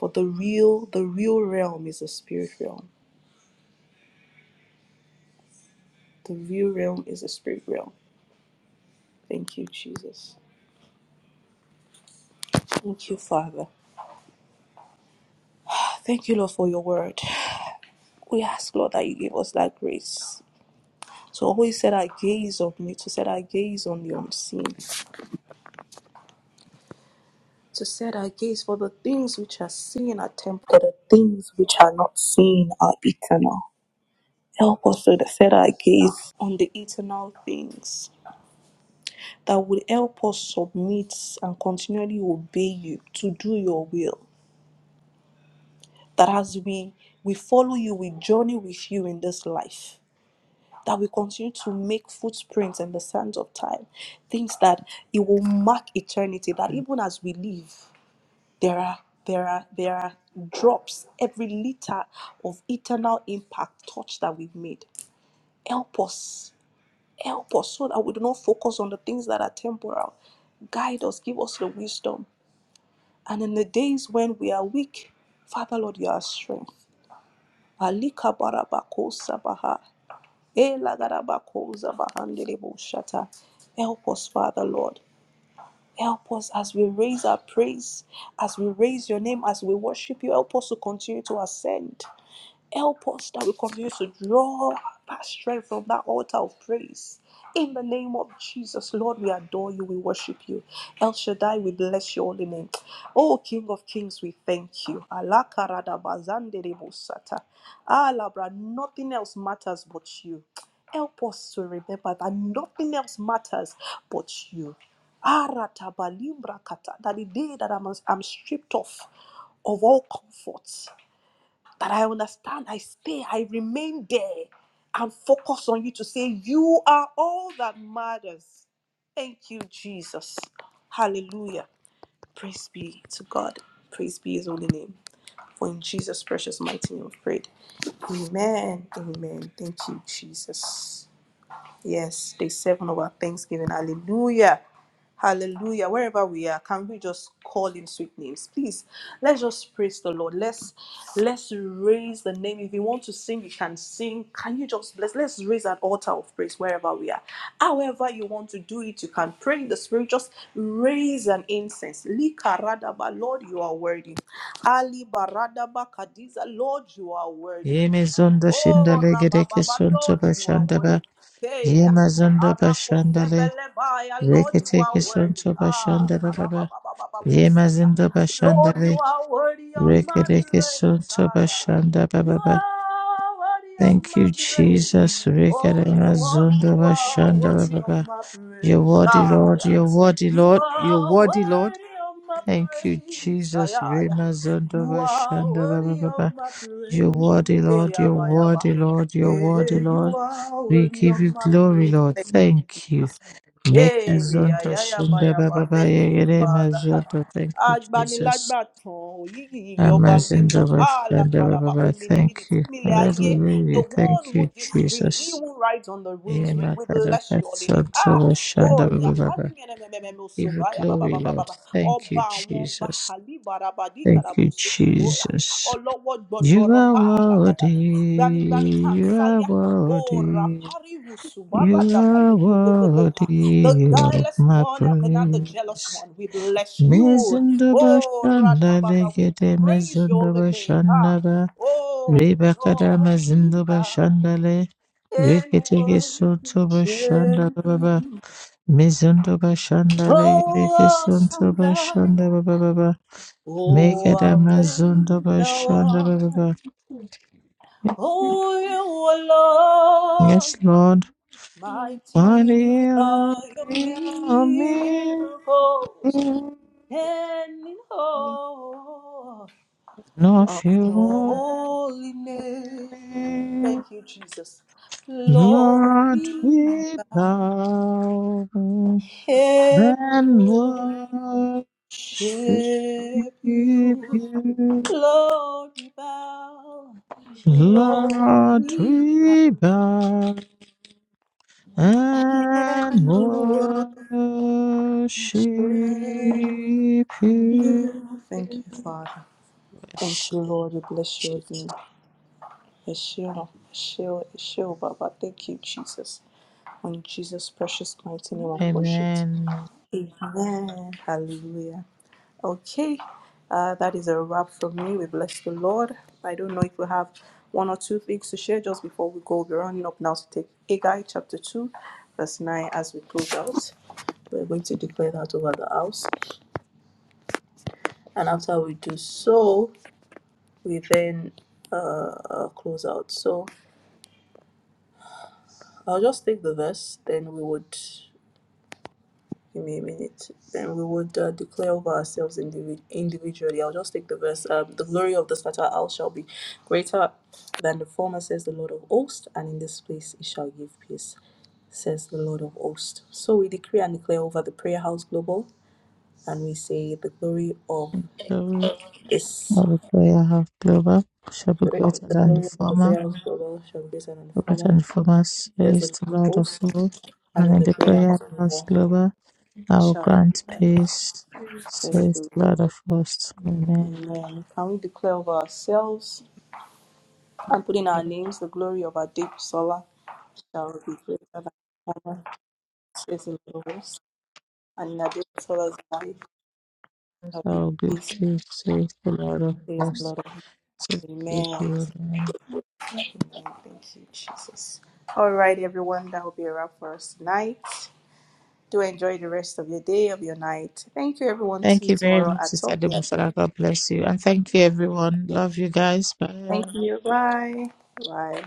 Speaker 3: But the real the real realm is the spirit realm. The real realm is the spirit realm. Thank you, Jesus. Thank you, Father. Thank you, Lord, for your word. We ask, Lord, that you give us that grace to always set our gaze on you, to set our gaze on the unseen, to set our gaze for the things which are seen are temporal, the things which are not seen are eternal. Help us to set our gaze on the eternal things that will help us submit and continually obey you to do your will. That as we we follow you, we journey with you in this life that we continue to make footprints in the sands of time, things that it will mark eternity, that even as we live, there are there are there are drops, every liter of eternal impact touch that we've made. Help us, help us so that we do not focus on the things that are temporal. Guide us, give us the wisdom. And in the days when we are weak, Father Lord, you are our strength. Alika barabako sabaha. Elagadabakozabahandeleboshata. Help us, Father Lord. Help us as we raise our praise, as we raise your name, as we worship you. Help us to continue to ascend. Help us that we continue to draw our strength from that altar of praise. In the name of Jesus, Lord, we adore you, we worship you. El Shaddai, we bless your holy name. Oh, King of Kings, we thank you. Allah karada bazande de bosata. Ah, Labra, nothing else matters but you. Help us to remember that nothing else matters but you. Arata balimbra kata. That the day that I'm, I'm stripped off of all comforts. That I understand, I stay, I remain there and focus on you to say, You are all that matters. Thank you, Jesus. Hallelujah. Praise be to God. Praise be his holy name. For in Jesus' precious mighty name we pray. Amen. Amen. Thank you, Jesus. Yes, day seven of our Thanksgiving. Hallelujah. Hallelujah. Wherever we are, can we just call him sweet names? Please, let's just praise the Lord. Let's let's raise the name. If you want to sing, you can sing. Can you just bless? Let's raise an altar of praise wherever we are. However, you want to do it, you can pray in the spirit. Just raise an incense. Likaradaba, Lord, you are worthy. Ali Baradaba Kadiza, Lord, you are worthy.
Speaker 2: Yeme zonda shinda
Speaker 3: Oh,
Speaker 2: legedeke
Speaker 3: Rabababa,
Speaker 2: sunto
Speaker 3: Lord, you are
Speaker 2: bashanda ba.
Speaker 3: worthy. Hey,
Speaker 2: Yemazanda
Speaker 3: Arako
Speaker 2: Bashandale,
Speaker 3: Sebelebaya, Lord, you
Speaker 2: Reketeke
Speaker 3: are worthy.
Speaker 2: Sonto
Speaker 3: Ah,
Speaker 2: Bashandale Baba,
Speaker 3: Karabababababosa.
Speaker 2: Yemazanda
Speaker 3: Lord, you
Speaker 2: Bashandale,
Speaker 3: are worthy of my
Speaker 2: Rekereke
Speaker 3: praise.
Speaker 2: Sonto
Speaker 3: Ah, yeah.
Speaker 2: Bashanda
Speaker 3: You
Speaker 2: Baba.
Speaker 3: are worthy of
Speaker 2: Thank
Speaker 3: my
Speaker 2: you,
Speaker 3: praise.
Speaker 2: Jesus.
Speaker 3: Only one you
Speaker 2: Rekeremazunda
Speaker 3: are
Speaker 2: Bashandale
Speaker 3: worthy of
Speaker 2: Baba.
Speaker 3: my
Speaker 2: You're
Speaker 3: praise.
Speaker 2: worthy, Lord.
Speaker 3: Ah.
Speaker 2: You're worthy,
Speaker 3: You
Speaker 2: Lord. You're
Speaker 3: are
Speaker 2: worthy, Lord.
Speaker 3: worthy of my
Speaker 2: Thank you,
Speaker 3: praise. Ay,
Speaker 2: Jesus.
Speaker 3: ay, ay.
Speaker 2: Remazunda
Speaker 3: You are
Speaker 2: Bashanda Baba
Speaker 3: worthy of
Speaker 2: Baba.
Speaker 3: my
Speaker 2: You're
Speaker 3: praise.
Speaker 2: worthy,
Speaker 3: Ay,
Speaker 2: Lord.
Speaker 3: ay,
Speaker 2: You're
Speaker 3: ay, ay,
Speaker 2: worthy, Lord. You're worthy,
Speaker 3: Yeah, you
Speaker 2: Lord.
Speaker 3: are
Speaker 2: We
Speaker 3: worthy
Speaker 2: give
Speaker 3: of
Speaker 2: you
Speaker 3: my
Speaker 2: glory, Lord.
Speaker 3: praise.
Speaker 2: Thank you. Make
Speaker 3: Hey,
Speaker 2: zonto shinda baba
Speaker 3: ayayabayaba.
Speaker 2: ba
Speaker 3: Thank you,
Speaker 2: yegere
Speaker 3: Father.
Speaker 2: mazonto. Thank you, Jesus.
Speaker 3: Agbanilágbà tán, yigi, ọba
Speaker 2: Amazindo
Speaker 3: mímọ́,
Speaker 2: bashanda baba
Speaker 3: àlàkàdàbà
Speaker 2: ba. Thank
Speaker 3: omìnìmìnì tí
Speaker 2: you.
Speaker 3: mílẹ̀ ayé. The
Speaker 2: Hallelujah.
Speaker 3: one
Speaker 2: Thank you,
Speaker 3: who gives freely, he
Speaker 2: Jesus.
Speaker 3: who rides on the wind's wing,
Speaker 2: Yema
Speaker 3: we
Speaker 2: kadaka
Speaker 3: bless your holy name.
Speaker 2: zonto
Speaker 3: Ah,
Speaker 2: bashanda
Speaker 3: oh,
Speaker 2: baba
Speaker 3: yakani
Speaker 2: baba.
Speaker 3: mẹ́rẹ̀mẹ́rẹ̀mẹ́rẹ̀
Speaker 2: Give
Speaker 3: òṣòbá,
Speaker 2: you glory, Lord.
Speaker 3: ayabababababa.
Speaker 2: Thank you,
Speaker 3: Ọba àwọn ọba,
Speaker 2: Jesus.
Speaker 3: àlíbàràbàdì
Speaker 2: Thank
Speaker 3: kàdàbà
Speaker 2: you,
Speaker 3: òṣòkòtò,
Speaker 2: Jesus.
Speaker 3: ọlọ́wọ́
Speaker 2: You
Speaker 3: gbọgbọrọ,
Speaker 2: are worthy.
Speaker 3: àlàkàdàdà. Gbanigbani tá à ń
Speaker 2: You are
Speaker 3: sáyà, ó
Speaker 2: worthy.
Speaker 3: ràpárí rùsùbárà
Speaker 2: You are
Speaker 3: dàbàlẹ̀ kò gbogbogbò the
Speaker 2: worthy of
Speaker 3: guileless
Speaker 2: my
Speaker 3: one, and not the jealous
Speaker 2: praise.
Speaker 3: one. We bless you.
Speaker 2: Mezundo
Speaker 3: Oh,
Speaker 2: bashanda
Speaker 3: Radababa, we
Speaker 2: legede
Speaker 3: praise
Speaker 2: mezundo
Speaker 3: your holy name.
Speaker 2: bashanda
Speaker 3: Ah.
Speaker 2: ba
Speaker 3: Oh,
Speaker 2: rebakada
Speaker 3: Lord,
Speaker 2: mazindo
Speaker 3: we bow
Speaker 2: bashanda le
Speaker 3: and
Speaker 2: reketeke
Speaker 3: worship
Speaker 2: soto bashanda
Speaker 3: you.
Speaker 2: baba mezundo bashanda legede
Speaker 3: Oh,
Speaker 2: kesonto
Speaker 3: awesome God.
Speaker 2: bashanda baba baba
Speaker 3: Oh,
Speaker 2: mekada
Speaker 3: how great
Speaker 2: mazundo
Speaker 3: thou
Speaker 2: bashanda baba
Speaker 3: art.
Speaker 2: baba
Speaker 3: Oh, you
Speaker 2: yes
Speaker 3: alone.
Speaker 2: lord
Speaker 3: Mighty
Speaker 2: Maria,
Speaker 3: are your
Speaker 2: Maria, me,
Speaker 3: miracles and in
Speaker 2: no
Speaker 3: Your
Speaker 2: fear,
Speaker 3: holy name. Thank you, Jesus. Lord,
Speaker 2: Lord,
Speaker 3: we
Speaker 2: we bow
Speaker 3: can
Speaker 2: and worship
Speaker 3: worship
Speaker 2: you.
Speaker 3: you. Lord, we bow. Lord,
Speaker 2: Lord,
Speaker 3: we bow.
Speaker 2: we bow and
Speaker 3: and worship
Speaker 2: worship you.
Speaker 3: you. Thank you, Father. Thank you, Lord. We bless your name. Yeshua, Yeshua, Yeshua, Baba. Thank you, Jesus. In Jesus' precious mighty name of worship.
Speaker 2: Amen.
Speaker 3: Amen. Hallelujah. Okay, uh, that is a wrap from me. We bless the Lord. I don't know if we have one or two things to share just before we go. We're running up now to take Agai chapter 2, verse 9 as we close out. We're going to declare that over the house. And after we do so, we then uh, uh, close out. So I'll just take the verse, then we would. Give me a minute. Then we would uh, declare over ourselves indivi- individually. I'll just take the verse. Um, the glory of the scatter out shall be greater than the former, says the Lord of hosts, and in this place it shall give peace, says the Lord of hosts. So we decree and declare over the prayer house global, and we say, The glory of
Speaker 2: Glory
Speaker 3: this,
Speaker 2: of the prayer have Glover
Speaker 3: the,
Speaker 2: shall be greater than the
Speaker 3: glory of the
Speaker 2: former.
Speaker 3: prayer house global shall be greater than the
Speaker 2: first
Speaker 3: former,
Speaker 2: and foremost,
Speaker 3: says the
Speaker 2: says
Speaker 3: Lord
Speaker 2: the
Speaker 3: of
Speaker 2: Lord of
Speaker 3: hosts,
Speaker 2: hosts,
Speaker 3: and
Speaker 2: and
Speaker 3: in
Speaker 2: in
Speaker 3: the
Speaker 2: the
Speaker 3: prayer
Speaker 2: prayer
Speaker 3: house
Speaker 2: house
Speaker 3: global
Speaker 2: global, I
Speaker 3: it
Speaker 2: will
Speaker 3: shall be.
Speaker 2: grant
Speaker 3: greater,
Speaker 2: peace,
Speaker 3: says
Speaker 2: says
Speaker 3: the
Speaker 2: the Lord of hosts. Amen.
Speaker 3: Amen. Can we declare over ourselves and put in our names the glory of our deep solar shall be greater than honor, says the Lord of hosts, and in our deep solar's life shall
Speaker 2: I
Speaker 3: be
Speaker 2: will give
Speaker 3: peace,
Speaker 2: peace, says the Lord of
Speaker 3: says the
Speaker 2: hosts.
Speaker 3: Lord. of hosts.
Speaker 2: to the
Speaker 3: Amen. Amen.
Speaker 2: good man.
Speaker 3: Thank you, Jesus. All right, everyone, that will be a wrap for us tonight. Do enjoy the rest of your day, of your night. Thank you, everyone. See
Speaker 2: Thank
Speaker 3: you
Speaker 2: you very
Speaker 3: tomorrow
Speaker 2: much,
Speaker 3: at
Speaker 2: Sister
Speaker 3: 12 p.m.
Speaker 2: Demusara. God bless you. And thank you, everyone. Love you guys.
Speaker 3: Thank
Speaker 2: Bye.
Speaker 3: you. Bye. Bye.